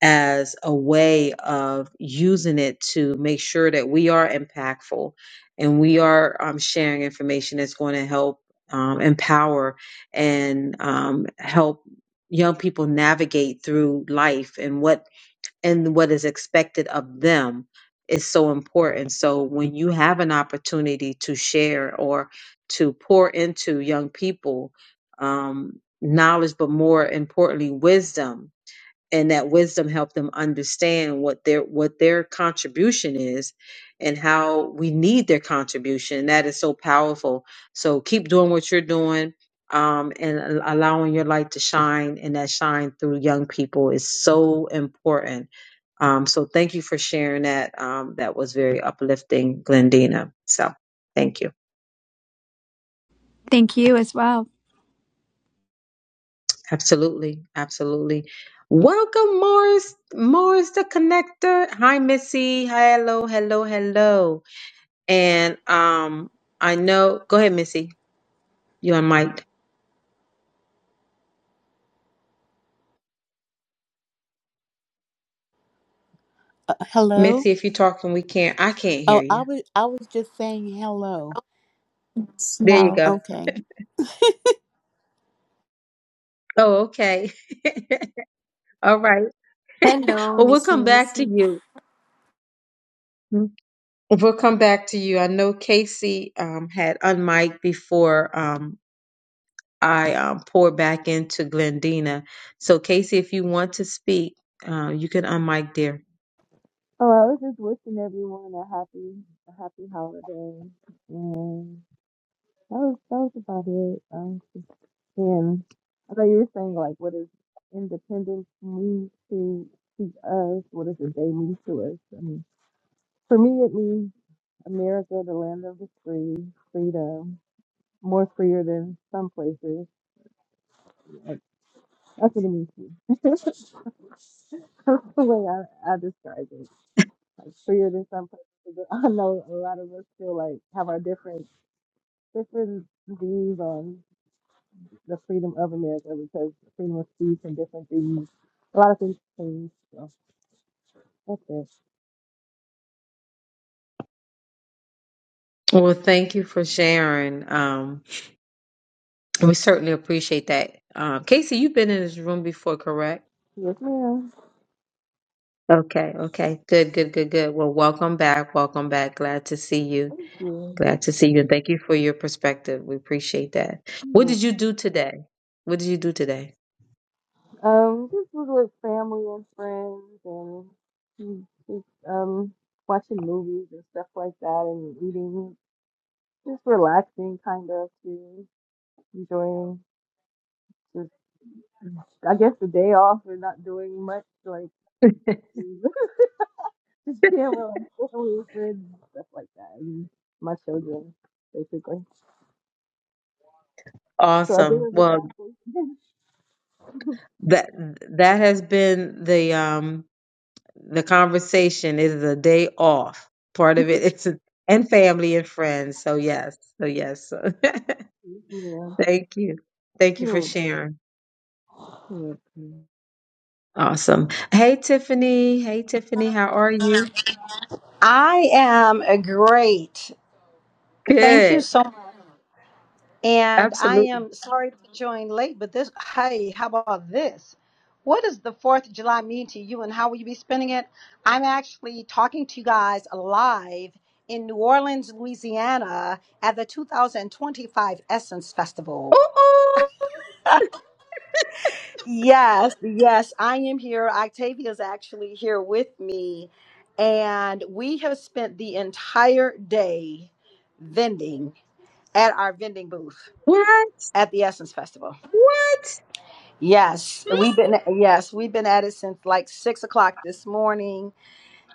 D: as a way of using it to make sure that we are impactful and we are um, sharing information that's going to help um, empower and um, help young people navigate through life and what and what is expected of them is so important. So when you have an opportunity to share or to pour into young people um, knowledge, but more importantly, wisdom and that wisdom helped them understand what their what their contribution is and how we need their contribution that is so powerful so keep doing what you're doing um, and a- allowing your light to shine and that shine through young people is so important um, so thank you for sharing that um, that was very uplifting glendina so thank you
P: Thank you as well.
D: Absolutely, absolutely. Welcome, Morris, Morris the Connector. Hi, Missy. Hello, hello, hello. And um, I know. Go ahead, Missy. You on mic,
R: Uh, hello?
D: Missy? If you're talking, we can't. I can't
R: Oh,
D: hear
R: I
D: you.
R: was I was just saying hello.
E: It's
D: There you
E: now.
D: go.
R: Okay.
D: Oh, okay. All right.
E: Hello,
D: well, we'll
E: Missy
D: come back to
E: Missy.
D: you. We'll come back to you. I know Casey um, had unmiked before. Um, I um, pour back into Glendina. So, Casey, if you want to speak, uh, you can unmic, dear.
Q: Oh, I was just wishing everyone a happy, a happy holiday, and that was that was about it. Um, just and I thought you were saying like, what does independence mean to to us? What does the day mean to us? I mean, for me, it means America, the land of the free, freedom, more freer than some places. Like, that's what it means to me. that's the way I, I describe it. like freer than some places. I know a lot of us feel like have our different different views on the freedom of America because freedom of speech and different things, a lot of things change. So that's it.
D: Well, thank you for sharing. Um, We certainly appreciate that. Um, Casey, you've been in this room before, correct?
Q: Yes, ma'am.
D: Okay, okay. Good, good, good, good. Well, welcome back. Welcome back. Glad to see you.
Q: Thank you.
D: Glad to see you. And thank you for your perspective. We appreciate that.
Q: You're
D: What
Q: welcome.
D: did you do today? What did you do today?
Q: Um, just was with family and friends and mm, just um watching movies and stuff like that and eating, just relaxing kind of too, enjoying. I guess the day off we're not doing much, like just, just being with like family and friends and stuff like that, and my children basically. So I've been
D: Awesome.
Q: a
D: Well,
Q: relaxation.
D: that that has been the um the conversation it is a day off part of it it's a, and family and friends so yes so yes
Q: yeah,
D: thank you thank you for
Q: it
D: sharing
Q: would be.
D: awesome hey tiffany hey tiffany how are you
S: I am a great. Thank you
D: good
S: so much. And I
D: absolutely
S: am sorry to join late, but this, hey, how about this? What does the 4th of July mean to you and how will you be spending it? I'm actually talking to you guys live in New Orleans, Louisiana at the 2025 Essence Festival.
D: Ooh, ooh,
S: Yes, yes, I am here. Octavia is actually here with me, and we have spent the entire day vending. at our vending booth
D: what
S: at the Essence Festival.
D: what
S: Yes, we've been yes, we've been at it since like six o'clock this morning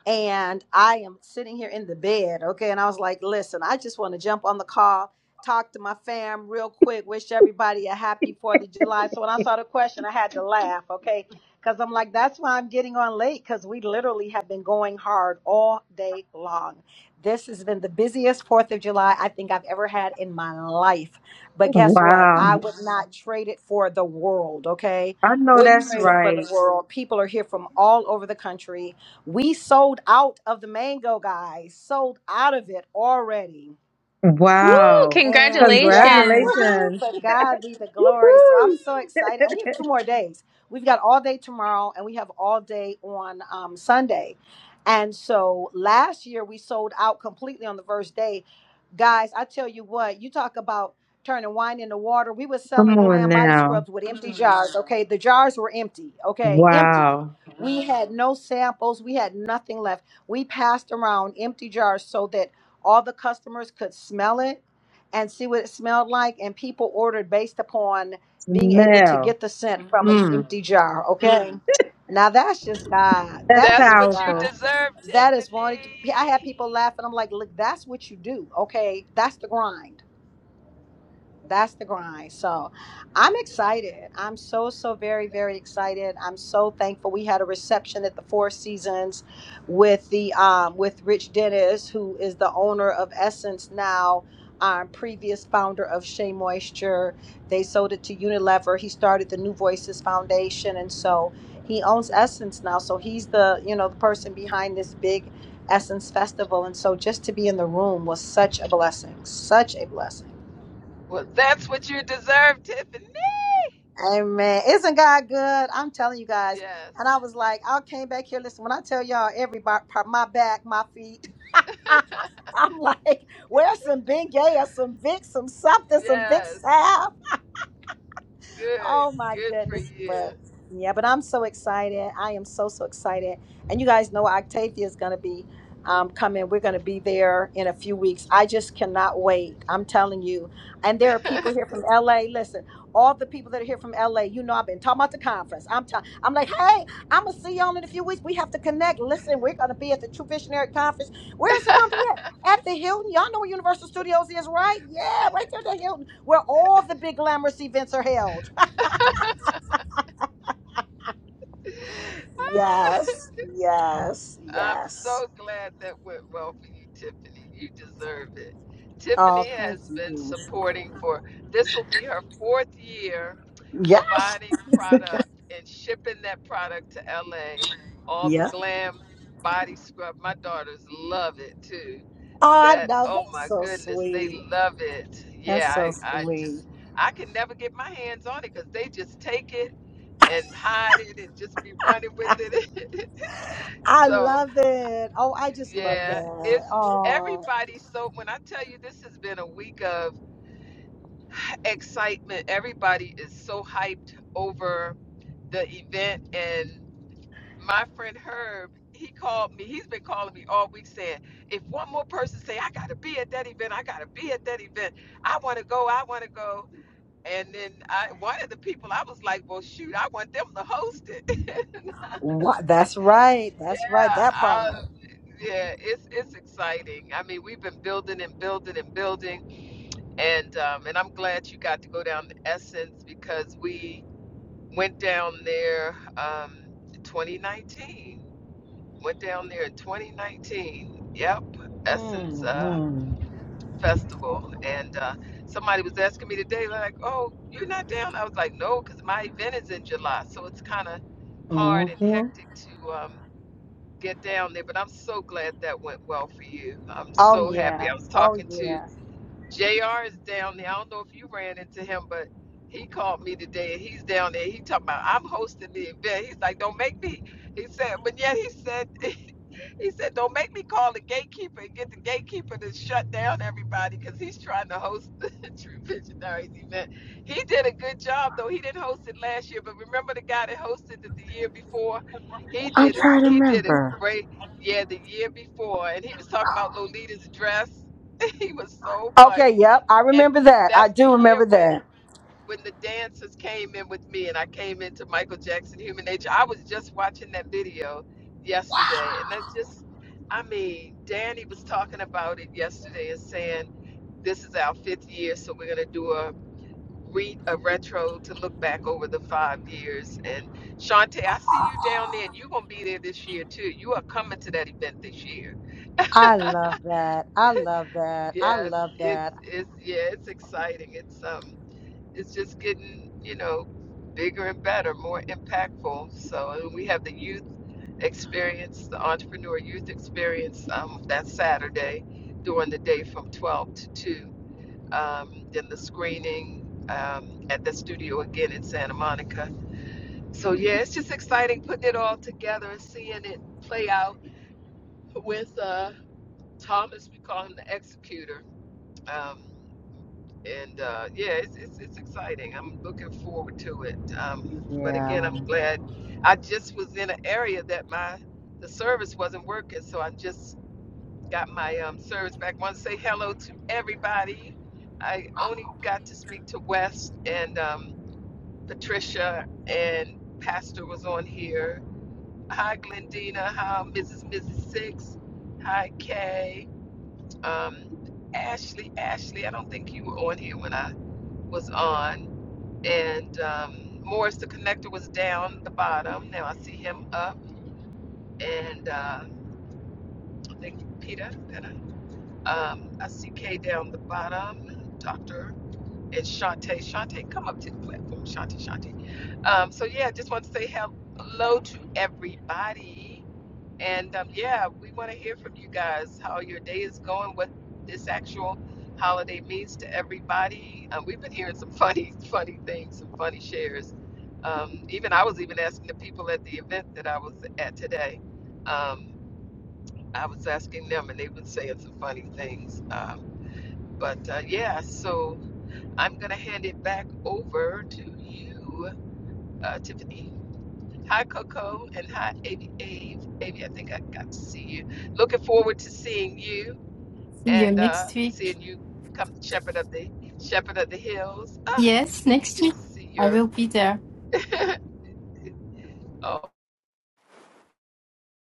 S: and I am sitting here in the bed, okay? And I was like, listen, I just want to jump on the call, talk to my fam real quick, wish everybody a happy 4th of July. So when I saw the question, I had to laugh, okay? Because I'm like, that's why I'm getting on late, because we literally have been going hard all day long. This has been the busiest 4th of July I think I've ever had in my life. But guess what?
D: Wow.
S: I would not trade it for the world, okay?
D: I know
S: Wouldn't
D: that's
S: trade it for the
D: right.
S: world. People are here from all over the country we sold out of the mango, guys, sold out of it already.
J: Woo!
D: Wow.
S: And yes,
J: Congratulations.
S: woohoo,
D: Congratulations.
S: to God be the glory. So I'm
D: Woohoo.
S: so excited. And we have two more days. We've got all day tomorrow and we have all day on um, Sunday. And so last year we sold out completely on the first day. Guys, I tell you what, you talk about turning wine into water. We were
D: Come
S: selling
D: on
S: glam body
D: now.
S: scrubs with empty jars. Okay. The jars were empty. Okay. Empty.
D: Wow.
S: We had no samples. We had nothing left. We passed around empty jars so that all the customers could smell it and see what it smelled like. And people ordered based upon being able to
D: Smell.
S: get the scent from an
D: Mm.
S: empty jar. Okay. Now that's just God.
D: That's
S: That's
A: That's
S: just
A: what you
D: powerful.
S: God.
A: deserve,
S: That is wanting to. I had
A: Tiffany.
S: people laughing. I'm like, look, that's what you do. Okay. That's the grind. that's the grind. So I'm excited. I'm so, so very, very excited. I'm so thankful. We had a reception at the Four Seasons with the um with Rich Dennis, who is the owner of Essence now. Um, previous founder of Shea Moisture. They sold it to Unilever. He started the New Voices Foundation. And so he owns Essence now. So he's the, you know, the person behind this big Essence Festival. And so just to be in the room was such a blessing, such a blessing.
A: Well, that's what you deserve, Tiffany.
S: Amen. Isn't God good? I'm telling you guys.
A: Yes.
S: And I was like, I came back here. Listen, when I tell y'all every bar- part, my back, my feet, I'm like, where's some Bengay or some Vicks, some something, some Vicks
A: Yes.
S: ah,
A: Good.
S: Oh my
A: Good for
S: goodness,
A: you.
S: but yeah, but I'm so excited. I am so so excited. And you guys know Octavia is going to be um, coming. We're going to be there in a few weeks. I just cannot wait. I'm telling you. And there are people here from LA. Listen, all the people that are here from LA, you know, I've been talking about the conference. I'm t- I'm like, hey, I'm gonna see y'all in a few weeks. We have to connect. Listen, we're going to be at the True Visionary Conference. Where is it going to be at? At the Hilton. Y'all know where Universal Studios is, right? Yeah, right there at the Hilton, where all the big glamorous events are held.
A: Ah,
S: Yes, yes,
A: I'm
S: yes.
A: so glad that went well for you, Tiffany. You deserve it. Tiffany
S: Oh, thank
A: has been
S: you.
A: supporting for this will be her fourth year
S: Yeah,
A: providing product and shipping that product to LA. All the
S: yeah.
A: glam body scrub. My daughters love it too
S: Oh, I
A: That,
S: know.
A: oh
S: That's
A: my
S: so
A: goodness, they
S: sweet.
A: love it.
S: That's
A: Yeah,
S: so
A: I, I
S: sweet.
A: just, I can never get my hands on it because they just take it and hide it and just be running with it.
S: I
A: so,
S: love it. Oh, I just love
A: yeah,
S: that.
A: it's
S: Oh,
A: everybody. So, when I tell you this has been a week of excitement, everybody is so hyped over the event. and. my friend Herb, he called me. He's been calling me all week saying, if one more person say, I gotta be at that event, I gotta be at that event, I wanna go, I wanna go. And then I one of the people I was like, Well shoot, I want them to host it.
S: what? That's right. That's right.
A: yeah.
S: That
A: I,
S: part.
A: yeah, it's it's exciting. I mean, we've been building and building and building and um and I'm glad you got to go down to Essence because we went down there um 2019 Went down there in 2019. Yep, Essence uh,
S: Mm-hmm.
A: Festival. And uh, somebody was asking me today, like, oh, you're not down? I was like, no, because my event is in July. So it's kind of hard and
S: Mm-hmm.
A: hectic to um, get down there. But I'm so glad that went well for you. I'm so happy. I was talking to JR is down there. I don't know if you ran into him, but he called me today and he's down there. He talking about, I'm hosting the event. He's like, don't make me. He said, but yet he said He said, "Don't make me call the gatekeeper and get the gatekeeper to shut down everybody because he's trying to host the True Visionaries event." He did a good job though. He didn't host it last year, but remember the guy that hosted it the year before? He did it. He did it great. Yeah, the year before, and he was talking about Lolita's dress. he was so
S: Okay.
A: funny,
S: Yep. I
A: and
S: remember that. I
A: that's the
S: do
A: year
S: remember
A: when
S: that.
A: when the dancers came in with me and I came into Michael Jackson Human Nature, I was just watching that video yesterday. And that's just, I mean, Danny was talking about it yesterday and saying, this is our fifth year, so we're going to do a re a retro to look back over the five years. And Shantae, I see you down there and you're going to be there this year too. You are coming to that event this year.
S: I love that. I love that. I
A: Yes,
S: love
A: it's,
S: that.
A: it's, yeah, it's exciting. It's, um, it's just getting, you know, bigger and better, more impactful. So and we have the youth experience, the entrepreneur youth experience um, that Saturday during the day from 12 to 2. Um, then the screening um, at the studio again in Santa Monica. So yeah, it's just exciting putting it all together and seeing it play out with uh, Thomas. We call him the executor. Um, and uh, yeah, it's, it's it's exciting. I'm looking forward to it. Um, but
S: Yeah.
A: again, I'm glad. I just was in an area that my the service wasn't working, so I just got my um, service back. Want to say hello to everybody. I only got to speak to West and um, Patricia and Pastor was on here. Hi, Glendina. Hi, Mrs. Mrs. Six. Hi, Kay. Um, Ashley. Ashley, I don't think you were on here when I was on and um, Morris the connector was down at the bottom. Now I see him up, and uh, I think Peter. I? Um, I see Kay down the bottom. Doctor and Shante. Shante, come up to the platform. Shante, Shante. Um, so yeah, I just want to say hello to everybody. And um, yeah, we want to hear from you guys how your day is going, what this actual holiday means to everybody. Um, we've been hearing some funny, funny things, some funny shares. Um, even I was even asking the people at the event that I was at today. Um, I was asking them, and they were saying some funny things. Um, but uh, yeah, so I'm gonna hand it back over to you, uh, Tiffany. Hi, Coco, and hi, Avi. Avi, Avi, I think I got to see you. Looking forward to seeing you
E: See you
A: and uh,
E: next week.
A: seeing you come shepherd of the shepherd of the hills. Ah,
E: Yes,
A: you
E: next
A: get
E: week.
A: to see
E: I
A: your.
E: will be there.
A: oh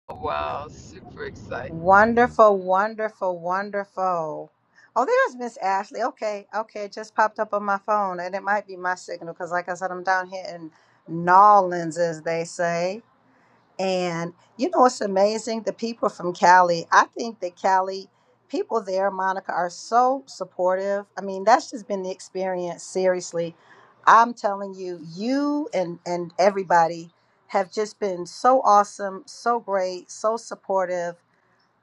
A: wow, super excited.
S: Wonderful, wonderful, wonderful. Oh, there's Miss Ashley. Okay, okay, it just popped up on my phone, and it might be my signal because, like I said, I'm down here in Nawlins, as they say. And you know, it's amazing the people from Cali. I think that Cali people there, Monica, are so supportive. I mean, that's just been the experience. Seriously, I'm telling you, you and and everybody have just been so awesome, so great, so supportive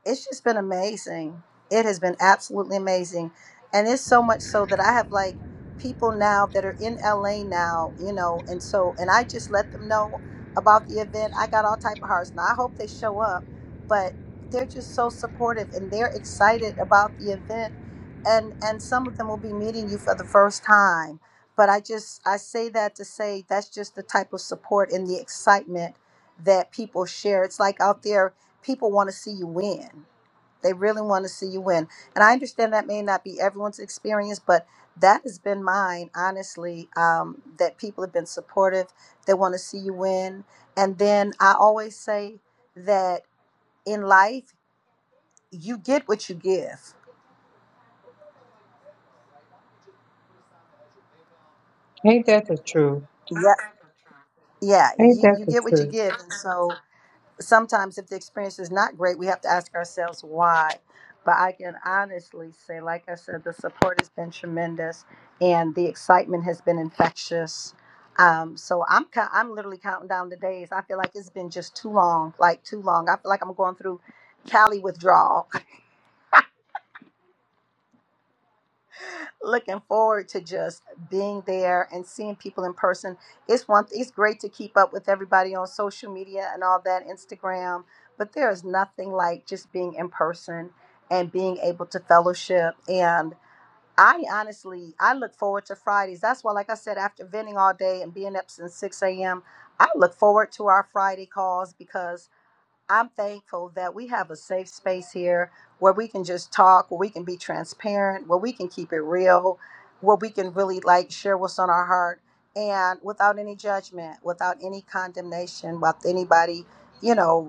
S: it's just been amazing. It has been absolutely amazing. And it's so much so that I have like people now that are in LA now, you know, and so and I just let them know about the event. I got all type of hearts. Now I hope they show up, but they're just so supportive and they're excited about the event. And and some of them will be meeting you for the first time. But I just I say that to say that's just the type of support and the excitement that people share. It's like out there people want to see you win. They really want to see you win. And I understand that may not be everyone's experience, but that has been mine, honestly, um, that people have been supportive. They want to see you win. And then I always say that in life, you get what you give.
D: Ain't that the truth?
S: Yeah. Yeah.
D: Ain't
S: You,
D: that
S: you
D: the
S: get what you
D: truth?
S: give. And so sometimes if the experience is not great, we have to ask ourselves why. But I can honestly say, like I said, the support has been tremendous, and the excitement has been infectious. Um, so I'm co- I'm literally counting down the days. I feel like it's been just too long, like too long. I feel like I'm going through Cali withdrawal looking forward to just being there and seeing people in person. It's one it's great to keep up with everybody on social media and all that Instagram, but there is nothing like just being in person and being able to fellowship and I honestly I look forward to Fridays. That's why like I said after venting all day and being up since 6 a.m. I look forward to our Friday calls because I'm thankful that we have a safe space here where we can just talk, where we can be transparent, where we can keep it real, where we can really like share what's on our heart and without any judgment, without any condemnation, without anybody, you know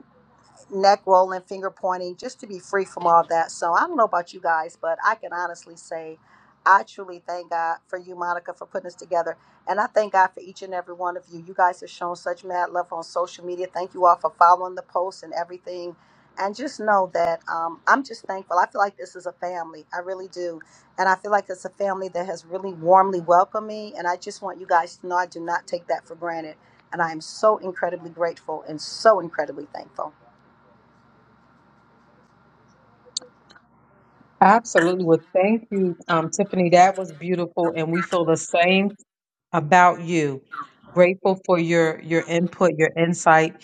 S: neck rolling, finger pointing, just to be free from all that. So I don't know about you guys, but I can honestly say I truly thank God for you, Monica, for putting this together. And I thank God for each and every one of you. You guys have shown such mad love on social media. Thank you all for following the posts and everything. And just know that um, I'm just thankful. I feel like this is a family. I really do. And I feel like it's a family that has really warmly welcomed me. And I just want you guys to know I do not take that for granted. And I am so incredibly grateful and so incredibly thankful.
D: Absolutely. Well, thank you, um, Tiffany. That was beautiful, and we feel the same about you. Grateful for your your input, your insight,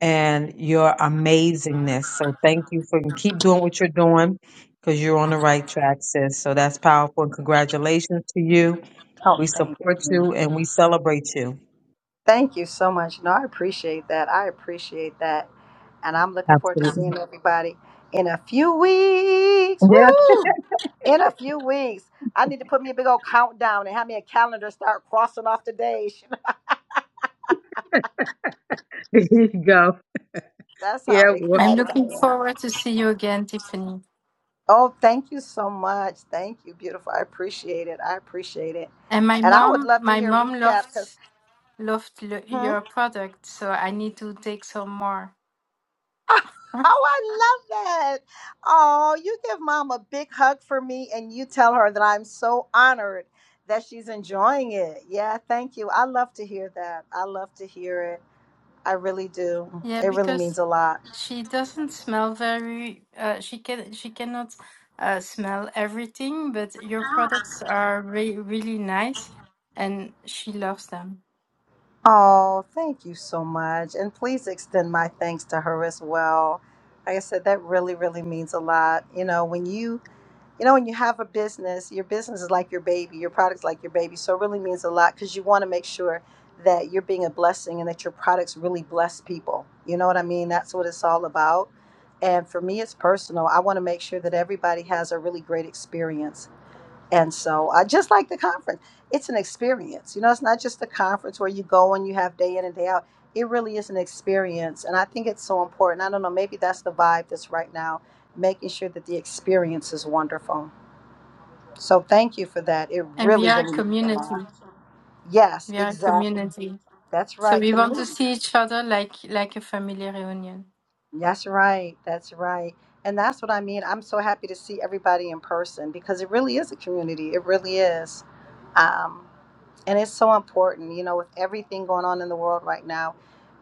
D: and your amazingness. So thank you for and keep doing what you're doing because you're on the right track, sis. So that's powerful. And congratulations to you.
S: Oh,
D: We
S: thank
D: support
S: you.
D: you and we celebrate you.
S: Thank you so much. No, I appreciate that. I appreciate that. And I'm looking forward to seeing
D: Absolutely.
S: everybody in a few weeks.
D: Yeah.
S: Woohoo! In a few weeks. I need to put me a big old countdown and have me a calendar start crossing off the days.
D: There you go.
S: That's how
D: Yeah. Well,
E: I'm
S: excited
E: looking
S: I am.
E: forward to see you again, Tiffany.
S: Oh, thank you so much. Thank you, beautiful. I appreciate it. I appreciate it.
E: And my
S: And I would
E: mom,
S: love to
E: my
S: hear a
E: mom
S: recap
E: loved.
S: because
E: loved lo-
S: hmm?
E: your product, so I need to take some more.
S: Oh, I love that. Oh, you give mom a big hug for me and you tell her that I'm so honored that she's enjoying it. Yeah, thank you. I love to hear that. I love to hear it. I really do.
E: Yeah,
S: It really means
E: because
S: a lot.
E: she doesn't smell very. Uh, she can she cannot uh, smell everything, but your products are re- really nice, and she loves them.
S: Oh, thank you so much. And please extend my thanks to her as well. Like I said, that really, really means a lot. You know, when you you know when you have a business your business is like your baby your product is like your baby so it really means a lot because you want to make sure that you're being a blessing and that your products really bless people you know what i mean that's what it's all about and for me it's personal i want to make sure that everybody has a really great experience and so i just like the conference it's an experience you know it's not just a conference where you go and you have day in and day out it really is an experience and i think it's so important i don't know maybe that's the vibe that's right now making sure that the experience is wonderful so thank you for that. It
E: And we
S: really,
E: are a
S: really means a
E: community.
S: lot. Yes,
E: We are a
S: exactly.
E: community,
S: That's
E: so
S: right.
E: we want to
S: Community.
E: see each other like like a family reunion.
S: That's right. That's right. And that's what I mean. I'm so happy to see everybody in person because it really is a community. It really is. Um, And it's so important, you know, with everything going on in the world right now,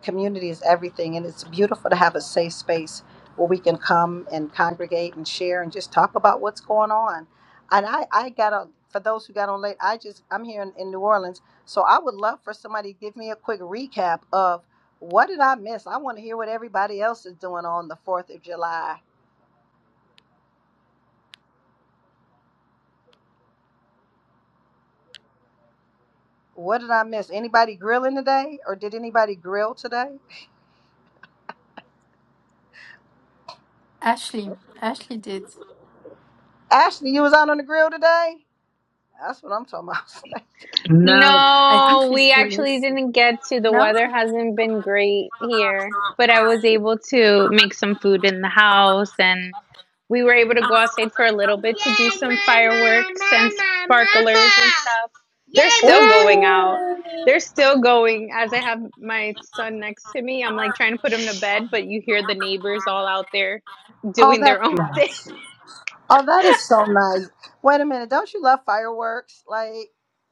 S: community is everything. And it's beautiful to have a safe space where we can come and congregate and share and just talk about what's going on. And I, I got on, for those who got on late, I just, I'm here in, in New Orleans. So I would love for somebody to give me a quick recap of what did I miss? I want to hear what everybody else is doing on the 4th of July. What did I miss? Anybody grilling today? Or did anybody grill today?
E: Ashley, Ashley did.
S: Ashley, you was out on the grill today? That's what I'm talking about. I was like,
D: no.
E: I think
J: No,
E: she
J: we
E: still
J: actually
E: is.
J: didn't get to. The
E: No,
J: weather hasn't been great here, but I was able to make some food in the house and we were able to go outside for a little bit Yay, to do some mama, fireworks and mama, sparklers and sparklers mama. and stuff. They're Yay, They're still mama. going out. They're still going. As I have my son next to me, I'm like trying to put him to bed, but you hear the neighbors all out there
S: oh,
J: doing
S: that's
J: their own thing.
S: nice. Oh, that is so nice. Wait a minute. Don't you love fireworks? Like,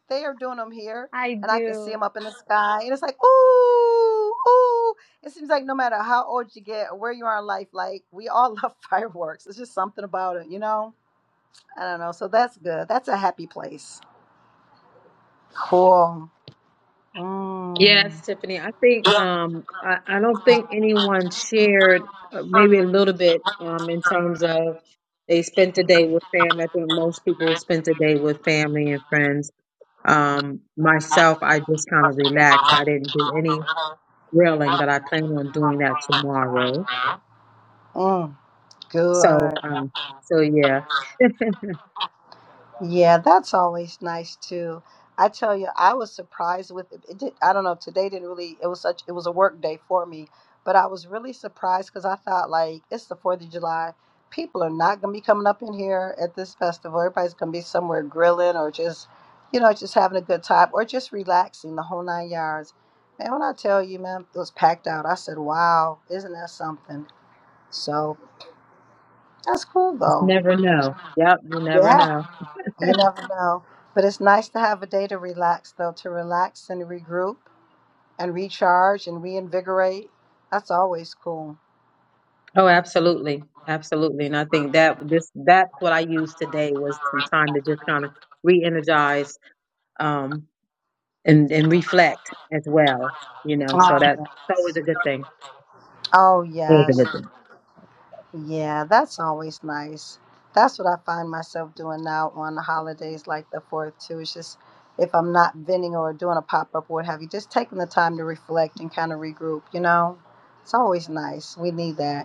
S: they are doing them here,
J: I
S: and I can see
J: do.
S: them up in the sky. And it's like, ooh, ooh. It seems like no matter how old you get or where you are in life, like, we all love fireworks. It's just something about it, you know? I don't know. So that's good. That's a happy place. Cool.
D: Yes,
S: Mm,
D: Tiffany. I think um, I, I don't think anyone shared uh, maybe a little bit um, in terms of they spent the day with family. I think most people spent the day with family and friends. Um, myself, I just kind of relaxed. I didn't do any grilling, but I plan on doing that tomorrow.
S: mm, good.
D: So, um, so yeah,
S: Yeah, that's always nice too. I tell you, I was surprised with it. did, I don't know. Today didn't really. It was such. It was a work day for me, but I was really surprised because I thought like it's the Fourth of July. People are not gonna be coming up in here at this festival. Everybody's gonna be somewhere grilling or just, you know, just having a good time or just relaxing the whole nine yards. Man, when I tell you, man, it was packed out. I said, "Wow, isn't that something?" So that's cool
D: just
S: though.
D: never know. Yep, you never
S: Yeah.
D: know.
S: You never know. But it's nice to have a day to relax, though, to relax and regroup and recharge and reinvigorate. That's always cool.
D: Oh, absolutely, absolutely. And I think that this that's what I used today was some time to just kind of re-energize um, and and reflect as well. You know, so
S: Oh,
D: that's
S: yeah.
D: always a good thing.
S: oh
D: Always a
S: yes.
D: good thing.
S: Yeah, that's always nice. That's what I find myself doing now on the holidays like the 4th, too. It's just if I'm not venting or doing a pop up or what have you, just taking the time to reflect and kind of regroup, you know? It's always nice. We need that.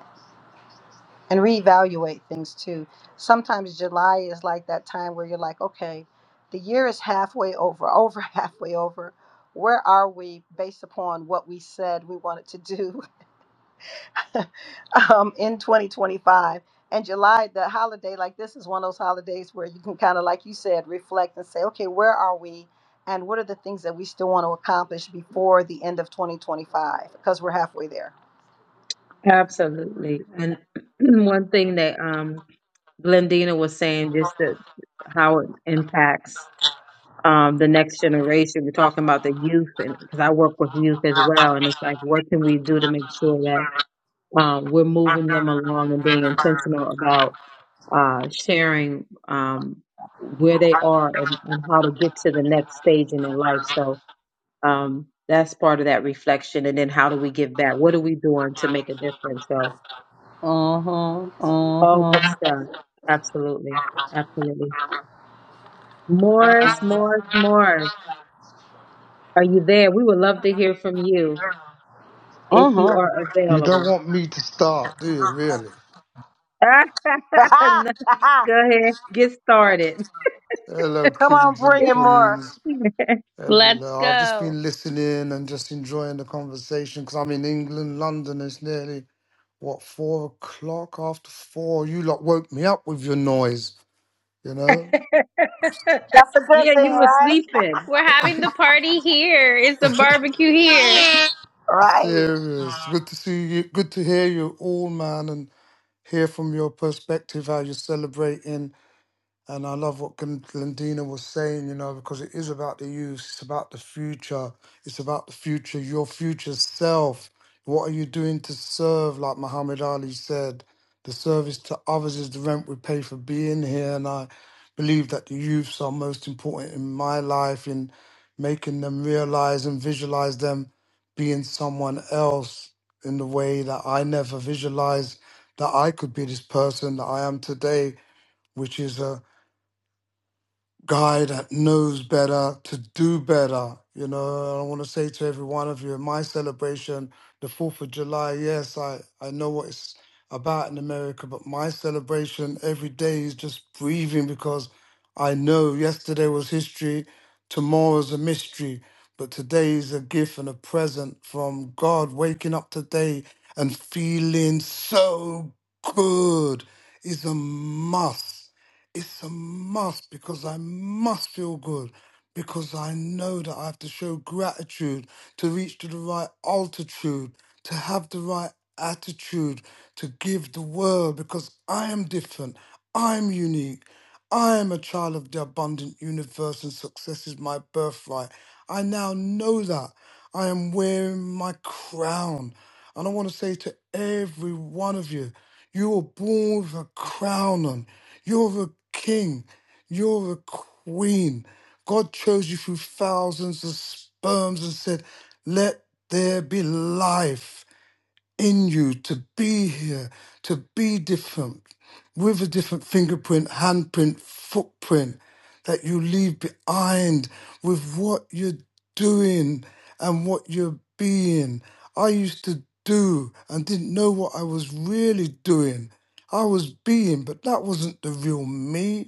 S: and reevaluate things too. Sometimes July is like that time where you're like, okay, the year is halfway over, over halfway over. Where are we based upon what we said we wanted to do um, in 2025? And July, the holiday, like this is one of those holidays where you can kind of, like you said, reflect and say, okay, where are we? And what are the things that we still want to accomplish before the end of 2025? Because we're halfway there.
D: Absolutely. And one thing that um, Glendina was saying, just that how it impacts um, the next generation. We're talking about the youth, and because I work with youth as well, and it's like, what can we do to make sure that um, we're moving them along and being intentional about uh, sharing um, where they are and, and how to get to the next stage in their life. So Um, that's part of that reflection. And then how do we give back? What are we doing to make a difference? So
S: Mm-hmm.
D: all good
S: Mm-hmm.
D: stuff. Absolutely. Absolutely. Morris, Morris, Morris, are you there? We would love to hear from you if
S: Mm-hmm.
D: you are
T: You don't
D: available.
T: want me to start, do you, really?
S: Ha
D: No,
S: ha!
D: Go ahead. Get started.
T: Hello,
S: Come on,
T: kings and
S: bring
D: Get
S: it more.
T: queens.
D: started.
J: Let's
T: Hello. I've just
J: go.
T: been listening and just enjoying the conversation because I'm in England, London. It's nearly, what, four o'clock after four? You lot woke me up with your noise, you know?
S: That's a good
D: yeah,
S: thing,
D: you were
S: right?
D: sleeping.
J: We're having the party here. It's the barbecue here. Yeah.
S: Right.
T: Serious. Good to see you. Good to hear you all, man, and hear from your perspective how you're celebrating And I love what Glen- Glendina was saying, you know, because it is about the youth, it's about the future, it's about the future, your future self. What are you doing to serve? Like Muhammad Ali said, the service to others is the rent we pay for being here. And I believe that the youths are most important in my life in making them realize and visualize them being someone else in the way that I never visualized that I could be this person that I am today, which is a guy that knows better to do better. You know, I want to say to every one of you, in my celebration, the 4th of July, yes, I, I know what it's about in America, but my celebration every day is just breathing because I know yesterday was history, tomorrow's a mystery, but today is a gift and a present from God, waking up today and feeling so good is a must. It's a must because I must feel good because I know that I have to show gratitude to reach to the right altitude, to have the right attitude, to give the world because I am different. I'm unique. I am a child of the abundant universe and success is my birthright. I now know that. I am wearing my crown. And I want to say to every one of you, you were born with a crown on. You're a king. You're a queen. God chose you through thousands of sperms and said, Let there be life in you to be here, to be different, with a different fingerprint, handprint, footprint that you leave behind with what you're doing and what you're being. I used to do and didn't know what I was really doing. I was being, but that wasn't the real me.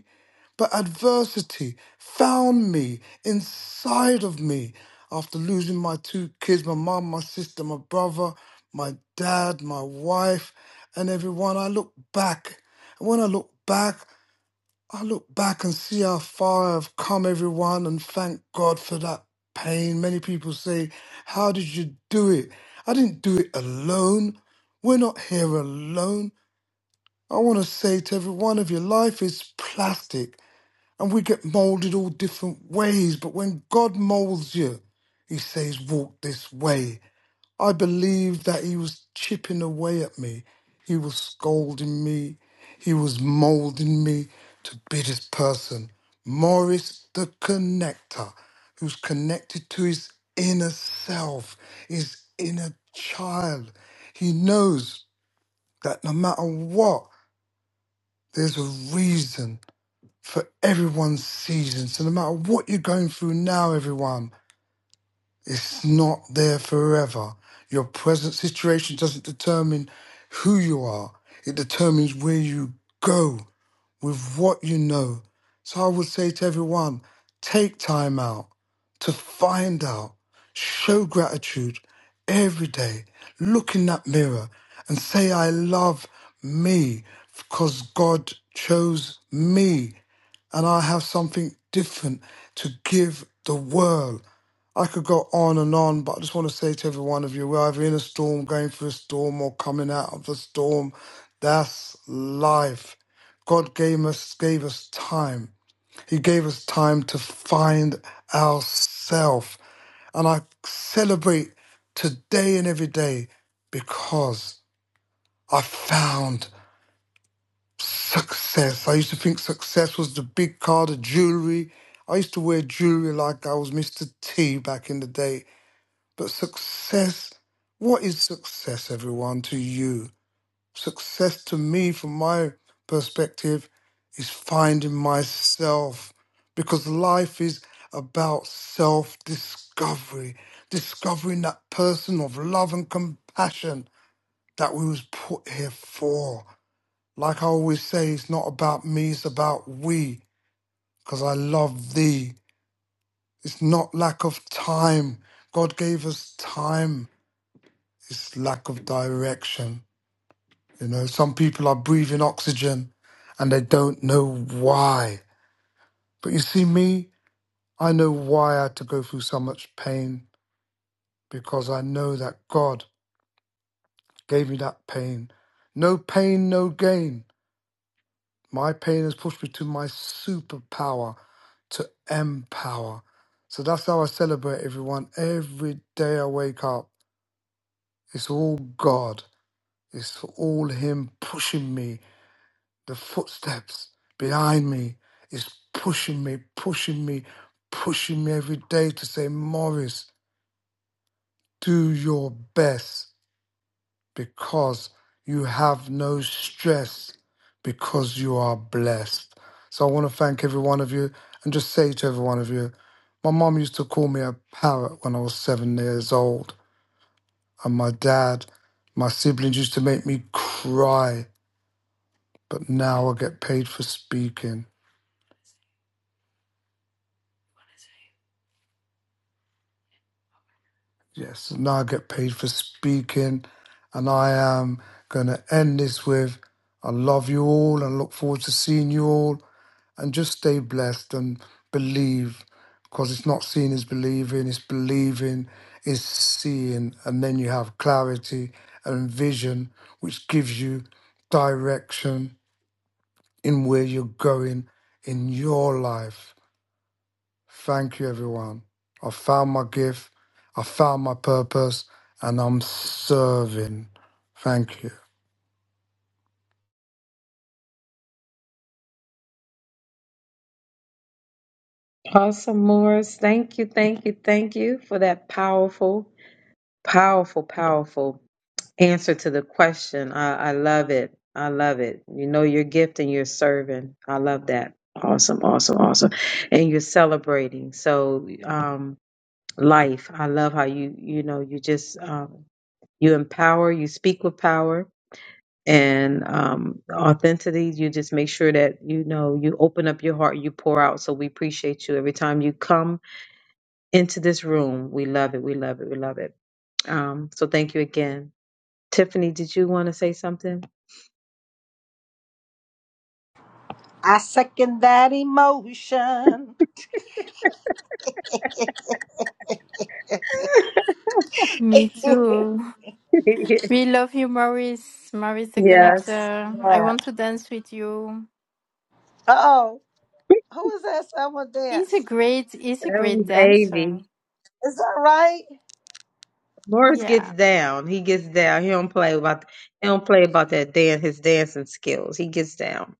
T: But adversity found me inside of me after losing my two kids my mom, my sister, my brother, my dad, my wife, and everyone. I look back. And when I look back, I look back and see how far I've come, everyone, and thank God for that pain. Many people say, How did you do it? I didn't do it alone. We're not here alone. I want to say to every one of you, life is plastic. And we get molded all different ways. But when God molds you, He says, walk this way. I believe that He was chipping away at me. He was scolding me. He was molding me to be this person. Morris the connector, who's connected to his inner self, his inner child. He knows that no matter what, there's a reason for everyone's season. So no matter what you're going through now, everyone, it's not there forever. Your present situation doesn't determine who you are. It determines where you go with what you know. So I would say to everyone take time out to find out, show gratitude every day. Look in that mirror and say, I love me because God chose me and I have something different to give the world. I could go on and on, but I just want to say to every one of you, we're either in a storm, going through a storm, or coming out of the storm. That's life. God gave us gave us time. He gave us time to find ourselves. And I celebrate today and every day because I found success. I used to think success was the big car, the jewelry. I used to wear jewelry like I was Mr. T back in the day. But success, what is success, everyone, to you? Success to me, from my perspective, is finding myself because life is about self discovery, discovering that person of love and compassion that we was put here for. Like I always say, it's not about me, it's about we, because I love thee. It's not lack of time. God gave us time. It's lack of direction. You know, some people are breathing oxygen and they don't know why. But you see, me, I know why I had to go through so much pain because I know that God gave me that pain. No pain, no gain. My pain has pushed me to my superpower, to empower. So that's how I celebrate everyone. Every day I wake up, it's all God. It's all Him pushing me the footsteps behind me is pushing me, pushing me, pushing me every day to say, Morris, do your best because you have no stress because you are blessed. So I want to thank every one of you and just say to every one of you, my mom used to call me a parrot when I was seven years old, and my dad, my siblings used to make me cry, but now I get paid for speaking. Yes, and I get paid for speaking. And I am going to end this with I love you all and look forward to seeing you all. And just stay blessed and believe because it's not seeing is believing, it's believing is seeing. And then you have clarity and vision, which gives you direction in where you're going in your life. Thank you, everyone. I found my gift, I found my purpose, and I'm serving. Thank you.
D: Awesome, Morris. Thank you, thank you, thank you for that powerful, powerful, powerful answer to the question. I, I love it. I love it. You know your gift and you're serving. I love that. Awesome, awesome, awesome. And you're celebrating. So um life. I love how you you know you just um you empower, you speak with power and um authenticity. You just make sure that you know you open up your heart, you pour out. So we appreciate you every time you come into this room. We love it. We love it. We love it. Um so thank you again. Tiffany, did you want to say something?
S: I second that emotion.
E: me
S: yeah.
E: too. We love you, Maurice. Maurice the
D: yes,
E: Connector. I
S: Yeah.
E: want to dance with you.
S: Oh, who is that? Someone
E: He's a
S: dance.
E: great, he's a
D: that
E: great
D: was
E: dancer.
D: Avy.
S: Is that right?
D: Morris gets
E: Yeah.
D: down. He gets down. He don't play about. He don't play about that dan his dancing skills. He gets down.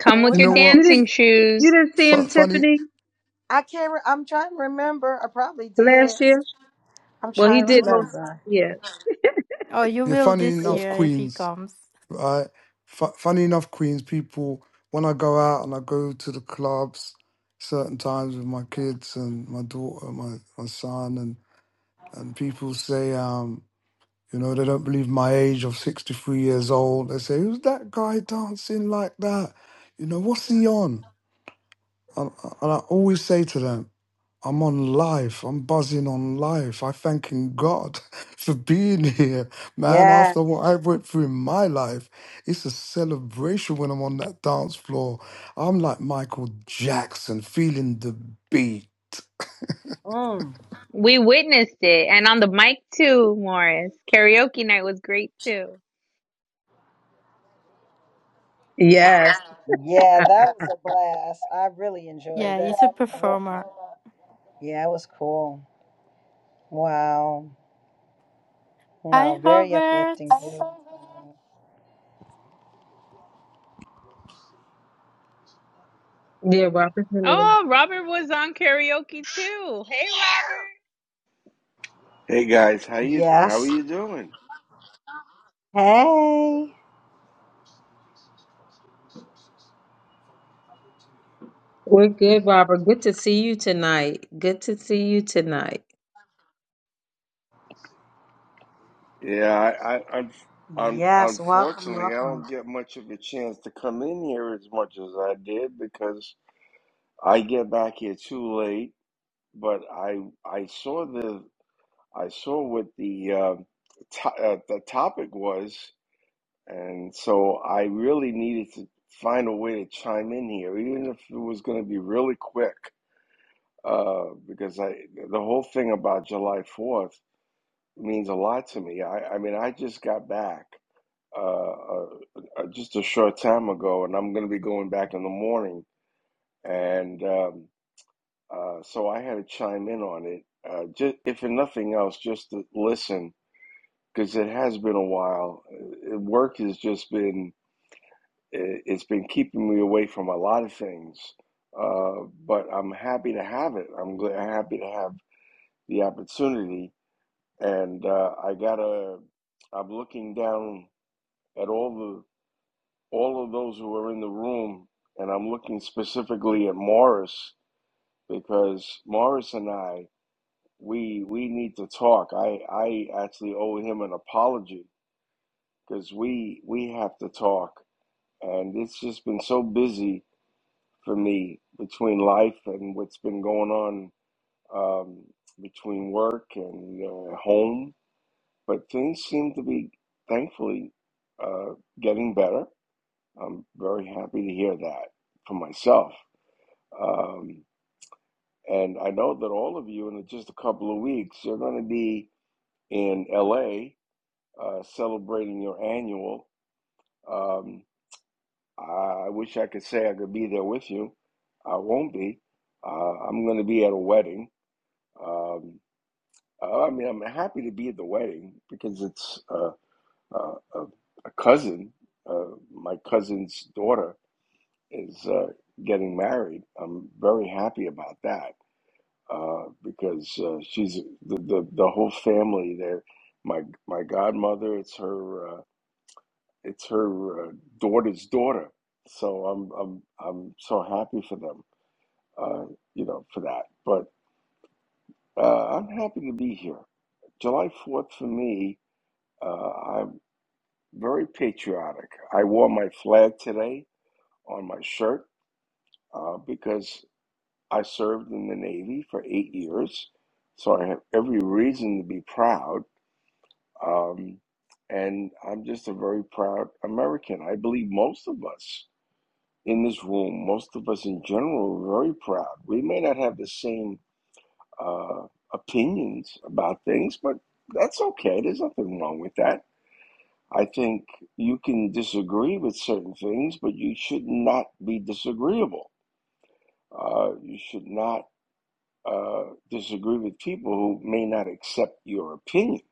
J: Come
S: Well,
J: with
T: You
S: we
J: your
T: know
S: can.
T: what?
D: You didn't.
J: dancing
D: You
J: shoes.
D: didn't see him,
T: F- funny,
D: Tiffany,
S: I can't. Re- I'm trying to remember. I probably did.
D: last year.
S: I'm
D: Well,
S: trying
D: he
S: to
D: did most.
S: remember.
D: Yeah.
E: Oh, you
T: yeah,
E: will
T: funny
E: this
T: enough,
E: year if he
T: Queens,
E: comes.
T: right? F- funny enough, Queens, people, when I go out and I go to the clubs certain times with my kids and my daughter, my, my son, and, and people say, um, you know, they don't believe my age of 63 years old. They say, who's that guy dancing like that? You know, what's he on? And, and I always say to them, I'm on life. I'm buzzing on life. I thanking God for being here, man.
S: Yeah.
T: After what I went through in my life, it's a celebration when I'm on that dance floor. I'm like Michael Jackson, feeling the beat.
S: Mm.
J: We witnessed it. And on the mic too, Morris. Karaoke night was great too.
D: Yes.
S: Yeah, that was a blast. I really enjoyed
E: Yeah,
S: that.
E: he's a
S: I really-
E: performer.
S: Yeah, it was cool. Wow.
E: Hi,
S: No, very
E: Robert.
S: uplifting.
D: Yeah, Robert.
J: Oh, Robert was on karaoke too. Hey, Robert.
U: Hey guys, how you how are
S: Yes.
U: you doing?
S: Hey.
D: We're good, Robert. Good to see you tonight. Good to see you tonight.
U: Yeah, I, I un, un,
S: Yes. Welcome.
U: unfortunately I
S: Welcome.
U: don't get much of a chance to come in here as much as I did because I get back here too late. But I I saw the I saw what the uh, to, uh, the topic was, and so I really needed to find a way to chime in here, even if it was going to be really quick, uh, because I the whole thing about July Fourth. means a lot to me. I, I mean, I just got back uh, uh, uh, just a short time ago, and I'm going to be going back in the morning. And um, uh, so I had to chime in on it, uh, just if for nothing else, just to listen, because it has been a while. Uh, Work has just been it- it's been keeping me away from a lot of things. Uh, but I'm happy to have it. I'm gl- happy to have the opportunity, and uh, I gotta. I'm looking down at all the all of those who are in the room, and I'm looking specifically at Morris because Morris and I we we need to talk. I I actually owe him an apology because we we have to talk, and it's just been so busy for me between life and what's been going on um, between work and uh, home. But things seem to be thankfully uh, getting better I'm very happy to hear that for myself. Um, and I know that all of you, in just a couple of weeks, you're going to be in LA uh, celebrating your annual. Um, I wish I could say I could be there with you. I won't be. Uh, I'm going to be at a wedding. Um, uh, I mean, I'm happy to be at the wedding because it's uh, uh, a, a cousin, uh, my cousin's daughter, is uh, getting married. I'm very happy about that uh, because uh, she's the, the the whole family there. My my godmother, it's her uh, it's her uh, daughter's daughter. So I'm I'm I'm so happy for them, uh, you know, for that. But uh, I'm happy to be here. July 4th for me, uh, I'm very patriotic. I wore my flag today on my shirt uh, because I served in the Navy for eight years, so I have every reason to be proud. Um, and I'm just a very proud American. I believe most of us in this room, most of us in general, are very proud. We may not have the same uh, opinions about things, but that's okay. There's nothing wrong with that. I think you can disagree with certain things, but you should not be disagreeable. Uh, you should not uh, disagree with people who may not accept your opinion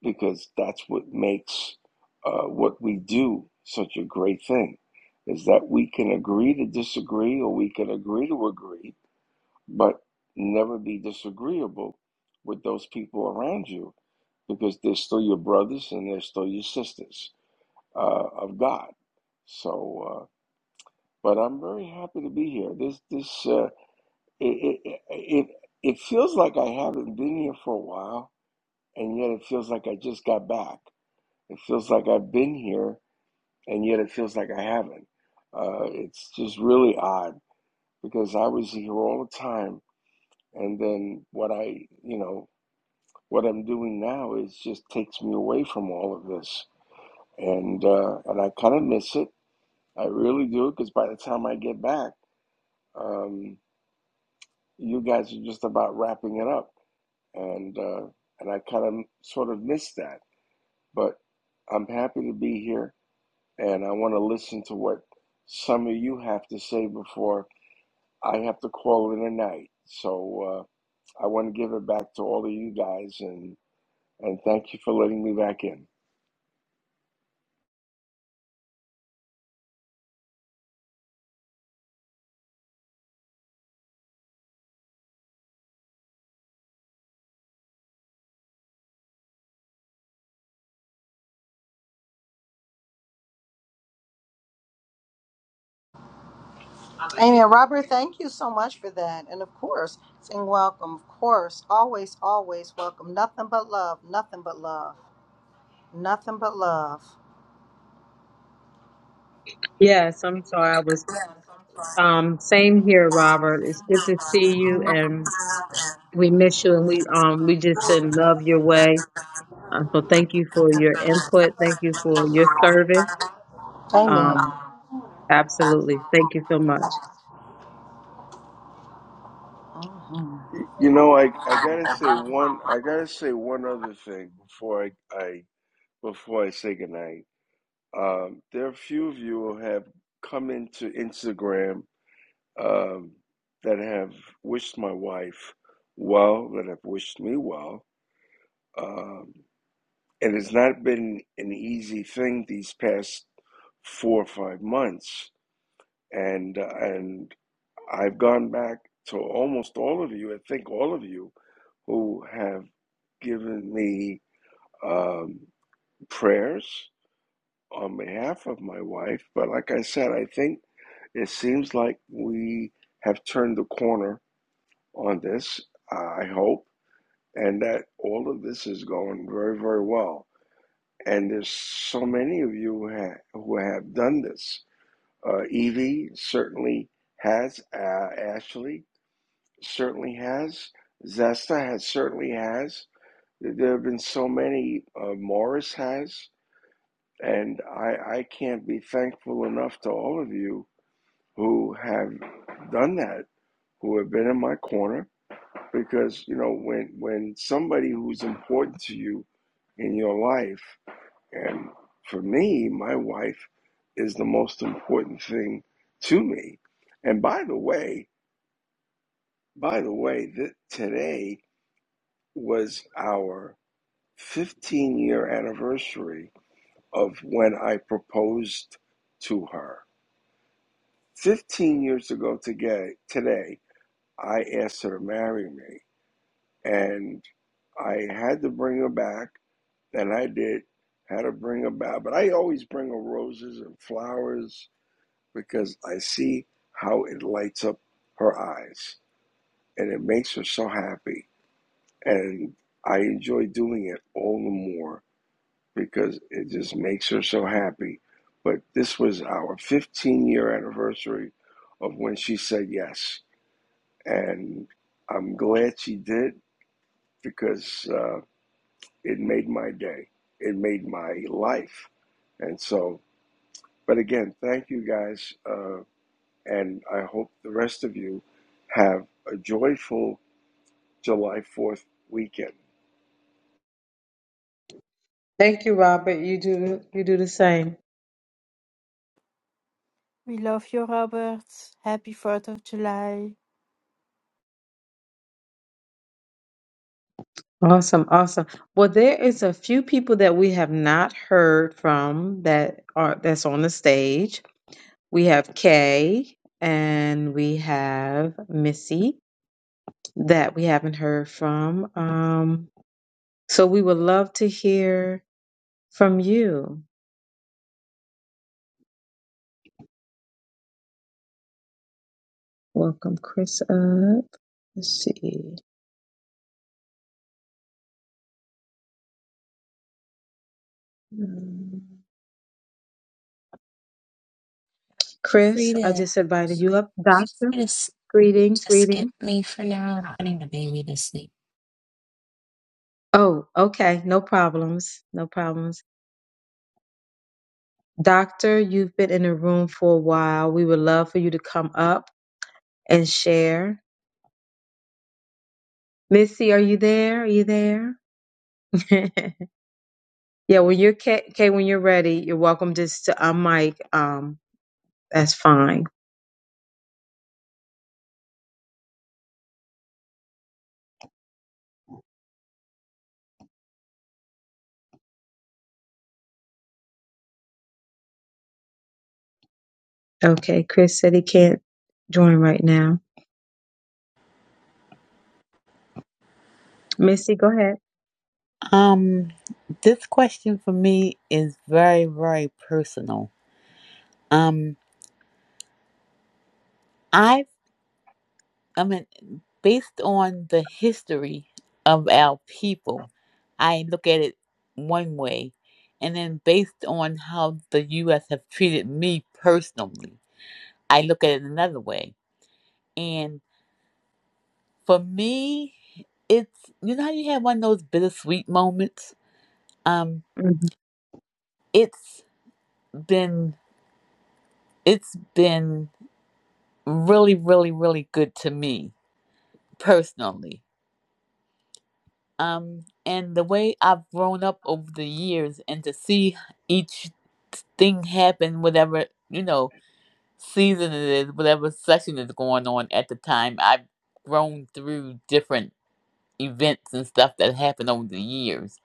U: because that's what makes uh, what we do such a great thing is that we can agree to disagree or we can agree to agree but never be disagreeable with those people around you because they're still your brothers and they're still your sisters uh, of god so uh, but i'm very happy to be here this this uh, it, it, it, it feels like I haven't been here for a while, and yet it feels like I just got back. It feels like I've been here, and yet it feels like I haven't. Uh, it's just really odd because I was here all the time, and then what I, you know, what I'm doing now is just takes me away from all of this, and uh, and I kind of miss it. I really do because by the time I get back, um, you guys are just about wrapping it up. and uh, and I kind of sort of missed that. But I'm happy to be here, and I want to listen to what some of you have to say before I have to call it a night. So uh, I want to give it back to all of you guys, and and thank you for letting me back in.
S: Amen. Robert, thank you so much for that. And of course, saying welcome. Of course. Always, always welcome. Nothing but love. Nothing but love. Nothing but love.
D: Yes, I'm sorry. I was um same here, Robert. It's good to see you and we miss you and we um we just send love your way. Um, so thank you for your input. Thank you for your service.
S: Amen.
D: Um, absolutely. Thank you so much.
S: hmm
U: Y- You know, I I gotta say one I gotta say one other thing before I, I before I say goodnight. Um, there are a few of you who have come into Instagram um, that have wished my wife well, that have wished me well. Um, and it's not been an easy thing these past four or five months. And uh, and I've gone back to almost all of you. I think all of you who have given me um, prayers on behalf of my wife. But like I said, I think it seems like we have turned the corner on this, uh, I hope, and that all of this is going very, very well. And there's so many of you who have, who have done this. Uh, Evie certainly has, uh, Ashley certainly has, Zesta has certainly has. There have been so many. Uh, Morris has, and I, I can't be thankful enough to all of you who have done that, who have been in my corner, because you know when when somebody who's important to you in your life and for me my wife is the most important thing to me and by the way by the way th- today was our 15 year anniversary of when i proposed to her 15 years ago today today i asked her to marry me and i had to bring her back that I did how to bring about. But I always bring her roses and flowers because I see how it lights up her eyes and it makes her so happy. And I enjoy doing it all the more because it just makes her so happy. But this was our 15 year anniversary of when she said yes. And I'm glad she did because uh, it made my day, it made my life. And so But again, thank you guys, uh, and I hope the rest of you have a joyful July 4th weekend.
D: Thank you, Robert. You do you do the same.
E: We love you, Robert. Happy 4th of July.
D: Awesome, awesome. Well, there is a few people that we have not heard from that are that's on the stage. We have Kay and we have Missy that we haven't heard from. Um, so we would love to hear from you. Welcome, Chris. Up. Let's see. Mm.
V: Feel
D: Chris,
V: free to,
D: I
V: feel
D: just invited you up. Doctor,
V: free to, s-
D: greetings,
V: to skip
D: greetings.
V: me for now. I'm putting the baby to sleep.
D: Oh, okay. No problems. No problems. Doctor, you've been in the room for a while. We would love for you to come up and share. Missy, are you there? Are you there? yeah, when you're ca- okay, when you're ready, you're welcome just to unmic. Um, that's fine. Okay, Chris said he can't join right now. Missy, go ahead.
R: Um this question for me is very very personal. Um I I mean based on the history of our people, I look at it one way and then based on how the US have treated me personally, I look at it another way. And for me, it's you know how you have one of those bittersweet moments? Um.
D: Mm-hmm.
R: it's been it's been really really really good to me personally um and the way i've grown up over the years and to see each thing happen whatever you know season it is whatever session is going on at the time i've grown through different events and stuff that happened over the years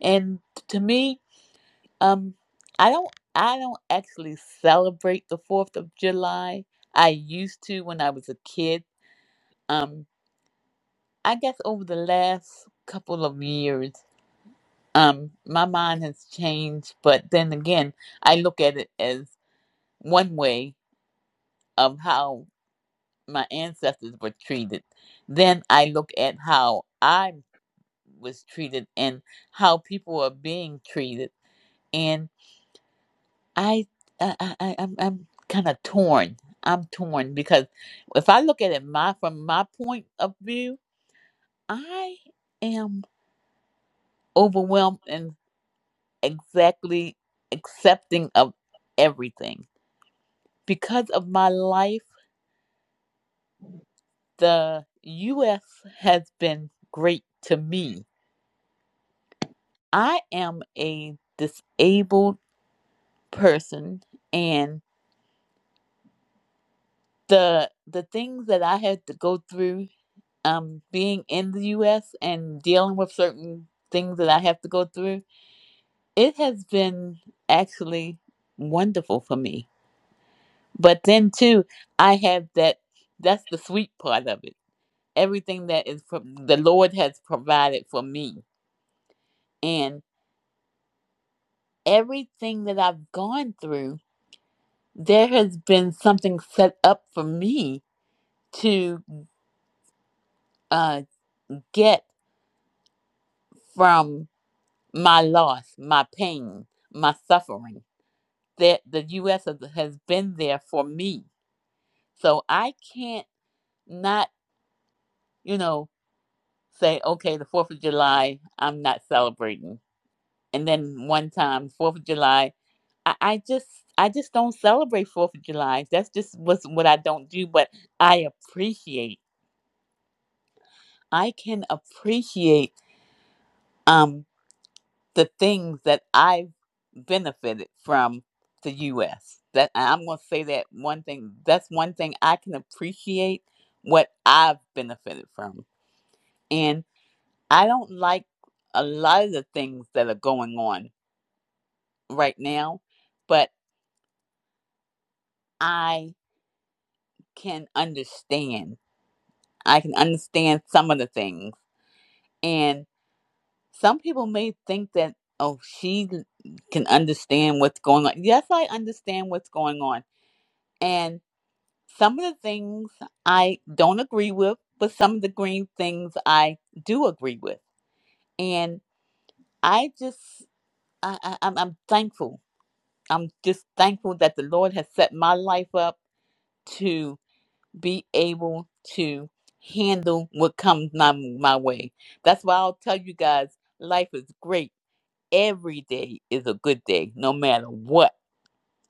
R: and to me Um, I don't I don't actually celebrate the Fourth of July. I used to when I was a kid. Um, I guess over the last couple of years, um, my mind has changed. But then again, I look at it as one way of how my ancestors were treated. Then I look at how I was treated and how people are being treated. I I I I- I'm I'm kind of torn. I'm torn because if I look at it my from my point of view, I am overwhelmed and exactly accepting of everything because of my life. The U.S. has been great to me. I am a disabled person, and the the things that I had to go through um being in the US and dealing with certain things that I have to go through, it has been actually wonderful for me. But then too, I have that that's the sweet part of it. Everything that is from the Lord has provided for me. And everything that I've gone through, there has been something set up for me to uh, get from my loss, my pain, my suffering that the U.S. has, has been there for me. So I can't not, you know, say, okay, the 4th of July, I'm not celebrating. And then one time, 4th of July, I, I just, I just don't celebrate 4th of July. That's just what's, what I don't do, but I appreciate, I can appreciate, um, the things that I've benefited from the US. That and I'm going to say that one thing. That's one thing I can appreciate what I've benefited from. And I don't like a lot of the things that are going on right now, but I can understand. I can understand some of the things. And some people may think that oh, she can understand what's going on. Yes, I understand what's going on. And Some of the things I don't agree with, but some of the green things I do agree with. And I just, I, I, I'm, I'm thankful. I'm just thankful that the Lord has set my life up to be able to handle what comes my, my way. That's why I'll tell you guys life is great. Every day is a good day, no matter what.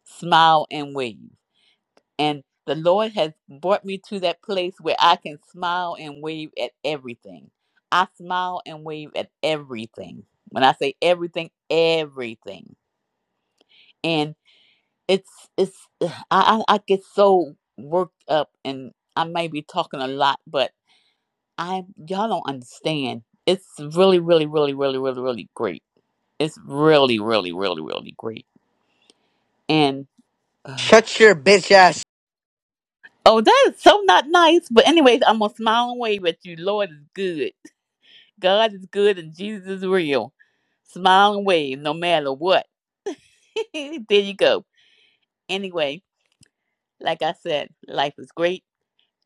R: Smile and wave. And the Lord has brought me to that place where I can smile and wave at everything. I smile and wave at everything. When I say everything, everything. And it's it's I I, get so worked up and I may be talking a lot, but I y'all don't understand. It's really, really, really, really, really, really great. It's really, really, really, really great. And uh,
W: Shut your bitch ass
R: Oh, that is so not nice. But anyways, I'm gonna smile and wave at you. Lord is good. God is good and Jesus is real. Smile and wave no matter what. there you go. Anyway, like I said, life is great.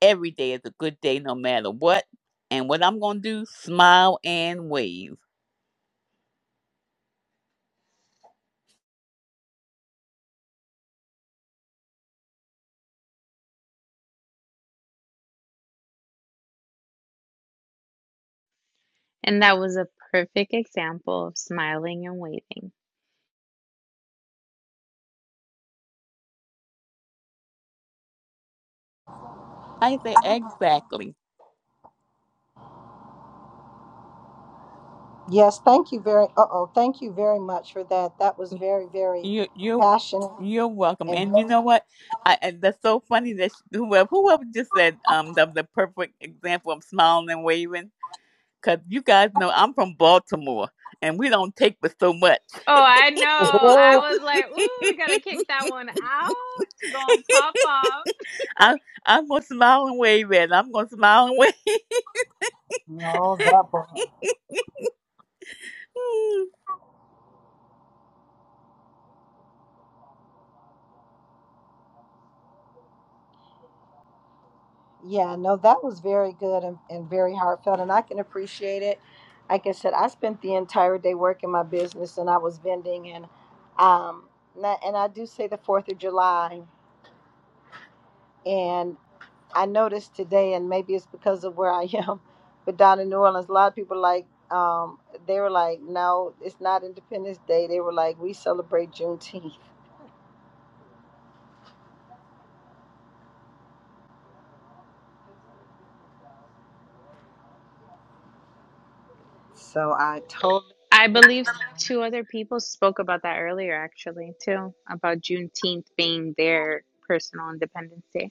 R: Every day is a good day no matter what. And what I'm going to do, smile and wave.
J: And that was a perfect example of smiling and waving.
R: I say exactly.
S: Yes. Thank you very. Uh oh. Thank you very much for that. That was very, very
R: You you
S: passionate
R: you're welcome.
S: and
R: And you know what? I, I that's so funny that sh- whoever whoever just said um the, the perfect example of smiling and waving cuz you guys know I'm from Baltimore and we don't take with so much.
J: Oh, I know. I
S: very.
J: was like, ooh, we gotta kick that one out. She gonna pop off.
R: I, am I'm going to smile and wave at it. I'm going to smile and wave.
S: No, that boy. Yeah, no, that was very good and, and very heartfelt, and I can appreciate it. Like I said, I spent the entire day working my business, and I was vending, and um, and I and I do say the Fourth of July, and I noticed today, and maybe it's because of where I am, but down in New Orleans, a lot of people like um, they were like, no, it's not Independence Day. They were like, we celebrate Juneteenth. So I totally.
J: I believe two other people spoke about that earlier, actually, too, about Juneteenth being their personal Independence Day.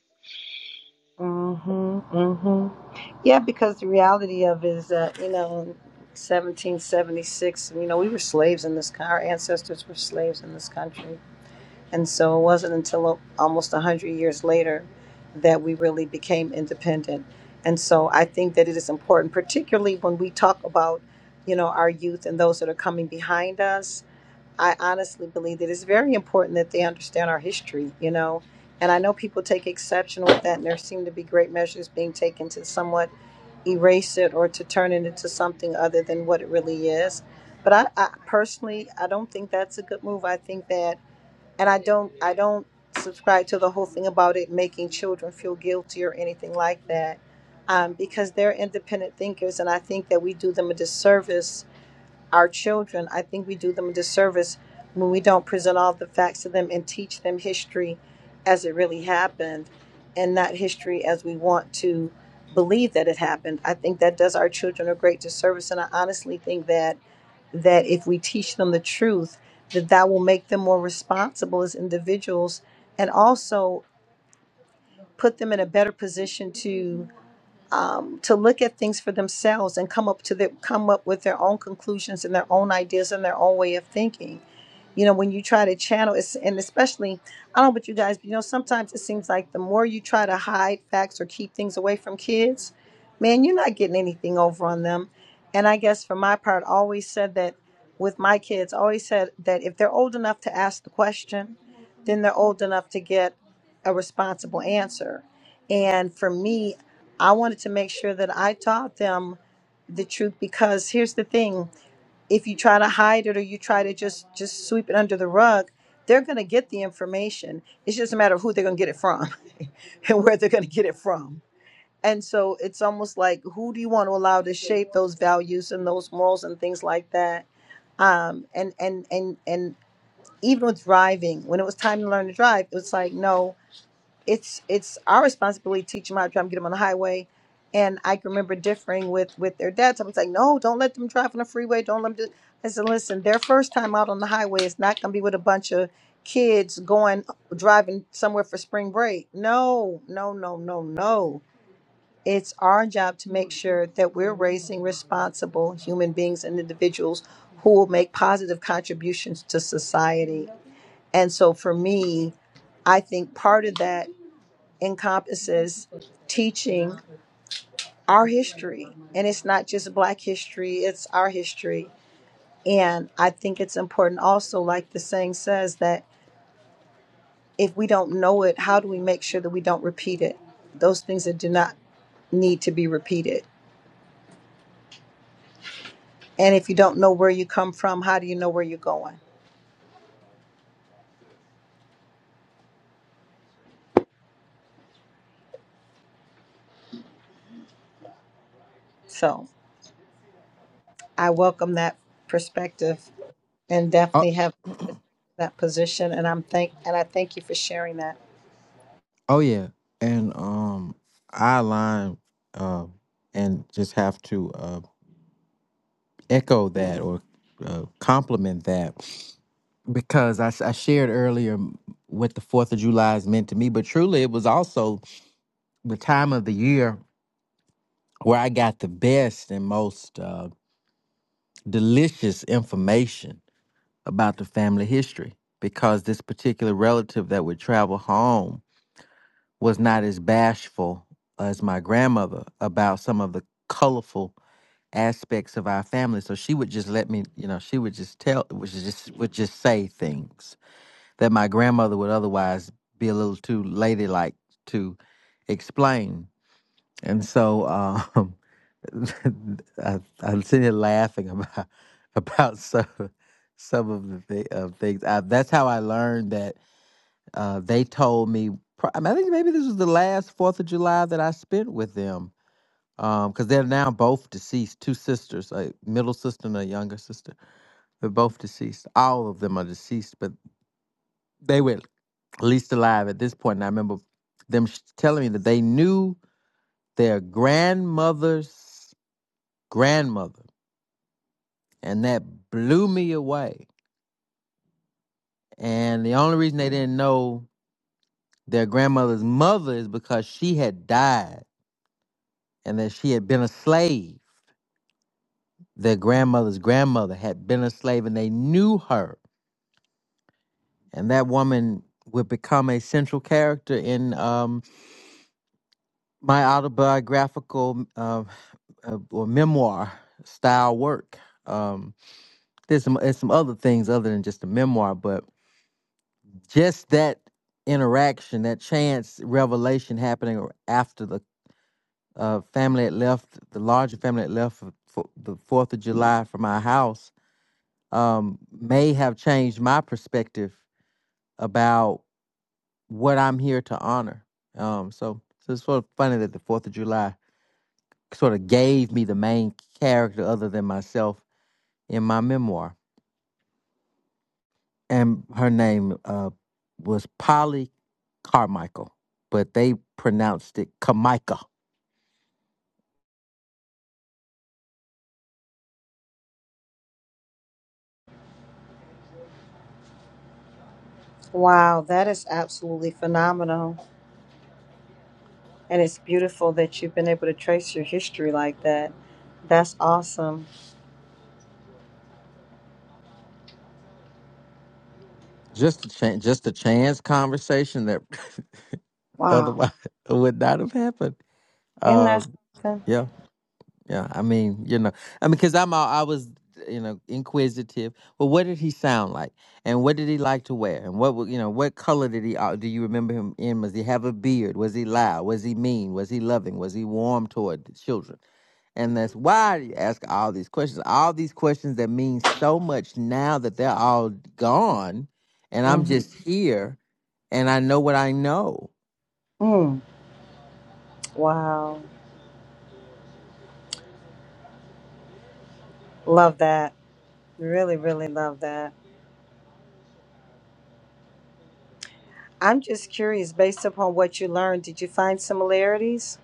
S: Mm-hmm. Mm-hmm. Yeah, because the reality of is that, you know, 1776, you know, we were slaves in this, co- our ancestors were slaves in this country. And so it wasn't until a- almost 100 years later that we really became independent. And so I think that it is important, particularly when we talk about, you know, our youth and those that are coming behind us. I honestly believe that it's very important that they understand our history, you know. And I know people take exception with that, and there seem to be great measures being taken to somewhat erase it or to turn it into something other than what it really is. But I, I personally, I don't think that's a good move. I think that, and I don't, I don't subscribe to the whole thing about it making children feel guilty or anything like that, um, because they're independent thinkers, and I think that we do them a disservice our children, I think we do them a disservice when we don't present all the facts to them and teach them history as it really happened and not history as we want to believe that it happened. I think that does our children a great disservice and I honestly think that that if we teach them the truth, that that will make them more responsible as individuals and also put them in a better position to um, to look at things for themselves and come up to the, come up with their own conclusions and their own ideas and their own way of thinking. You know, when you try to channel, it's, and especially, I don't know about you guys, but you know, sometimes it seems like the more you try to hide facts or keep things away from kids, man, you're not getting anything over on them. And I guess for my part, I always said that with my kids, I always said that if they're old enough to ask the question, then they're old enough to get a responsible answer. And for me, I wanted to make sure that I taught them the truth because here's the thing if you try to hide it or you try to just just sweep it under the rug they're going to get the information it's just a matter of who they're going to get it from and where they're going to get it from and so it's almost like who do you want to allow to shape those values and those morals and things like that um and and and and even with driving when it was time to learn to drive it was like no it's it's our responsibility to teach them how to drive and get them on the highway. And I can remember differing with with their dads. I was like, no, don't let them drive on the freeway. Don't let them do. I said, listen, their first time out on the highway is not going to be with a bunch of kids going driving somewhere for spring break. No, no, no, no, no. It's our job to make sure that we're raising responsible human beings and individuals who will make positive contributions to society. And so for me, I think part of that encompasses teaching our history. And it's not just Black history, it's our history. And I think it's important also, like the saying says, that if we don't know it, how do we make sure that we don't repeat it? Those things that do not need to be repeated. And if you don't know where you come from, how do you know where you're going? So I welcome that perspective and
I: Oh,
S: definitely have that position. And I'm thank and I thank you for sharing that.
I: oh yeah, and um, I align um, and just have to uh, echo that or uh, compliment that. because I, s- I shared earlier what the Fourth of July has meant to me, but truly it was also the time of the year where I got the best and most uh, delicious information about the family history because this particular relative that would travel home was not as bashful as my grandmother about some of the colorful aspects of our family so she would just let me you know she would just tell would just would just say things that my grandmother would otherwise be a little too ladylike to explain. And so um, I, I'm sitting here laughing about about some some of the th- of things. I, that's how I learned that uh, they told me. pro- I, mean, I think maybe this was the last Fourth of July that I spent with them because they're now both deceased. Two sisters, a middle sister and a younger sister. They're both deceased. All of them are deceased, but they were. least alive at this point. And I remember them sh- telling me that they knew their grandmother's grandmother, and that blew me away. And the only reason they didn't know their grandmother's mother is because she had died and that she had been a slave. Their grandmother's grandmother had been a slave, and they knew her. And that woman would become a central character in. um, my autobiographical uh, uh, or memoir style work. Um, there's some there's some other things other than just a memoir, but just that interaction, that chance revelation happening after the uh, family had left, the larger family had left for, for the Fourth of July from our house, um, may have changed my perspective about what I'm here to honor. Um, so, so it's sort of funny that the Fourth of July sort of gave me the main character other than myself in my memoir. And her name uh, was Polly Carmichael, but they pronounced it Kamika.
S: Wow, that is absolutely phenomenal. And it's beautiful that you've been able to trace your history like that. That's awesome.
I: Just a chance, just a chance conversation that
S: Wow.
I: otherwise would not have happened.
S: Isn't
I: Uh,
S: that something?
I: Yeah, yeah. I mean, you know, I mean, because I'm all, I was, you know, inquisitive. Well, what did he sound like, and what did he like to wear, and what, wa- you know, what color did he? Uh, do you remember him in? Was he have a beard? Was he loud? Was he mean? Was he loving? Was he warm toward the children? And that's why you ask all these questions. All these questions that mean so much now that they're all gone, and I'm
S: hmm
I: just here, and I know what I know.
S: Mm. Wow. Love that. Really, really love that. I'm just curious, based upon what you learned, did you find similarities?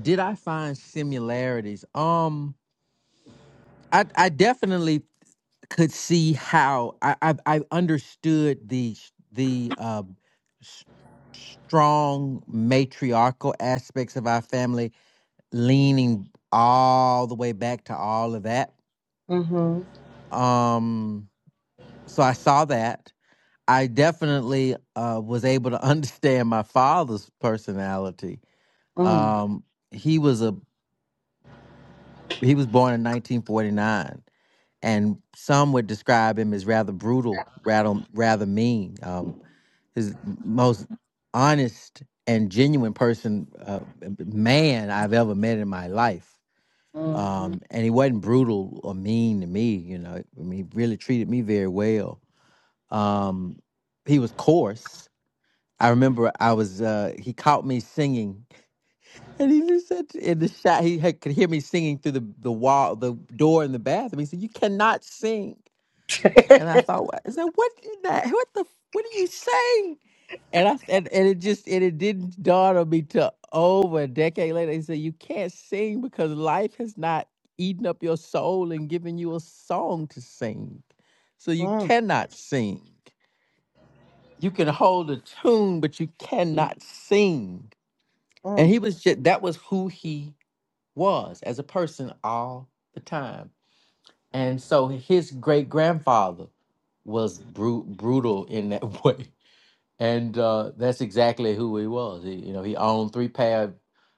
I: Did I find similarities? Um, I I definitely could see how I I, I understood the the um, s- strong matriarchal aspects of our family, leaning all the way back to all of that.
S: Mm-hmm.
I: Um, so I saw that. I definitely uh, was able to understand my father's personality.
S: Mm.
I: Um, he was a he was born in 1949 and some would describe him as rather brutal, rather rather mean. Um, his most honest and genuine person, uh, man I've ever met in my life.
S: Mm-hmm.
I: Um, and he wasn't brutal or mean to me. You know, I mean, he really treated me very well. Um, he was coarse. I remember I was uh, he caught me singing, and he just said in the shot he had, could hear me singing through the the wall, the door in the bathroom. He said, "You cannot sing." And I thought, I said, What did that? What the? What are you saying?" And I and, and it just and it didn't dawn on me till over a decade later. He said, "You can't sing because life has not eaten up your soul and given you a song to sing, so you
S: mm,
I: cannot sing. You can hold a tune, but you cannot sing." And
S: mm.
I: he was just that was who he was as a person all the time and so his great grandfather was bru- brutal in that way. And uh, that's exactly who he was. He, you know, he owned three pair of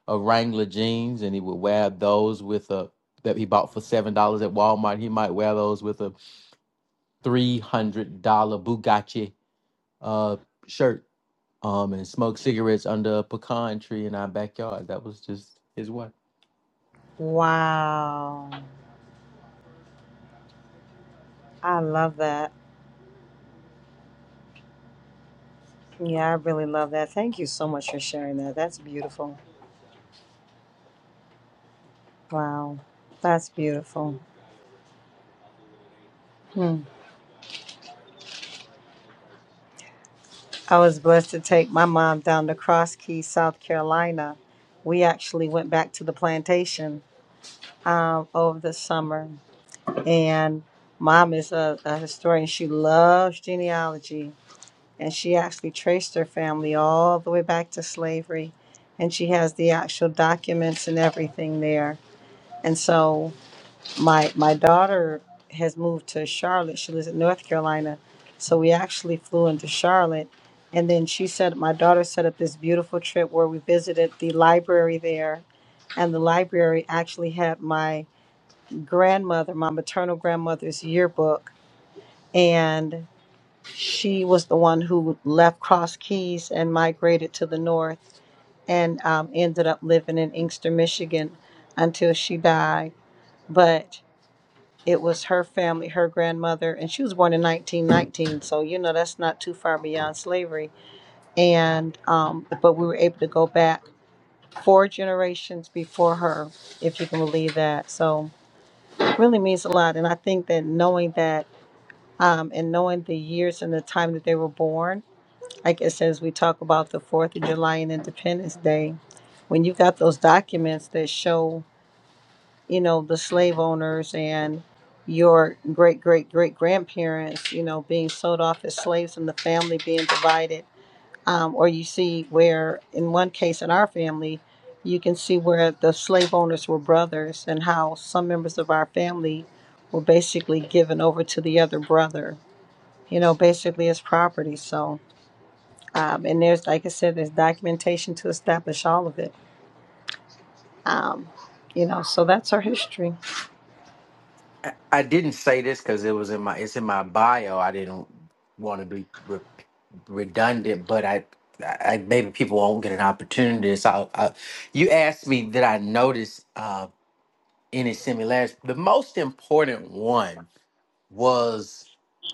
I: of Wrangler jeans, and he would wear those with a that he bought for seven dollars at Walmart. He might wear those with a three hundred dollar Bugatti uh, shirt, um, and smoke cigarettes under a pecan tree in our backyard. That was just his way.
S: Wow. I love that. Yeah, I really love that. Thank you so much for sharing that. That's beautiful. Wow. That's beautiful. Hmm. I was blessed to take my mom down to Cross Keys, South Carolina. We actually went back to the plantation um, over the summer. And mom is a, a historian. She loves genealogy. And she actually traced her family all the way back to slavery. And she has the actual documents and everything there. And so my my daughter has moved to Charlotte. She lives in North Carolina, so we actually flew into Charlotte, and then she said my daughter set up this beautiful trip where we visited the library there, and the library actually had my grandmother, my maternal grandmother's yearbook, and she was the one who left Cross Keys and migrated to the north, and um, ended up living in Inkster, Michigan, until she died, but. It was her family, her grandmother, and she was born in 1919. So, you know, that's not too far beyond slavery. And, um, but we were able to go back four generations before her, if you can believe that. So, it really means a lot. And I think that knowing that, um, and knowing the years and the time that they were born, like it says, we talk about the 4th of July and Independence Day. When you've got those documents that show you know, the slave owners and your great great great grandparents, you know, being sold off as slaves and the family being divided. Um, or you see where, in one case in our family, you can see where the slave owners were brothers and how some members of our family were basically given over to the other brother, you know, basically as property. So, um, and there's, like I said, there's documentation to establish all of it. Um, you know, so that's our history.
I: I I didn't say this because it was in my it's in my bio. I didn't want to be re- redundant, but I, I maybe people won't get an opportunity. So I, you asked me did I notice uh, any similarities? The most important one was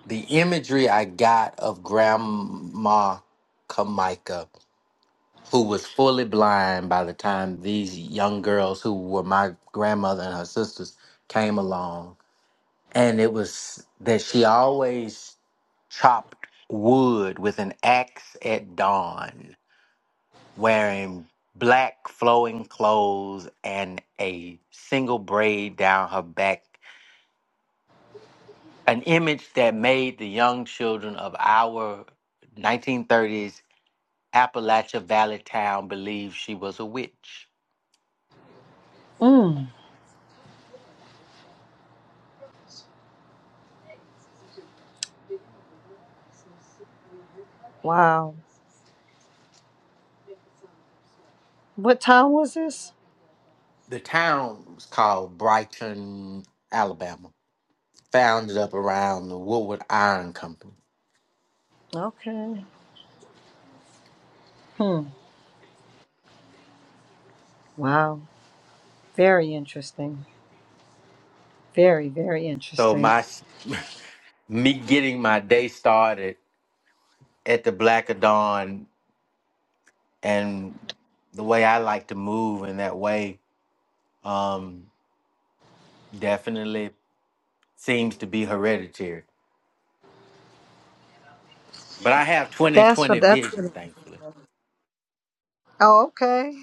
I: the imagery I got of Grandma Kamika, who was fully blind by the time these young girls who were my grandmother and her sisters came along and it was that she always chopped wood with an axe at dawn, wearing black flowing clothes and a single braid down her back. An image that made the young children of our 1930s Appalachia Valley town believe she was a witch.
S: Mm, wow. What time was this?
I: The town was called Brighton, Alabama, founded up around the Woodward Iron Company.
S: Okay. Hmm. Wow. Very interesting. Very, very
I: So
S: interesting.
I: my me getting my day started at the black of dawn and the way I like to move in that way um definitely seems to be hereditary. But I have
S: That's what
I: 20/20
S: that's. What,
I: vision,
S: it-
I: thankfully.
S: oh, okay.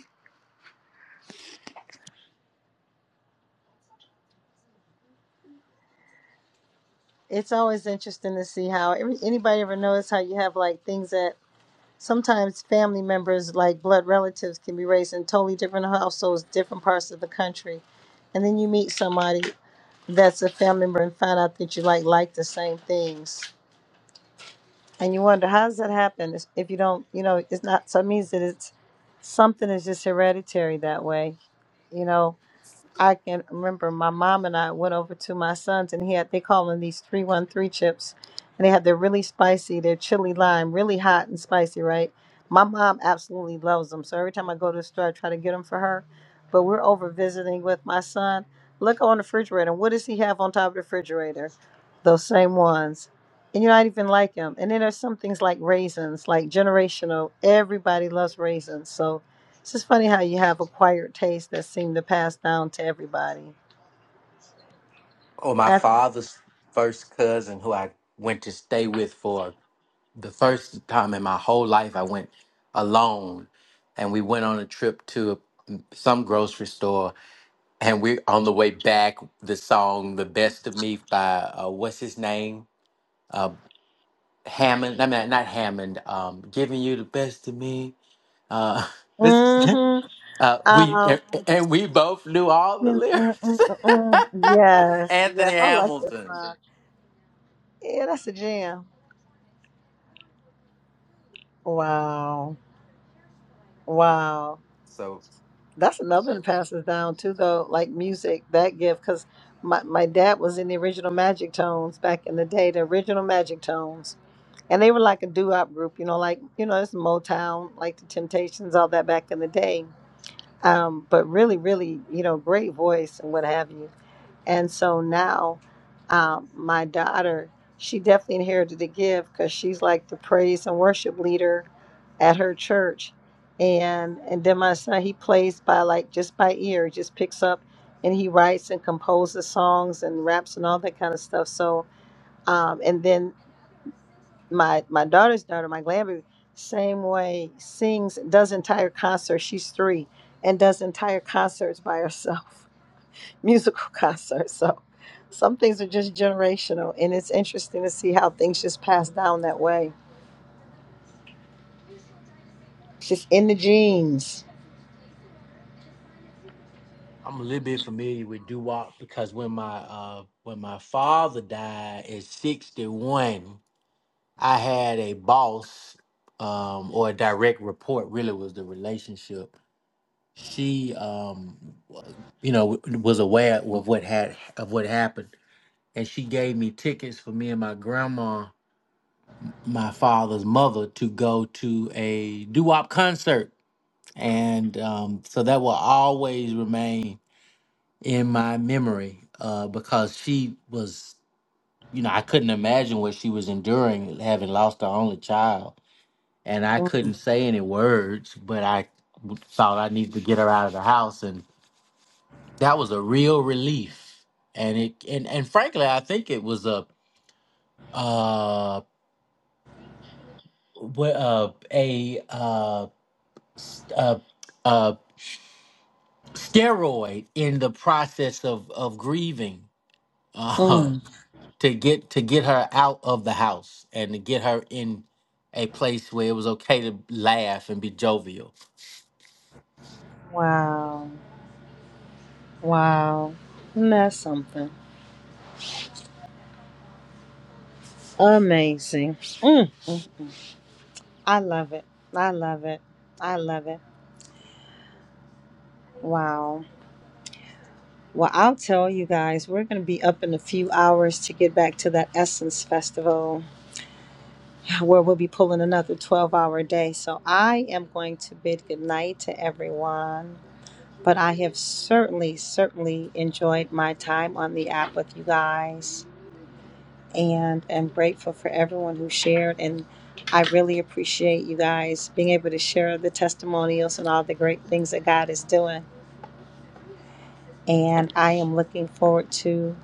S: It's always interesting to see how every, anybody ever knows how you have like things that sometimes family members, like blood relatives, can be raised in totally different households, different parts of the country. And then you meet somebody that's a family member and find out that you like like the same things. and you wonder how does that happen It's- if you don't you know it's not so it means that it's something is just hereditary that way you know I can remember my mom and I went over to my son's and he had they call them these three one three chips, and they had they're really spicy, they're chili lime, really hot and spicy, right? My mom absolutely loves them, so every time I go to the store, I try to get them for her. But we're over visiting with my son. Look on the refrigerator. What does he have on top of the refrigerator? Those same ones. And you're not even like him. And then there's some things like raisins, like generational. Everybody loves raisins. So it's just funny how you have acquired tastes that seem to pass down to everybody.
I: Or my
S: After,
I: father's first cousin who I went to stay with for the first time in my whole life I went alone and we went on a trip to some grocery store And we're on the way back. The song "The Best of Me" by uh, what's his name? Uh, Hammond. I mean, not Hammond. Um, giving you the best of me. Uh, what's his name?
S: mm-hmm.
I: uh, we
S: Um,
I: and, and we both knew all the
S: mm, mm,
I: lyrics.
S: mm, mm, mm. yes, yes,
I: Anthony
S: I like this
I: Hamilton.
S: song. Yeah, that's a jam. Wow, wow.
I: So
S: That's another one that passes down too, though, like music, that gift, because my, my dad was in the original Magic Tones back in the day, the original Magic Tones. And they were like a doo-wop group, you know, like, you know, it's Motown, like the Temptations, all that back in the day um, but really, really, you know, great voice and what have you. And so now, um, my daughter, she definitely inherited the gift because she's like the praise and worship leader at her church. And and then my son, he plays by like just by ear, just picks up and he writes and composes songs and raps and all that kind of stuff. So, um, and then my my daughter's daughter, my grandbaby, same way sings, does entire concerts. She's three and does entire concerts by herself, musical concerts. So some things are just generational, and it's interesting to see how things just pass down that way. It's just in the genes.
I: I'm a little bit familiar with doo wop because when my uh, when my father died at 61, I had a boss um, or a direct report. Really, was the relationship she um you know w- was aware of what had of what happened and she gave me tickets for me and my grandma my father's mother to go to a doo-wop concert and um so that will always remain in my memory uh because she was you know I couldn't imagine what she was enduring having lost her only child and I
S: Mm.
I: couldn't say any words but I w- thought I needed to get her out of the house and. that was a real relief and it and, and frankly i think it was a uh, wh- uh a uh, st- uh uh steroid in the process of of grieving uh
S: mm.
I: to get to get her out of the house and to get her in a place where it was okay to laugh and be jovial
S: Wow, wow, Isn't that something amazing. Mm. I love it. I love it. I love it. Wow. Well, I'll tell you guys, we're going to be up in a few hours to get back to that Essence Festival where we'll be pulling another 12 hour day. So I am going to bid goodnight to everyone. But I have certainly, certainly enjoyed my time on the app with you guys and am grateful for everyone who shared. And I really appreciate you guys being able to share the testimonials and all the great things that God is doing. And I am looking forward to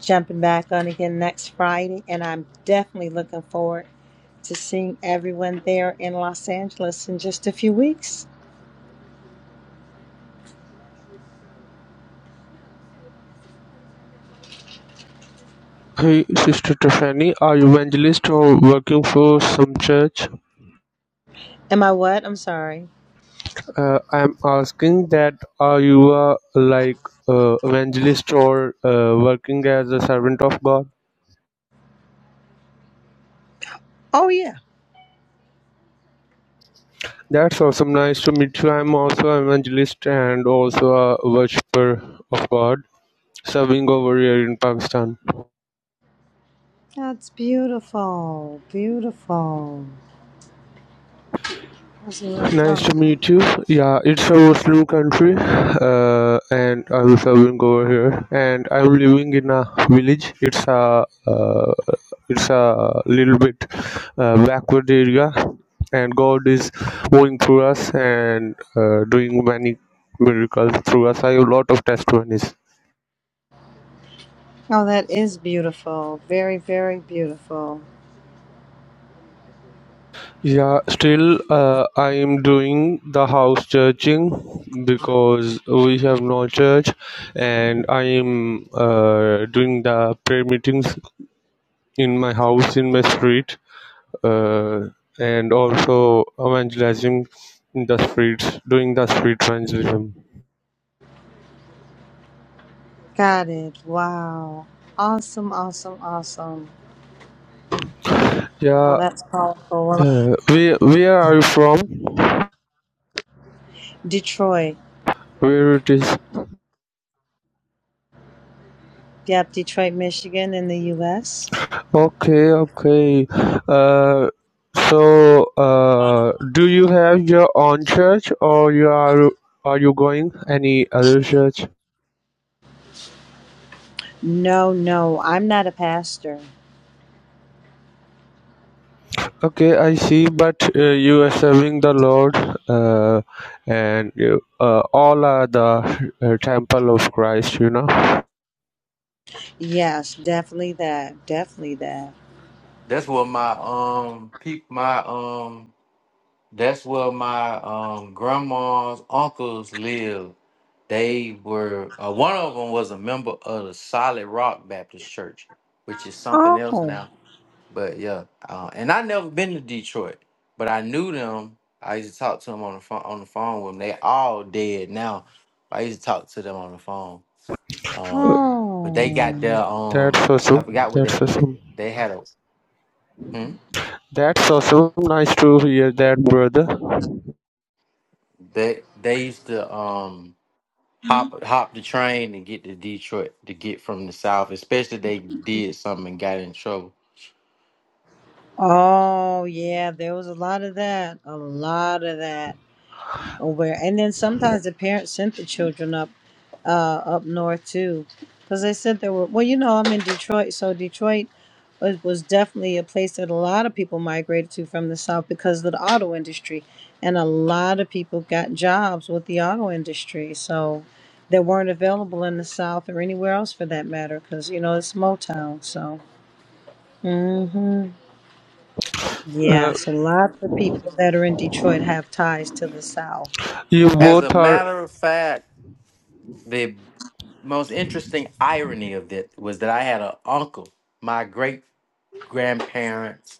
S: jumping back on again next Friday, and I'm definitely looking forward to seeing everyone there in Los Angeles in just a few weeks.
O: Hey, Sister Tiffany. Are you evangelist or working for some church?
S: Am I what? I'm sorry.
O: Uh, I'm asking that are you uh, like uh, evangelist or uh, working as a servant of God?
S: Oh, yeah.
O: That's awesome. Nice to meet you. I'm also an evangelist and also a worshiper of God, serving over here in Pakistan.
S: That's beautiful. Beautiful. That's what I was
O: Nice to
S: talking-
O: meet you. Yeah, it's a Muslim country, uh, and I was serving over here, and I'm living in a village. It's a uh, it's a little bit uh, backward area, and God is moving through us and uh, doing many miracles through us. I have a lot of testimonies.
S: Oh, that is beautiful. Very, very beautiful.
O: Yeah, still, uh, I am doing the house churching because we have no church, and I am uh, doing the prayer meetings in my house, in my street, uh, and also evangelizing in the streets, doing the street evangelism.
S: Got it. Wow. Awesome, awesome, awesome. Well,
O: Yeah,
S: that's powerful. Well,
O: uh, where where are you from?
S: Detroit.
O: Where it is?
S: Yep, Detroit, Michigan in the U.S.
O: Okay, okay. Uh, so, uh, do you have your own church, or you are are you going any other church?
S: No, no, I'm not a pastor.
O: Okay, I see. But uh, you are serving the Lord, uh, and you, uh, all are the uh, temple of Christ. You know.
S: Yes, definitely that. Definitely that.
I: that's what my um peop my um That's where my um, grandma's uncles lived. They were uh, one of them was a member of the Solid Rock Baptist Church, which is something else
S: Oh,
I: now. But yeah, uh, and I never been to Detroit, but I knew them. I used to talk to them on the phone. On the phone with them, they all dead now. I used to talk to them on the phone. Um, but they got
S: oh,
I: their um,
O: That's awesome.
I: I forgot what they
O: That's
I: they,
O: awesome.
I: they had a hmm?
O: That's awesome. Nice to hear that, brother.
I: they they used to um hop hop the train and get to Detroit to get from the South, especially they did something and got in trouble.
S: oh, yeah. There was a lot of that. A lot of that. aware. And then sometimes the parents sent the children up uh, up north too, because they said there were. Well, you know, I'm in Detroit, so Detroit was, was definitely a place that a lot of people migrated to from the south because of the auto industry, and a lot of people got jobs with the auto industry. So that weren't available in the south or anywhere else for that matter, because you know it's Motown. So. hmm Yeah,
O: Uh,
S: so lots of people that are in Detroit have ties to the South.
O: you
I: As a
O: both are
I: matter of fact, the most interesting irony of that was that I had an uncle, my great grandparents,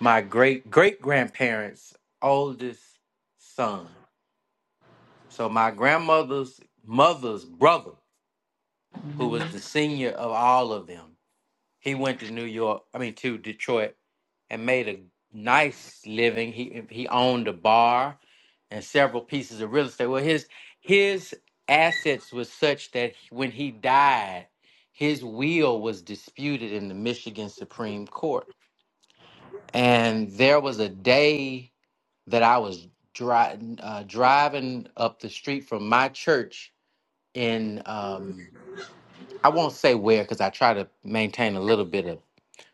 I: my great great grandparents' oldest son. So my grandmother's mother's brother, who was the senior of all of them. He went to New York, I mean to Detroit, and made a nice living. He he owned a bar and several pieces of real estate. Well, his his assets was such that when he died, his will was disputed in the Michigan Supreme Court. And there was a day that I was dri- uh, driving up the street from my church in um, I won't say where because I try to maintain a little bit of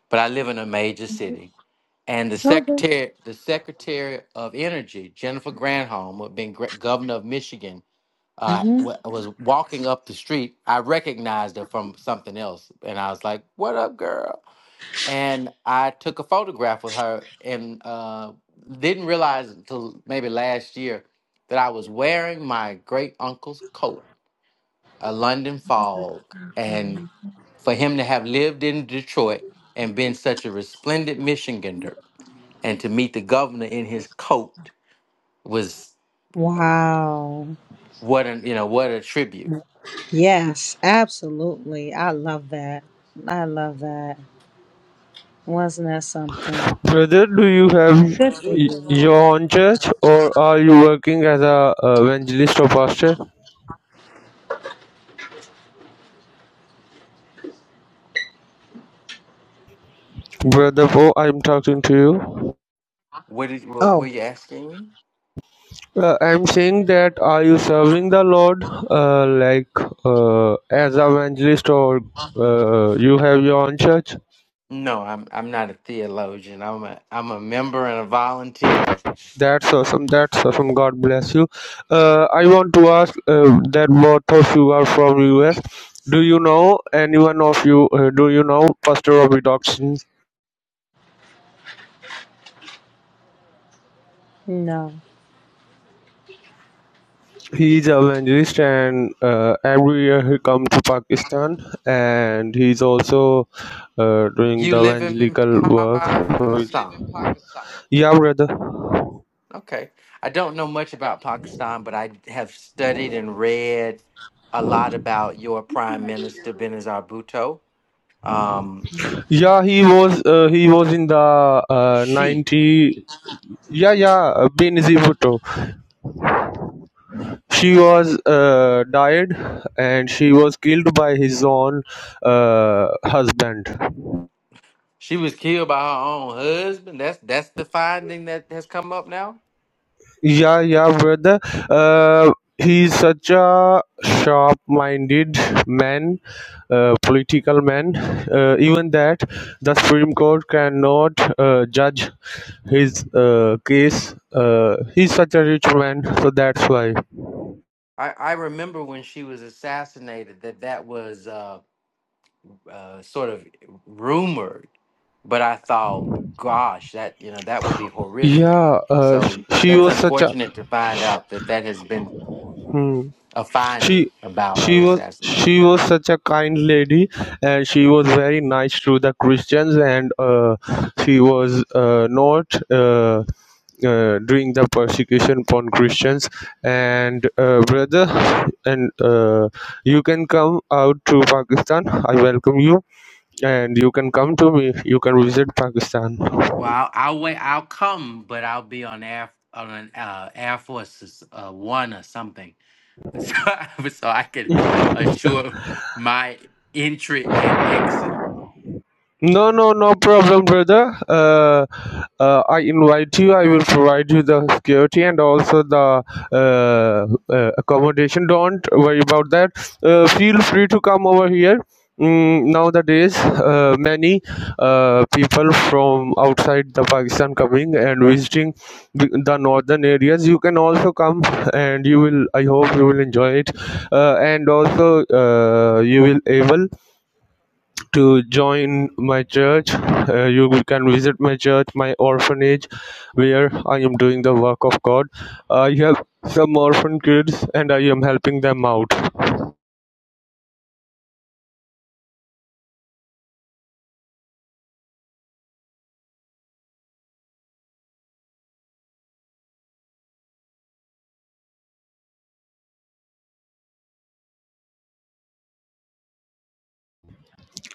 I: but I live in a major city. And the
S: Okay.
I: secretary, the secretary of energy, Jennifer Granholm, who had been gre- governor of Michigan, uh, wa- was walking up the street. I recognized her from something else, and I was like, "What up, girl?" And I took a photograph with her, and uh, didn't realize until maybe last year that I was wearing my great uncle's coat, a London fog, and for him to have lived in Detroit and been such a resplendent Michigander and to meet the governor in his coat was
S: Wow.
I: what an you know what a tribute.
S: Yes, absolutely. I love that. I love that. Wasn't that something?
O: Brother, do you have
S: Good for
O: y-
S: you.
O: your own church, or are you working as a uh, evangelist or pastor? Brother Poe, I'm talking to you.
I: What did what were
S: Oh,
I: you asking me?
O: Uh, I'm saying that are you serving the Lord, uh, like uh, as an evangelist, or uh, you have your own church?
I: No, I'm I'm not a theologian. I'm a I'm a member and a volunteer.
O: That's awesome. That's awesome. God bless you. Uh, I want to ask uh, that both of you are from US. Do you know anyone of you? Uh, do you know Pastor Robbie Dobson?
S: no.
O: He is a evangelist, and uh, every year he comes to Pakistan, and he's also uh, doing
I: You
O: the
I: live in
O: evangelical work.
I: Pakistan.
O: with- Yeah, brother.
I: Okay. I don't know much about Pakistan, but I have studied and read a lot about your prime minister Benazir Bhutto. Um,
O: Yeah, he was uh, he was in the uh,
I: she
O: ninety. Yeah, yeah, Benazir Bhutto. She was uh, died, and she was killed by his own uh, husband.
I: She was killed by her own husband. That's that's the finding that has come up now.
O: Yeah, yeah, brother. Uh, he's such a sharp-minded man, uh, political man. Uh, even that the Supreme Court cannot uh, judge his uh, case. Uh, he's such a rich man, so that's why.
I: I, I remember when she was assassinated that that was uh, uh, sort of rumored, but I thought, gosh, that you know that would be horrific.
O: Yeah, uh, sh-
I: So
O: she
I: that's
O: was such a.
I: unfortunate to find out that that has been
O: Hmm.
I: a finding
O: she
I: about her
O: she was
I: assassination.
O: she was such a kind lady and she was very nice to the christians and uh, she was uh, not uh, uh, doing the persecution upon Christians and uh, brother and uh, you can come out to Pakistan I welcome you and you can come to me you can visit Pakistan
I: Well, I'll, I'll wait. I'll come, but I'll be on air on an uh, Air Force uh, One or something. so, so I could assure my entry and exit.
O: No, no, no problem, brother. Uh, uh, I invite you. I will provide you the security and also the uh, uh, accommodation. Don't worry about that. Uh, feel free to come over here. Mm, nowadays, uh, many uh, people from outside the Pakistan coming and visiting the the northern areas. You can also come, and you will. I hope you will enjoy it, uh, and also uh, you will able to join my church. Uh, you can visit my church, my orphanage, where I am doing the work of God. I have some orphan kids and I am helping them out.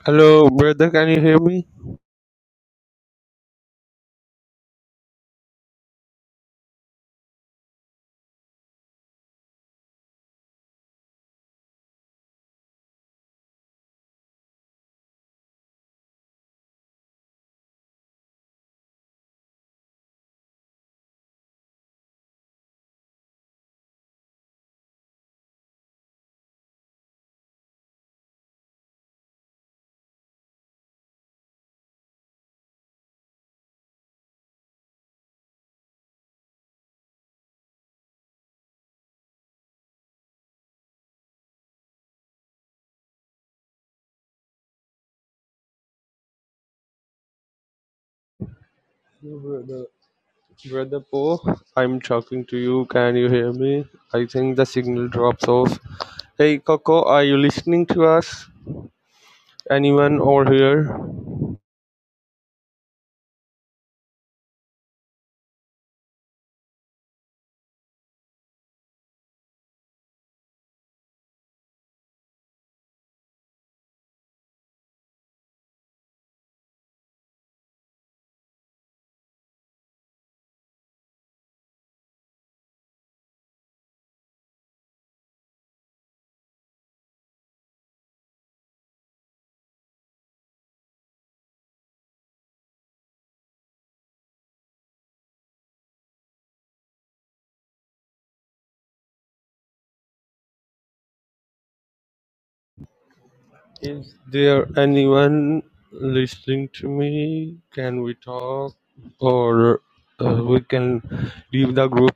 O: Hello, brother, can you hear me? Hello, Brother, brother Po, I'm talking to you. Can you hear me? I think the signal drops off. Hey, Coco, are you listening to us? Anyone over here? Is there anyone listening to me? Can we talk? Or uh, we can leave the group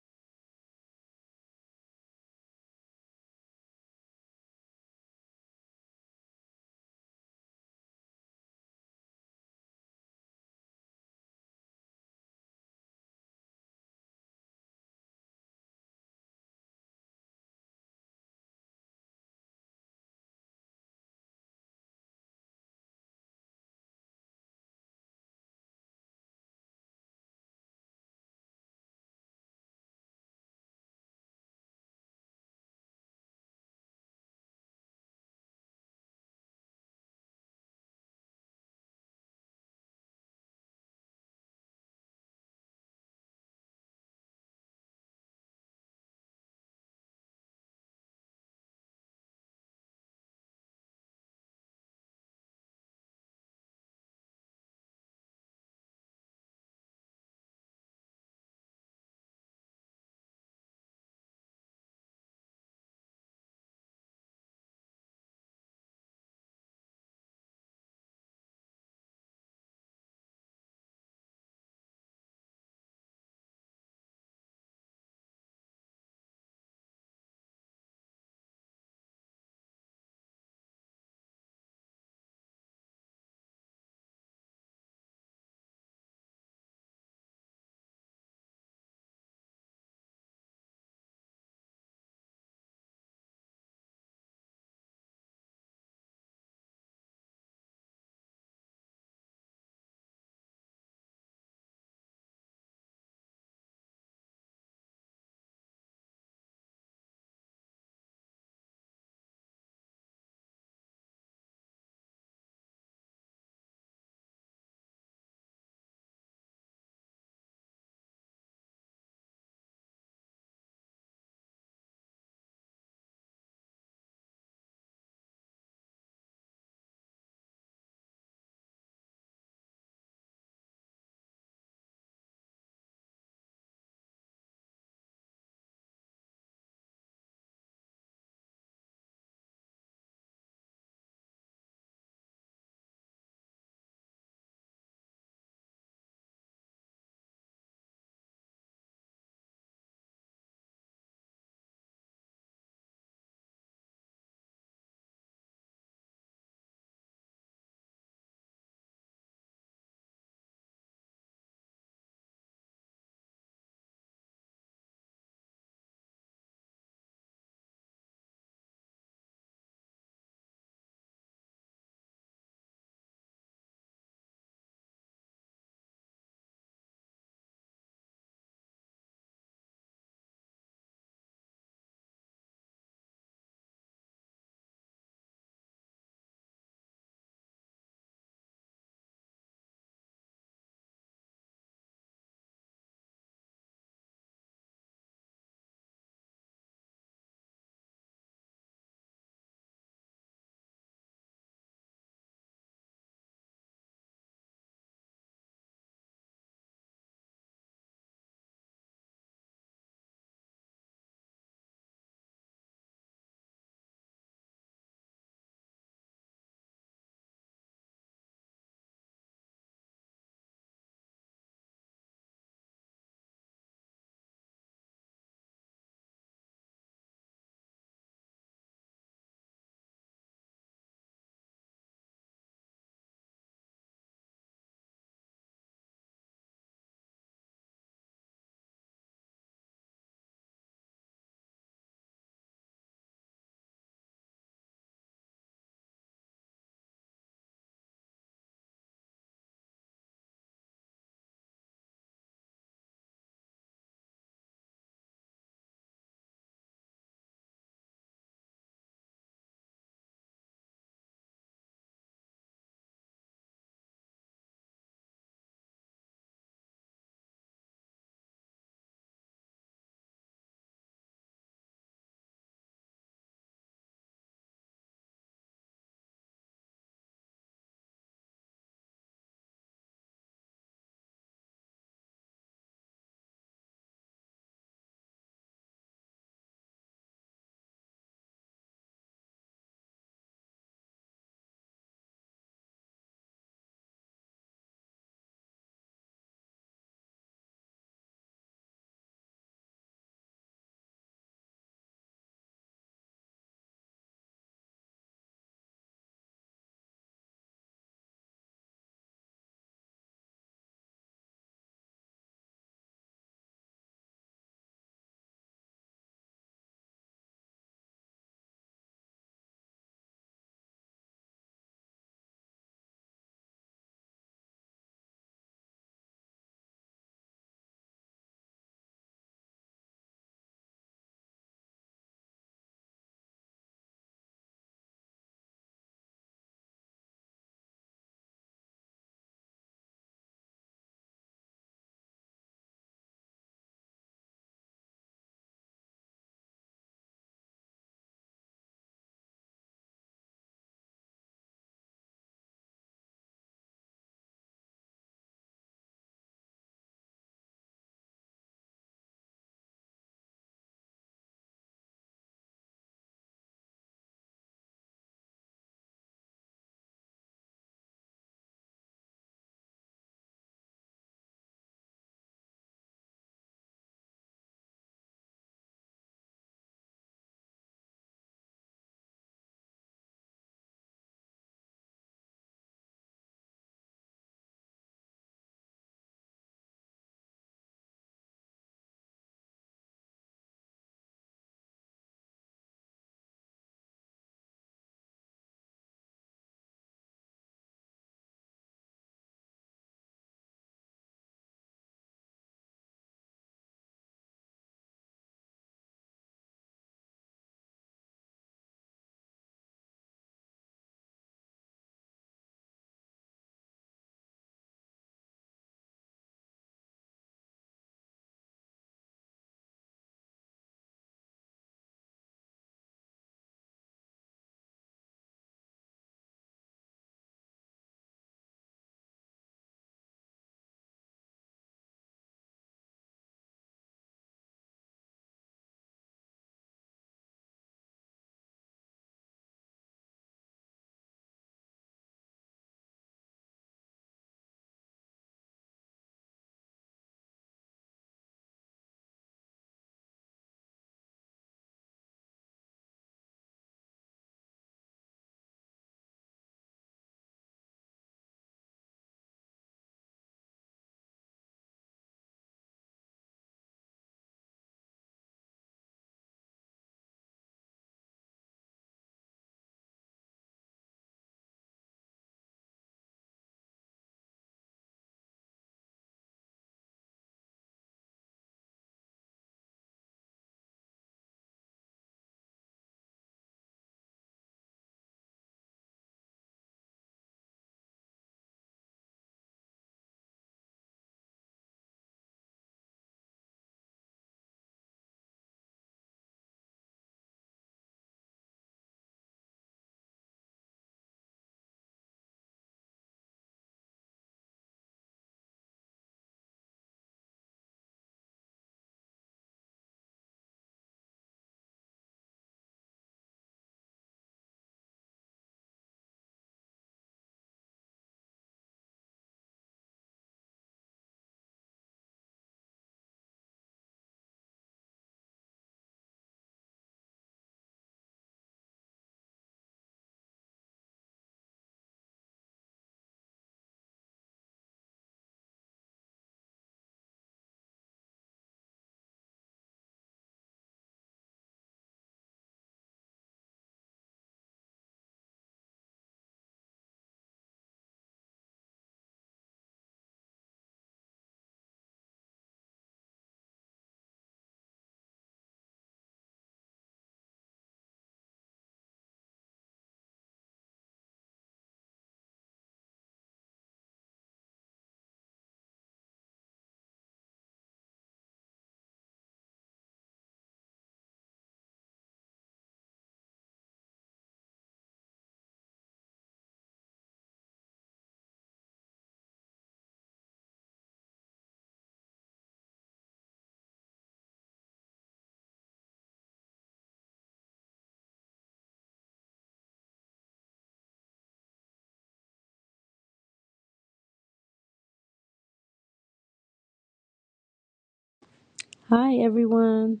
X: Hi, everyone.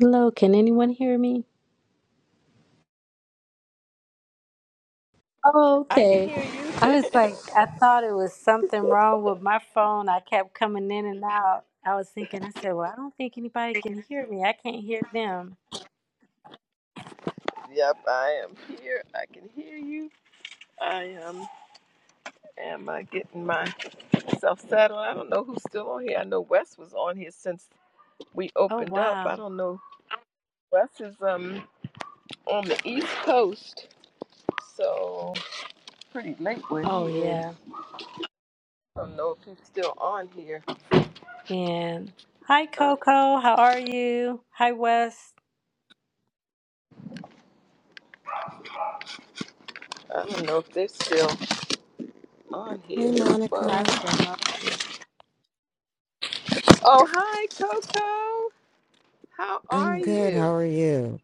X: Hello, can anyone hear me? Oh,
A: I can
X: okay.
A: hear you.
X: I was like,
A: yep,
X: I thought it was something wrong with my phone. I kept coming in and out. I was thinking, I said, well, I don't think anybody can hear me. I can't hear them.
A: I am here. I can hear you. I am. Am I getting myself settled? I don't know who's still on here. I know Wes was on here since we
X: Oh,
A: opened up.
X: wow.
A: I don't know. Wes is um on the East Coast. So pretty late where he
X: Oh,
A: is.
X: yeah.
A: I don't know if he's still on here.
X: And hi,
A: Uh,
X: Coco. How are you? Hi, Wes.
A: I don't know if they're still on here.
M: Hey,
A: Whoa.
M: Monica.
X: Pastor Moses.
A: Oh, hi, Coco. How are
M: I'm good. How
A: you?
M: are you?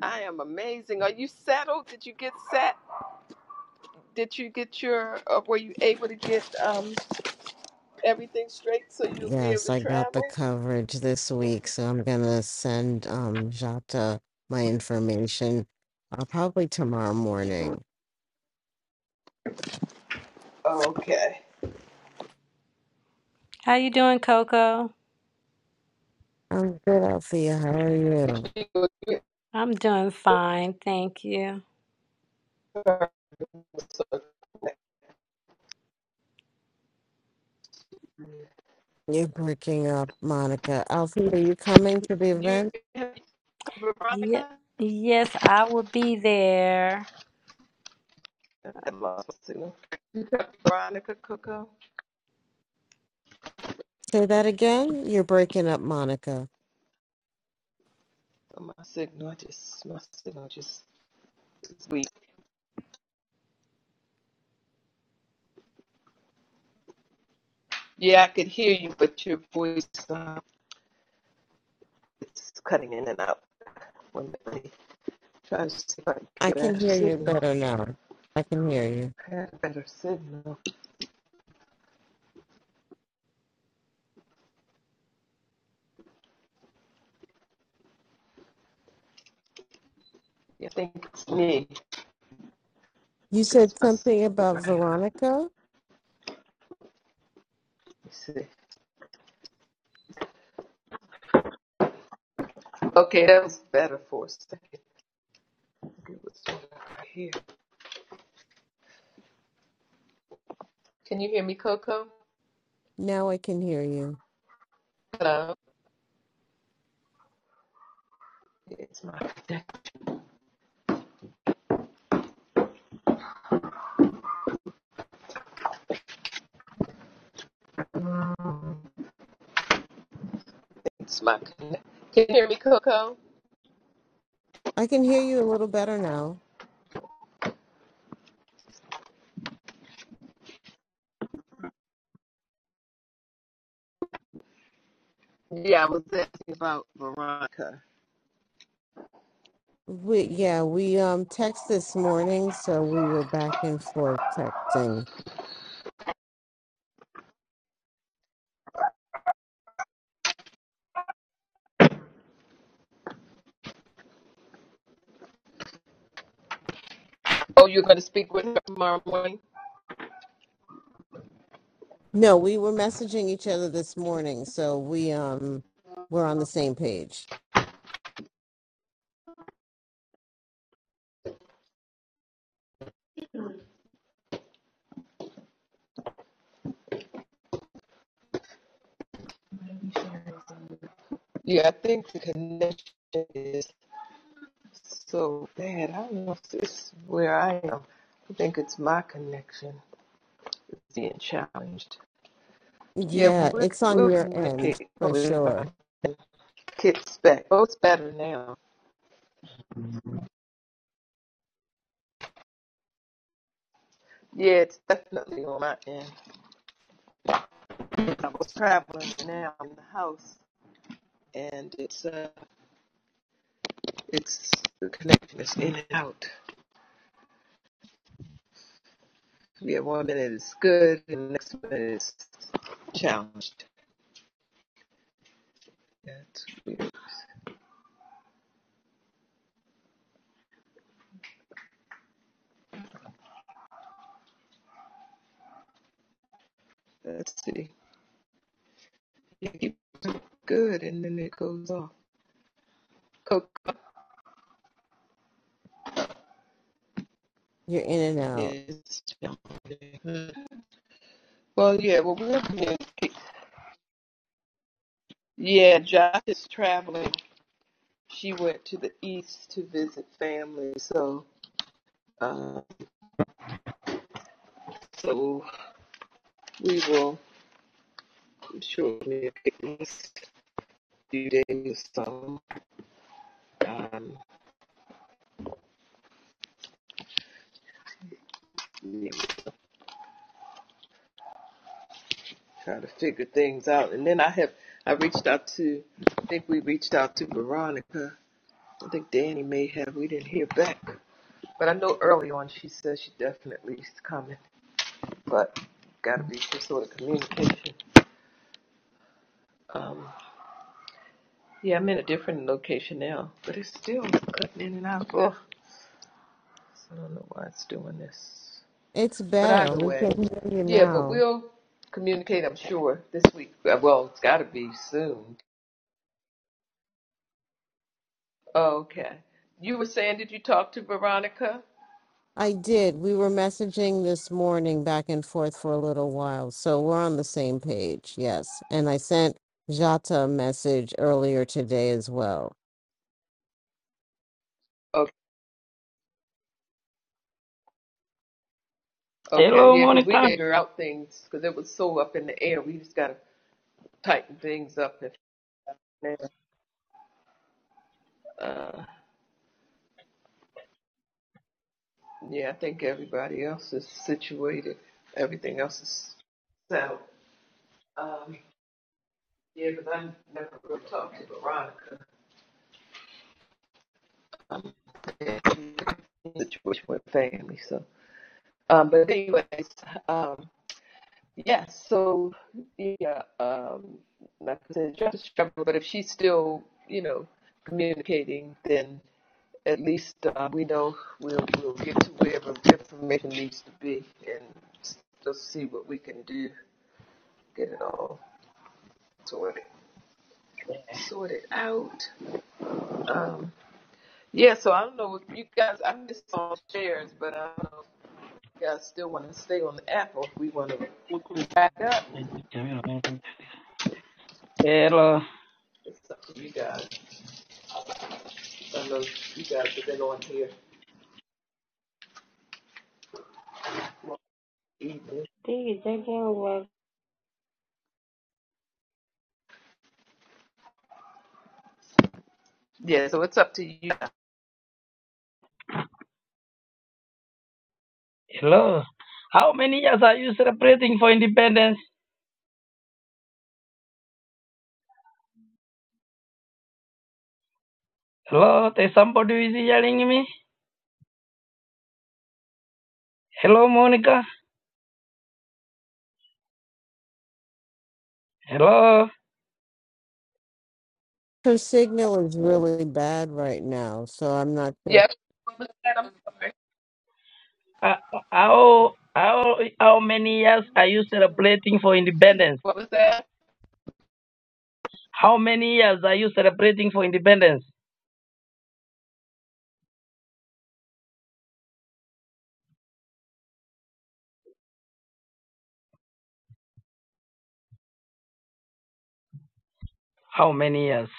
A: I am amazing. Are you settled? Did you get set? Did you get your, uh, were you able to get um, everything straight so you'll be able
M: Yes,
A: to
M: I got
A: travel?
M: the coverage this week. So I'm going to send um, Jata my information uh, probably tomorrow morning.
A: Okay.
X: How you doing, Coco?
M: I'm good, Althea. How are you?
A: You
X: I'm doing fine, thank you.
M: You're breaking up, Monica. Althea, are you coming to the event?
A: have you talked to
X: Yep.
A: Veronica? I
X: Yes, I will be there.
A: think I lost my signal. Veronica Coco.
M: Say that again. You're breaking up, Monica.
A: Oh, My signal just my signal just is weak. Yeah, I could hear you, but your voice uh, it's cutting in and out. When I try to see if I can
M: I
A: get a
M: can
A: better
M: hear you
A: signal,
M: better now. I can hear you.
A: I had a better signal. Yeah, I think it's me. I
M: You
A: think it's
M: said
A: my
M: something about
A: signal. I have.
M: Veronica.
A: Let's see. Okay, that was better for a second. I think It was right here. Can you hear me, Coco?
M: Now I can hear you.
A: Hello. It's my connect- it's my connect. Can you hear me, Coco?
M: I can hear you a little better now.
A: Yeah, I was asking about Veronica.
M: We yeah, we um text this morning, so we were back and forth texting.
A: Oh, you're going to speak with her tomorrow morning?
M: No, we were messaging each other this morning, so we um we're on the same page.
A: Yeah, I think the connection is so bad. I don't know if this is where I am. I think it's my connection that's being challenged. Yeah, but
M: Yeah,
A: we'll,
M: it's on
A: we'll
M: your end
A: communicate.
M: for
A: Hopefully,
M: sure.
A: my kit's back. Oh, it's better now. Yeah, it's definitely on my end. I was traveling now in the house, and it's uh, it's the connection is in and out. Yeah, one minute is good, and the next minute is challenged. That's weird. Let's see. You keep doing good, and then it goes off. Coco
M: You're in and out.
A: is challenging. Well, yeah. Well, we're being, yeah. Josh is traveling. She went to the east to visit family, so uh, so we will shortly pick these few days. So um, yeah, trying to figure things out. And then I have I reached out to I think we reached out to Veronica. I think Danny may have we didn't hear back. But I know early on she said she definitely is coming. But gotta be some sort of communication. Um yeah, I'm in a different location now. But it's still cutting in and out. Ugh. I don't know why it's doing this.
M: It's
A: But
M: better.
A: either
M: We
A: way.
M: can hear you
A: Yeah, but
M: now.
A: we'll communicate I'm sure this week. Uh, Well, it's gotta be soon Okay. You were saying, did you talk to Veronica?
M: I did. We were messaging this morning back and forth for a little while, so we're on the same page. Yes, and I sent Jata a message earlier today as well.
A: Okay. Okay.
C: hello
A: Yeah, because we
C: Monica.
A: figure out things because it was so up in the air. We just got to tighten things up. And, uh, yeah, I think everybody else is situated. Everything else is So Um, yeah, because I never really talked to Veronica. Um, yeah, she's in a situation with family. So, um, but anyways, um. Yeah, so yeah, um, like I said, job is struggle, but if she's still, you know, communicating, then at least uh, we know we'll we'll get to wherever information needs to be, and s- just see what we can do, get it all sorted sorted out. Um, yeah, so I don't know if you guys, I missed all shares, but I don't know if you guys still want to stay on the app or if we want to back up.
C: Hello,
A: It's up to you guys. I know you guys have been on here. Yeah, so it's up to you.
C: hello. How many years are you celebrating for independence? Hello, there's somebody who is yelling at me. Hello, Monica. Hello.
M: Her signal is really bad right now, so I'm not sure.
A: Yes. What was that? I'm sorry.
C: Uh, uh, How, how, how many years are you celebrating for independence?
A: What was that?
C: How many years are you celebrating for independence? How many years?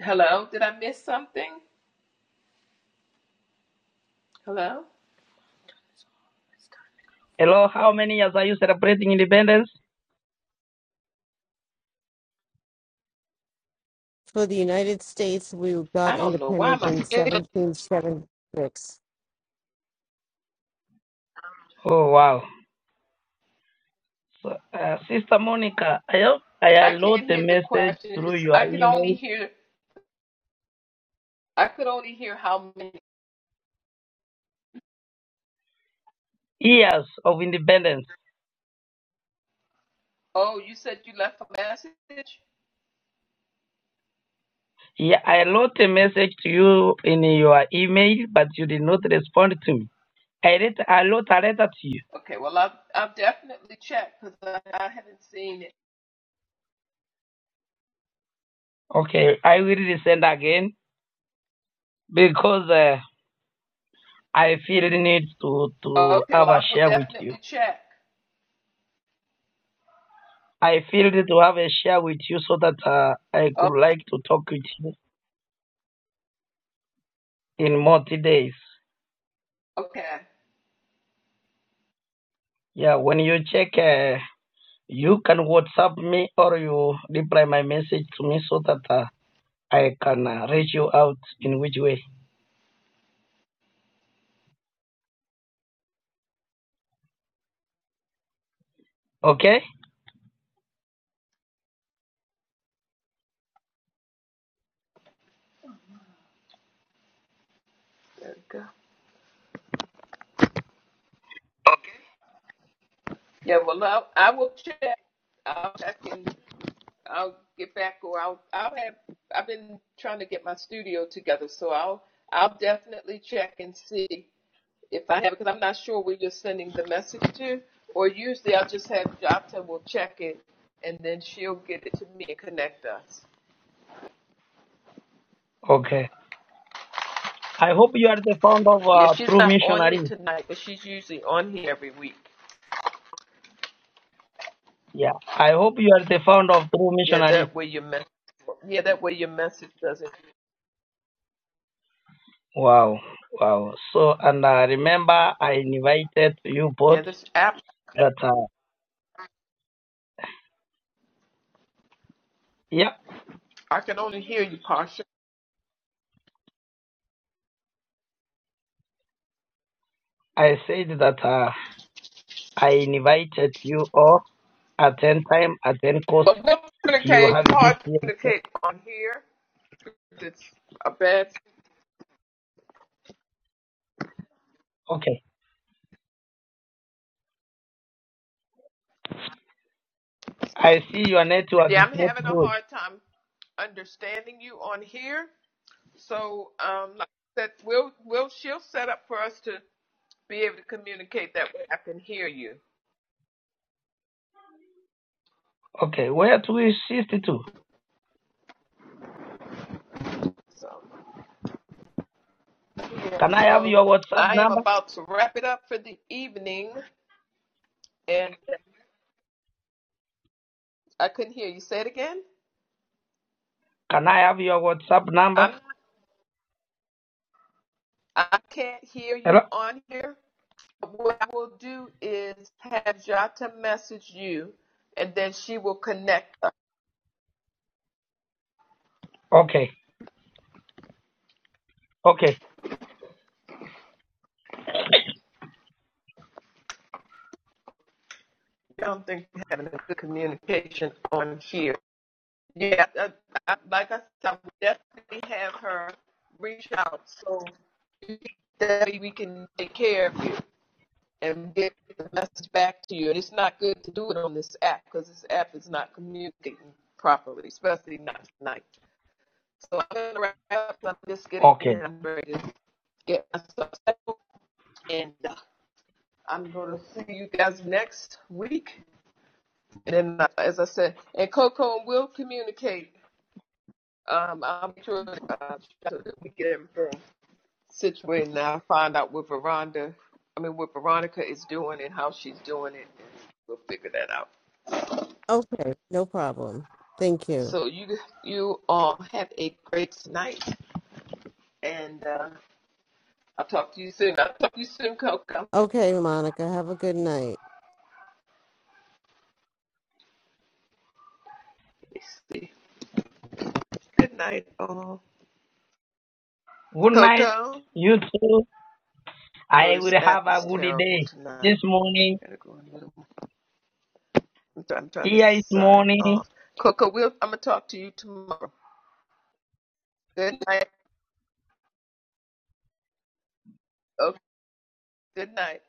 A: Hello? Did I miss something? Hello?
C: Hello, how many years are you celebrating independence?
M: For the United States, we
A: I
M: got
A: don't know why
M: independent
A: my
M: in 1776.
C: Oh, wow. So, uh, Sister Monica, I hope I
A: I
C: allowed
A: can't
C: the
A: hear the
C: message
A: question. It
C: through
A: just
C: your
A: I could only
C: email.
A: hear I could only hear how many.
C: Years of independence.
A: Oh, you said you left a message.
C: Yeah, I wrote a message to you in your email, but you did not respond to me. I wrote, I wrote a letter to you.
A: Okay, well I'll I'll definitely check because I, I haven't seen it.
C: Okay, I will resend again because uh, I feel the need to, to
A: Okay,
C: have
A: well
C: a
A: I will
C: share with you.
A: definitely check.
C: I feel need to have a share with you so that uh, I
A: Oh,
C: could like to talk with you in more days.
A: okay.
C: Yeah, when you check, uh, you can WhatsApp me or you reply my message to me so that uh, I can uh, reach you out in which way. Okay?
A: There we go. Yeah, well I, I will check. I'll check in. I'll get back or I'll I'll have I've been trying to get my studio together, so I'll I'll definitely check and see if I have it, because I'm not sure where you're sending the message to, or usually I'll just have Jopta will check it and then she'll get it to me and connect us.
C: Okay. I hope you are the founder of
A: Yeah,
C: uh,
A: she's
C: True
A: not on here
C: Missionary.
A: tonight, but she's usually on here every week.
C: Yeah, I hope you are the founder of True
A: Yeah,
C: Missionary.
A: that way your message. Yeah, that way your message doesn't.
C: Wow, wow. So, and uh, remember, I invited you both
A: Yeah, this app
C: that, uh, yeah,
A: I can only hear you, Pasha.
C: I said that uh, I invited you all at 10 time, at 10 cost.
A: But we'll
C: You
A: communicate,
C: have it this
A: hard to
C: year.
A: communicate on here. It's a bad.
C: Okay, I see your network
A: Yeah,
C: is
A: I'm
C: not
A: having a
C: good.
A: hard time understanding you on here. So, um, like I said, we'll we'll she'll set up for us to be able to communicate that way. I can hear you.
C: Okay, where do we shift to?
A: So, yeah.
C: Can I have
A: So
C: your WhatsApp
A: I am
C: number?
A: about to wrap it up for the evening, and I couldn't hear you. Say it again.
C: Can I have your WhatsApp number?
A: I'm I can't hear
C: Hello?
A: you on here. What I will do is have Jata message you, and then she will connect us.
C: Okay, okay,
A: don't think we're having a good communication on here. Yeah, uh, I, like I said, I will definitely have her reach out so that we can take care of you and get the message back to you. And it's not good to do it on this app because this app is not communicating properly, especially not tonight. So I'm going to wrap up. I'm just getting in
C: okay.
A: and I'm ready to get myself settled. And uh, I'm going to see you guys next week. And then, uh, as I said, and Coco will communicate. Um, I'm sure uh, so that we get everything situated now. find out what Veronda, I mean, what Veronica is doing and how she's doing it. And we'll figure that out.
M: Okay, no problem. Thank you.
A: So you you all have a great night, and uh, I'll talk to you soon. I'll talk to you soon, Coco.
M: Okay, Monica, have a good night.
A: Let's see. Good night, all.
C: Good night,
A: Coco,
C: you too.
A: I know
C: I will
A: this app
C: have a
A: is
C: good
A: terrible
C: day.
A: tonight.
C: This morning,
A: I gotta go a little. I'm, try- I'm trying to
C: here is
A: sign
C: morning.
A: off. Coco, we'll, I'm gonna talk to you tomorrow. Good night. Okay. Good night.